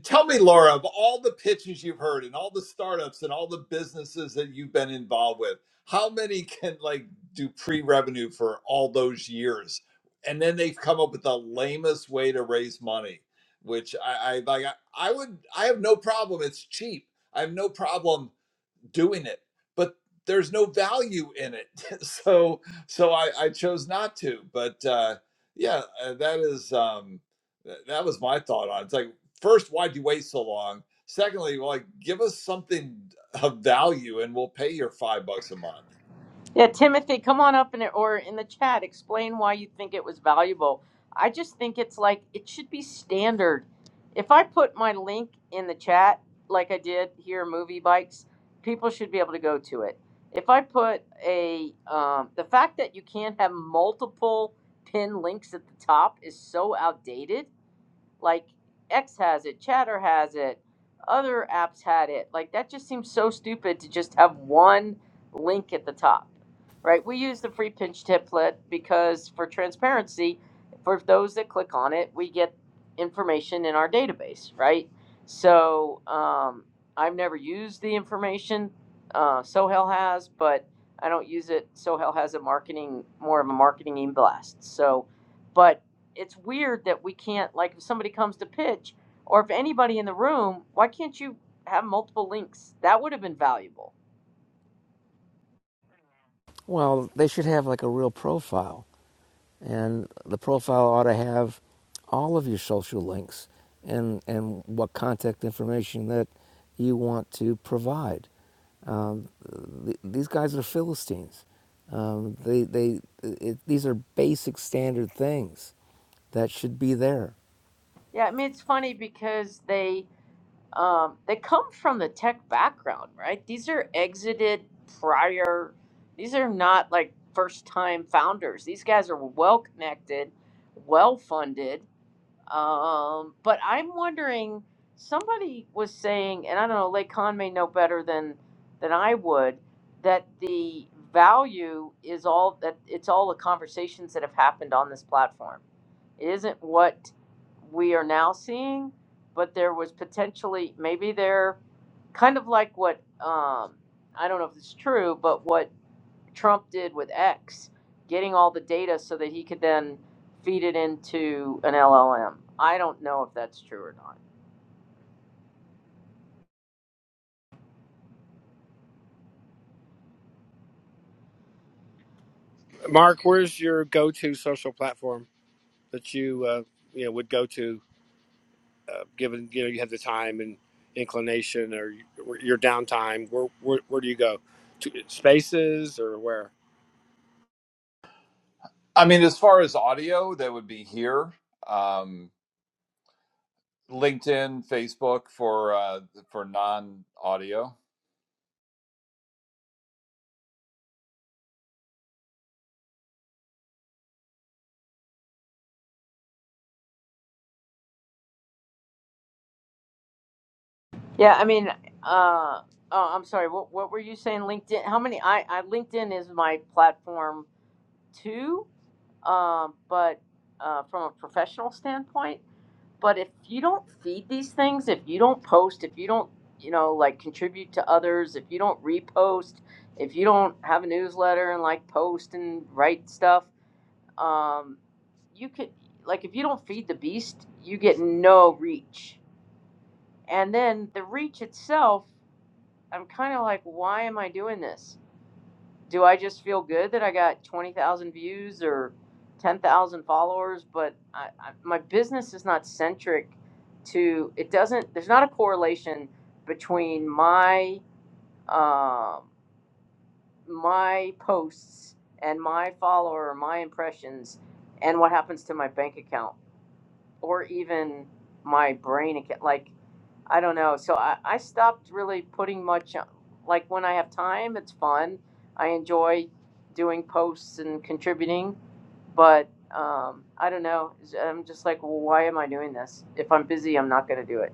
S9: tell me, Laura, of all the pitches you've heard and all the startups and all the businesses that you've been involved with, how many can like do pre-revenue for all those years? And then they've come up with the lamest way to raise money, which I, I like I I would I have no problem. It's cheap. I have no problem doing it but there's no value in it so so i i chose not to but uh yeah uh, that is um th- that was my thought on it. it's like first why'd you wait so long secondly like give us something of value and we'll pay your five bucks a month
S1: Yeah, Timothy, come on up in it or in the chat. Explain why you think it was valuable. I just think it's like it should be standard. If I put my link in the chat, like I did here, movie bikes, people should be able to go to it. If I put a um, the fact that you can't have multiple pin links at the top is so outdated. Like X has it, Chatter has it, other apps had it. Like that just seems so stupid to just have one link at the top, right? We use the free pinch template because for transparency, for those that click on it, we get information in our database, right? So um, I've never used the information. Uh, Sohel has, but I don't use it. Sohel has a marketing, more of a marketing e blast. So, but it's weird that we can't like if somebody comes to pitch or if anybody in the room, why can't you have multiple links? That would have been valuable.
S4: Well, they should have like a real profile. And the profile ought to have all of your social links and, and what contact information that you want to provide. Um, th- these guys are Philistines. Um, they, they, it, these are basic standard things that should be there.
S1: Yeah, I mean it's funny because they um, they come from the tech background, right? These are exited prior. These are not like first time founders. These guys are well connected, well funded. Um, but I'm wondering, somebody was saying, and I don't know, Lake Con may know better than than I would, that the value is all that it's all the conversations that have happened on this platform. It isn't what we are now seeing, but there was potentially maybe there, kind of like what um, I don't know if it's true, but what Trump did with X, getting all the data so that he could then feed it into an LLM. I don't know if that's true or not.
S2: Mark, where's your go-to social platform that you uh, you know would go to, uh, given you know you have the time and inclination or your downtime? Where where, where do you go? To spaces or where?
S9: I mean, as far as audio, that would be here, um, LinkedIn, Facebook for uh, for non audio.
S1: Yeah, I mean, uh, oh, I'm sorry. What what were you saying? LinkedIn? How many? I, I LinkedIn is my platform too, um, but uh, from a professional standpoint. But if you don't feed these things, if you don't post, if you don't, you know, like contribute to others, if you don't repost, if you don't have a newsletter and like post and write stuff, um, you could like if you don't feed the beast, you get no reach. And then the reach itself, I'm kind of like, why am I doing this? Do I just feel good that I got twenty thousand views or ten thousand followers? But I, I, my business is not centric to it. Doesn't there's not a correlation between my um my posts and my follower, my impressions, and what happens to my bank account or even my brain again. Like I don't know. So I, I stopped really putting much. uh, Like when I have time, it's fun. I enjoy doing posts and contributing, but um, I don't know. I'm just like, well, why am I doing this? If I'm busy, I'm not going to do it.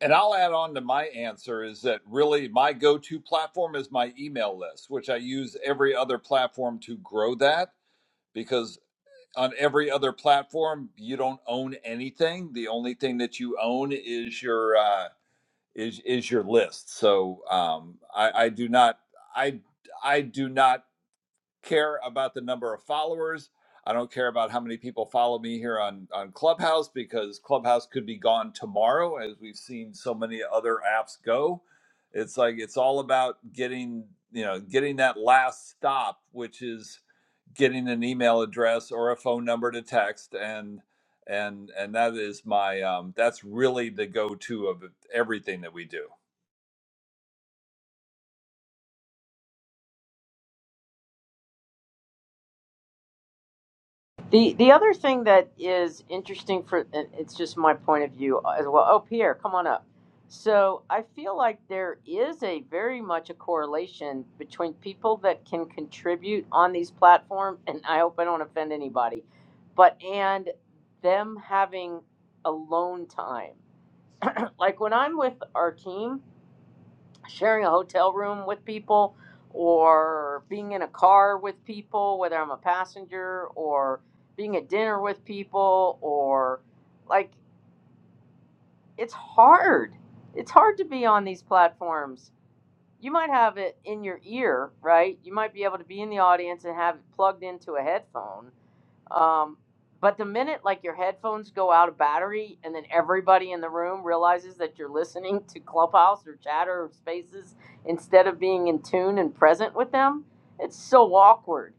S9: And I'll add on to my answer is that really my go to platform is my email list, which I use every other platform to grow that because on every other platform you don't own anything. The only thing that you own is your uh, is is your list. So um, I, I do not I I do not care about the number of followers. I don't care about how many people follow me here on, on Clubhouse because Clubhouse could be gone tomorrow, as we've seen so many other apps go. It's like it's all about getting you know getting that last stop, which is getting an email address or a phone number to text, and and and that is my um, that's really the go to of everything that we do.
S1: The the other thing that is interesting for and it's just my point of view as well. Oh, Pierre, come on up. So I feel like there is a very much a correlation between people that can contribute on these platforms, and I hope I don't offend anybody, but and them having alone time. Like when I'm with our team, sharing a hotel room with people or being in a car with people, whether I'm a passenger or being at dinner with people or like it's hard. It's hard to be on these platforms. You might have it in your ear, right? You might be able to be in the audience and have it plugged into a headphone um, but the minute like your headphones go out of battery and then everybody in the room realizes that you're listening to Clubhouse or Chatter or Spaces instead of being in tune and present with them, it's so awkward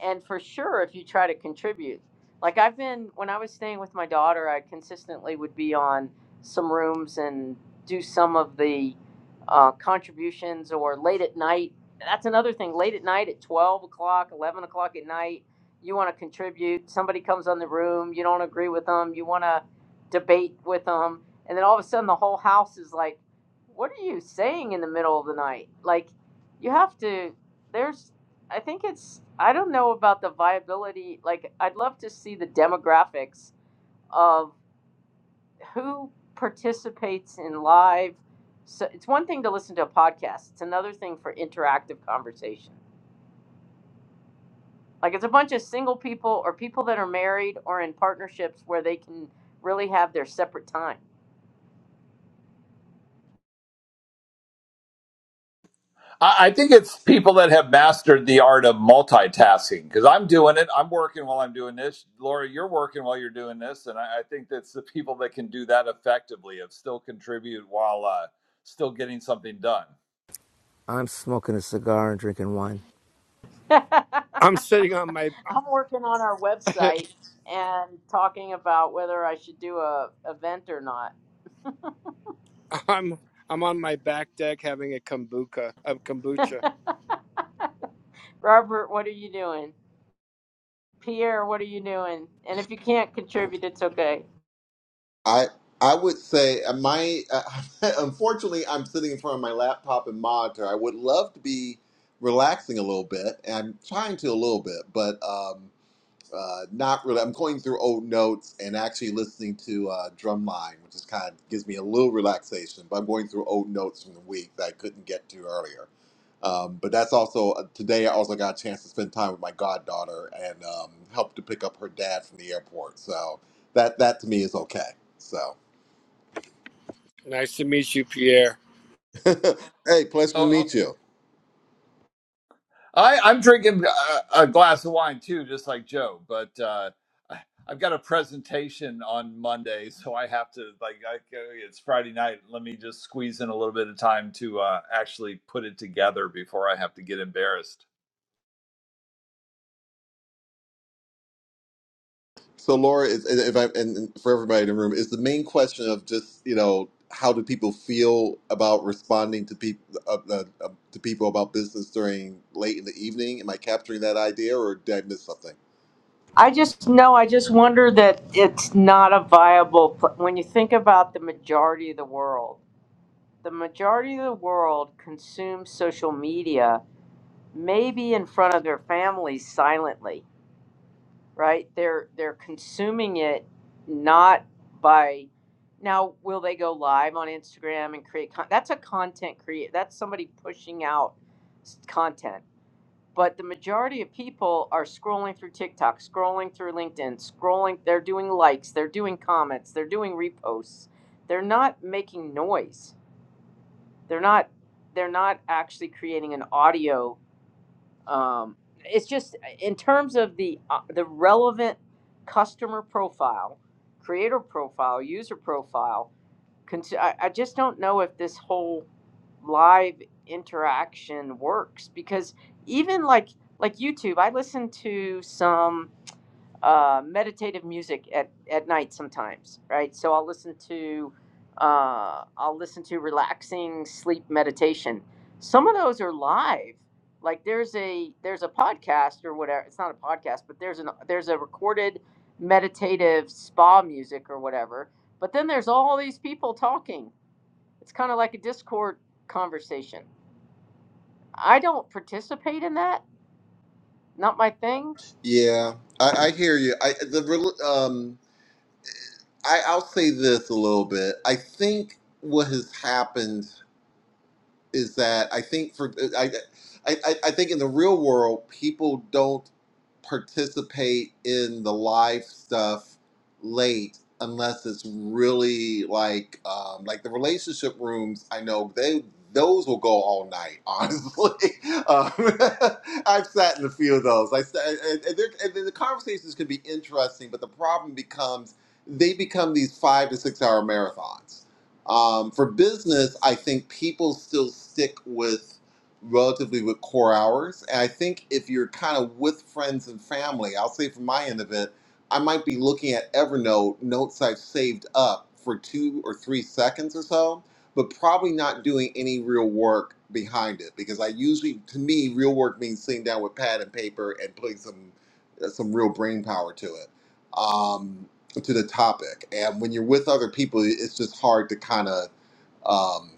S1: and for sure if you try to contribute like i've been when i was staying with my daughter i consistently would be on some rooms and do some of the uh, contributions or late at night that's another thing late at night at 12 o'clock 11 o'clock at night you want to contribute somebody comes on the room you don't agree with them you want to debate with them and then all of a sudden the whole house is like what are you saying in the middle of the night like you have to there's I think it's I don't know about the viability. Like I'd love to see the demographics of who participates in live. So it's one thing to listen to a podcast. It's another thing for interactive conversation. Like it's a bunch of single people or people that are married or in partnerships where they can really have their separate time.
S9: I I think it's people that have mastered the art of multitasking because I'm doing it. I'm working while I'm doing this. Laura, you're working while you're doing this. And I, I think that's the people that can do that effectively of still contribute while uh, still getting something done.
S4: I'm smoking a cigar and drinking wine.
S1: I'm
S2: I'm sitting on my
S1: working on our website and talking about whether I should do a event or not.
S2: I'm I'm on my back deck having a kombucha. A kombucha.
S1: Robert, what are you doing? Pierre, what are you doing? And if you can't contribute, it's okay.
S11: I I would say uh, my uh, unfortunately I'm sitting in front of my laptop and monitor. I would love to be relaxing a little bit, and I'm trying to a little bit, but. um, uh, not really. I'm going through old notes and actually listening to uh, Drumline, which is kind of gives me a little relaxation. But I'm going through old notes from the week that I couldn't get to earlier. Um, but that's also uh, today. I also got a chance to spend time with my goddaughter and um, help to pick up her dad from the airport. So that that to me is okay. So
S2: Nice to meet you, Pierre.
S11: hey, pleasure to
S9: Oh, oh,
S11: meet you.
S9: I, I'm drinking a, a glass of wine too, just like Joe, but uh, I- I've got a presentation on Monday. So I have to, like, I, it's Friday night. Let me just squeeze in a little bit of time to uh, actually put it together before I have to get embarrassed.
S11: So Laura, is, and if I and and for everybody in the room, is the main question of just you know how do people feel about responding to people uh, uh, uh, to people about business during late in the evening? Am I capturing that idea, or did I miss something?
S1: I just know, I just wonder that it's not a viable, pl- when you think about the majority of the world, the majority of the world consumes social media maybe in front of their families silently, right? They're they're consuming it not by now will they go live on Instagram and create con- that's a content create that's somebody pushing out s- content but the majority of people are scrolling through TikTok, scrolling through LinkedIn, scrolling. They're doing likes, they're doing comments, they're doing reposts. They're not making noise. They're not. They're not actually creating an audio. Um, it's just in terms of the uh, the relevant customer profile, creator profile, user profile. I just don't know if this whole live interaction works because even like like YouTube, I listen to some uh, meditative music at, at night sometimes, right? So I'll listen to uh, I'll listen to relaxing sleep meditation. Some of those are live. Like there's a there's a podcast or whatever. It's not a podcast, but there's an there's a recorded meditative spa music or whatever. But then there's all these people talking. It's kind of like a Discord conversation. I don't participate in that. Not my thing
S11: Yeah, I, I hear you. I the rel- um I I'll say this a little bit. I think what has happened is that I think for uh, I, I I think in the real world people don't participate in the live stuff late unless it's really like um, like the relationship rooms. I know they those will go all night. Honestly, um, I've sat in a few of those. I sat, and, and, they're- and the conversations can be interesting, but the problem becomes they become these five to six hour marathons um, for business, I think people still stick with relatively with core hours. And I think if you're kind of with friends and family, I'll say from my end of it, I might be looking at Evernote notes I've saved up for two or three seconds or so, but probably not doing any real work behind it because I usually, to me, real work means sitting down with pad and paper and putting some uh, some real brain power to it. Um, to the topic. And when you're with other people, it's just hard to kind of um,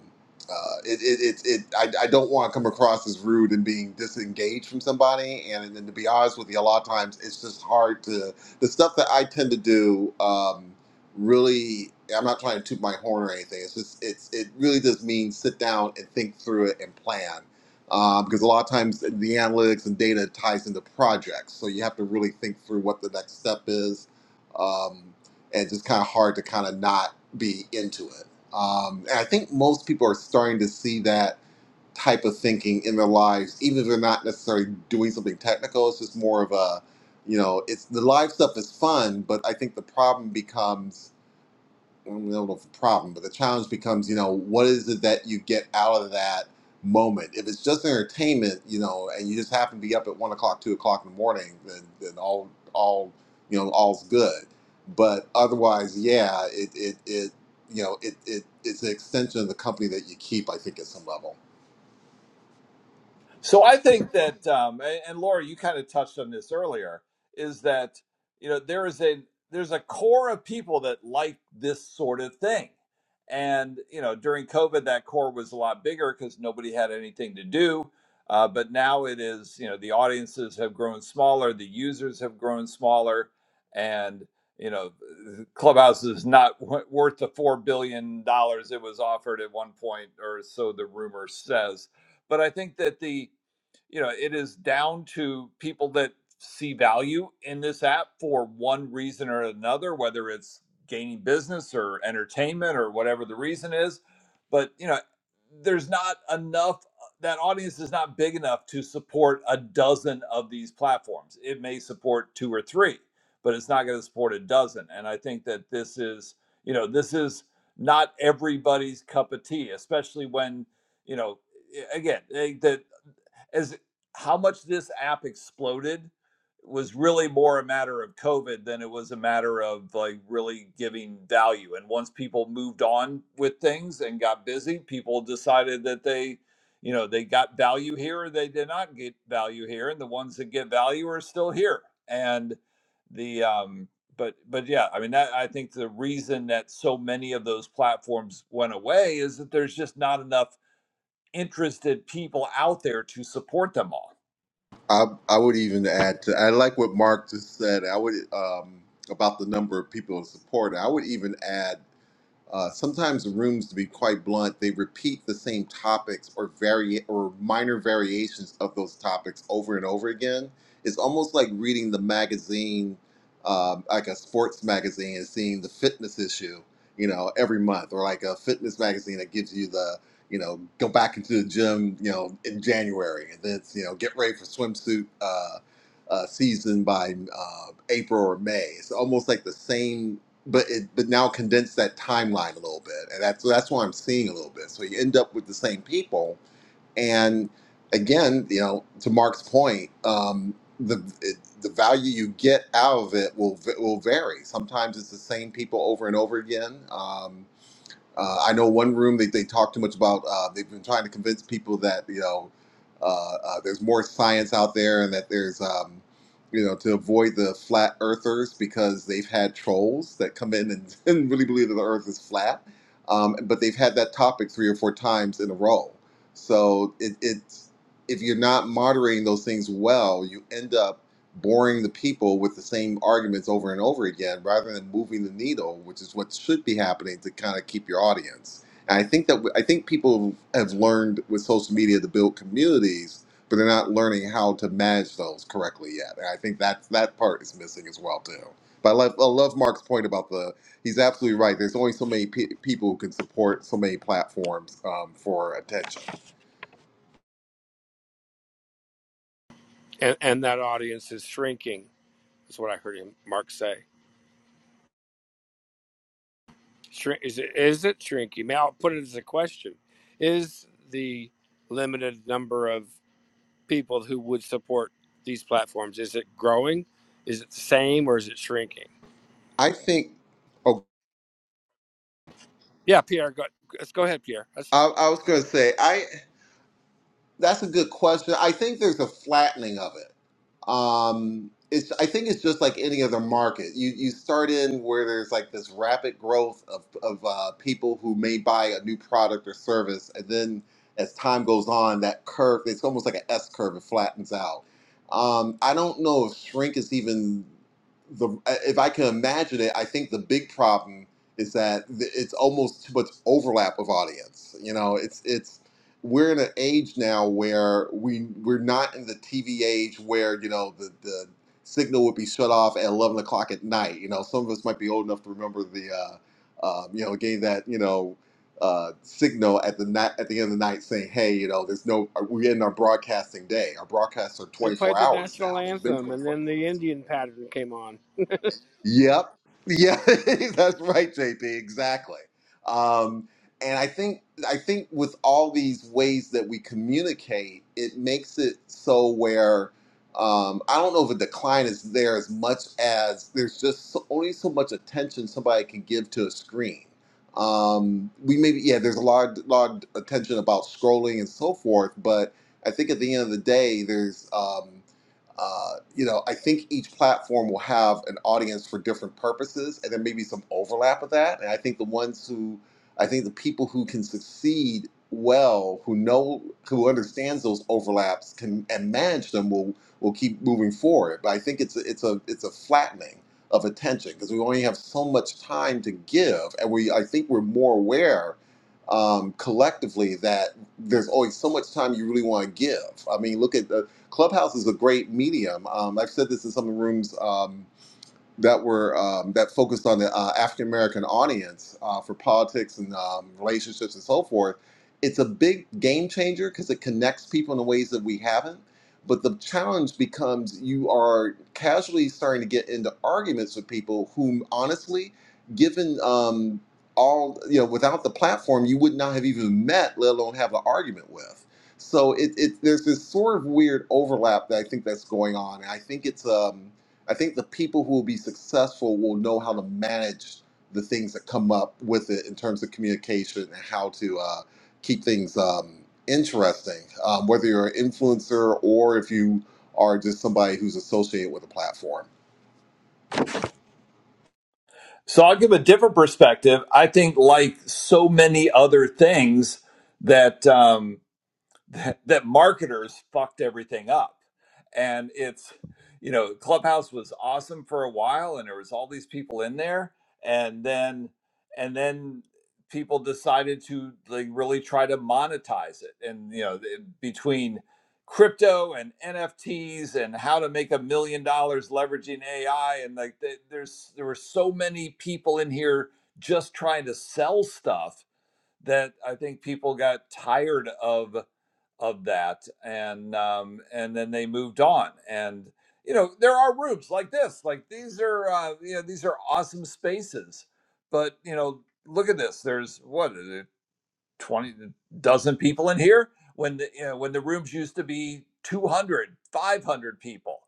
S11: uh, it, it, it, it, I, I don't want to come across as rude and being disengaged from somebody. And, and to be honest with you, a lot of times it's just hard to, the stuff that I tend to do, um, really, I'm not trying to toot my horn or anything. It's just, it's, it really does mean sit down and think through it and plan. Um, because a lot of times the analytics and data ties into projects. So you have to really think through what the next step is. Um, and it's just kind of hard to kind of not be into it. Um, and I think most people are starting to see that type of thinking in their lives, even if they're not necessarily doing something technical. It's just more of a, you know, it's the live stuff is fun, but I think the problem becomes I don't know if it's a problem, but the challenge becomes, you know, what is it that you get out of that moment? If it's just entertainment, you know, and you just happen to be up at one o'clock, two o'clock in the morning, then, then all, all, you know, all's good. But otherwise, yeah, it, it, it you know, it, it, it's an extension of the company that you keep, I think, at some level.
S9: So I think that, um, a- and Laura, you kind of touched on this earlier, is that you know there is a there's a core of people that like this sort of thing, and you know during COVID that core was a lot bigger because nobody had anything to do, uh, but now it is you know the audiences have grown smaller, the users have grown smaller, and you know Clubhouse is not w- worth the four billion dollars it was offered at one point or so the rumor says, but I think that the you know it is down to people that see value in this app for one reason or another whether it's gaining business or entertainment or whatever the reason is but you know there's not enough that audience is not big enough to support a dozen of these platforms it may support two or three but it's not going to support a dozen and i think that this is you know this is not everybody's cup of tea especially when you know again they, that as how much this app exploded was really more a matter of COVID than it was a matter of like really giving value. And once people moved on with things and got busy, people decided that they, you know, they got value here or they did not get value here. And the ones that get value are still here. And the, um, but, but yeah, I mean, that, I think the reason that so many of those platforms went away is that there's just not enough interested people out there to support them all.
S11: I, I would even add to, I like what Mark just said. I would, um, about the number of people in support. I would even add uh, sometimes the rooms, to be quite blunt, they repeat the same topics or vari- or minor variations of those topics over and over again. It's almost like reading the magazine, um, like a sports magazine, and seeing the fitness issue, you know, every month, or like a fitness magazine that gives you the, you know, go back into the gym, you know, in January, and then it's, you know, get ready for swimsuit uh, uh, season by uh, April or May. It's almost like the same but it but now condense that timeline a little bit and that's that's what i'm seeing a little bit so you end up with the same people and again you know to mark's point um the it, the value you get out of it will v- will vary sometimes it's the same people over and over again um uh, I know one room they, they talk too much about. Uh, they've been trying to convince people that you know uh, uh, there's more science out there and that there's um, you know to avoid the flat earthers because they've had trolls that come in and, and really believe that the earth is flat. Um, but they've had that topic three or four times in a row. So it, it's if you're not moderating those things well, you end up boring the people with the same arguments over and over again rather than moving the needle which is what should be happening to kind of keep your audience and i think that i think people have learned with social media to build communities but they're not learning how to manage those correctly yet and i think that that part is missing as well too but i love, I love mark's point about the he's absolutely right there's only so many pe- people who can support so many platforms um, for attention
S2: And and that audience is shrinking. Is what I heard him Mark say. Shrink is it, is it shrinking? May i put it as a question: Is the limited number of people who would support these platforms is it growing? Is it the same or is it shrinking?
S11: i think oh
S2: Yeah, Pierre, go, let's go ahead, Pierre. Let's,
S11: I, I was going to say, I That's a good question. I think there's a flattening of it. Um, it's I think it's just like any other market. You you start in where there's like this rapid growth of of uh, people who may buy a new product or service, and then as time goes on, that curve it's almost like an S curve. It flattens out. Um, I don't know if shrink is even the uh, if I can imagine it. I think the big problem is that th- it's almost too much overlap of audience. You know, it's it's we're in an age now where we we're not in the TV age where you know the the signal would be shut off at eleven o'clock at night. You know, some of us might be old enough to remember the uh, uh, you know getting that you know uh, signal at the night at the end of the night saying, hey, you know, there's no we're in our broadcasting day. Our broadcasts are
S2: they
S11: twenty
S2: played
S11: four
S2: the
S11: hours
S2: national
S11: now. They've been
S2: anthem,
S11: twenty
S2: and
S11: four
S2: then the
S11: hours.
S2: Indian pattern came on.
S11: Yep. Yeah, that's right, JP. Exactly. Um, and I think I think with all these ways that we communicate, it makes it so where um, I don't know if a decline is there as much as there's just so, only so much attention somebody can give to a screen. Um, we maybe yeah, there's a lot lot of attention about scrolling and so forth, but I think at the end of the day, there's um, uh, you know, I think each platform will have an audience for different purposes, and there may be some overlap of that. And I think the ones who, I think the people who can succeed well, who know, who understands those overlaps, can and manage them will will keep moving forward. But I think it's a, it's a it's a flattening of attention because we only have so much time to give, and we I think we're more aware. Um, collectively, that there's always so much time you really want to give. I mean, look at the Clubhouse is a great medium. Um, I've said this in some of the rooms. Um, that were um, that focused on the uh, African American audience uh, for politics and um, relationships and so forth. It's a big game changer because it connects people in ways that we haven't. But the challenge becomes you are casually starting to get into arguments with people whom, honestly, given um, all you know, without the platform, you would not have even met, let alone have an argument with. So it, it there's this sort of weird overlap that I think that's going on, and I think it's um, I think the people who will be successful will know how to manage the things that come up with it in terms of communication and how to uh, keep things um, interesting. Um, whether you're an influencer or if you are just somebody who's associated with a platform.
S9: So I'll give a different perspective. I think, like so many other things, that. um, that, that marketers fucked everything up. And it's, you know, Clubhouse was awesome for a while and there was all these people in there and then and then people decided to like really try to monetize it and you know the- between crypto and NFTs and how to make a million dollars leveraging AI and like the- there's there were so many people in here just trying to sell stuff that I think people got tired of of that and um and then they moved on and you know there are rooms like this like these are uh you know these are awesome spaces but you know look at this there's what is it, 20 dozen people in here when the you know, when the rooms used to be 200, 500 people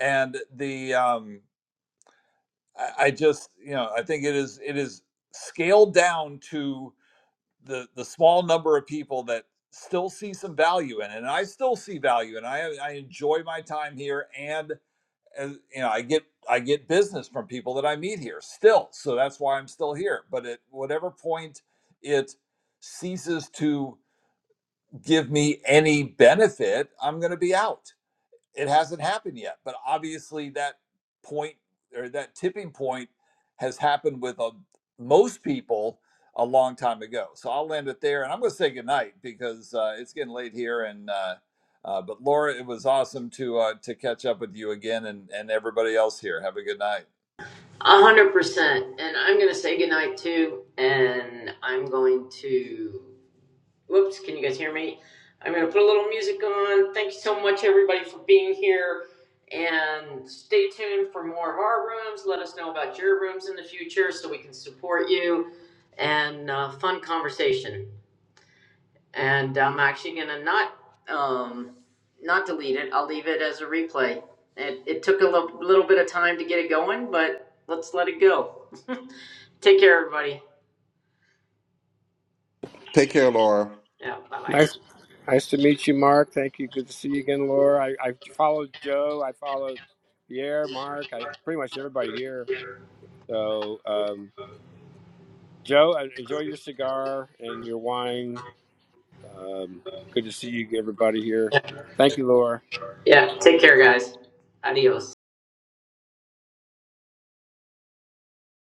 S9: and the um I, I just you know i think it is it is scaled down to the the small number of people that still see some value in it and i still see value and i i enjoy my time here and as, you know i get i get business from people that i meet here still so that's why i'm still here but at whatever point it ceases to give me any benefit i'm going to be out it hasn't happened yet but obviously that point or that tipping point has happened with uh, most people a long time ago so i'll land it there and i'm going to say goodnight because uh, it's getting late here and uh, uh, but laura it was awesome to uh, to catch up with you again and and everybody else here have a good night
S1: A hundred percent. And I'm gonna say goodnight too. And I'm going to. Whoops! Can you guys hear me? I'm gonna put a little music on. Thank you so much, everybody, for being here. And stay tuned for more of our rooms. Let us know about your rooms in the future so we can support you. And uh, fun conversation. And I'm actually gonna not, um, not delete it. I'll leave it as a replay. It, it took a little, little bit of time to get it going, but let's let it go. take care, everybody.
S11: Take care, Laura.
S1: Yeah, bye
S2: Nice,
S1: bye.
S2: nice to meet you, Mark. Thank you. Good to see you again, Laura. I, I followed Joe. I followed Pierre, Mark. I pretty much everybody here. So um, Joe, en- enjoy your cigar and your wine Um, good to see you, everybody here. Thank you, Laura.
S1: Yeah, take care, guys. Adios.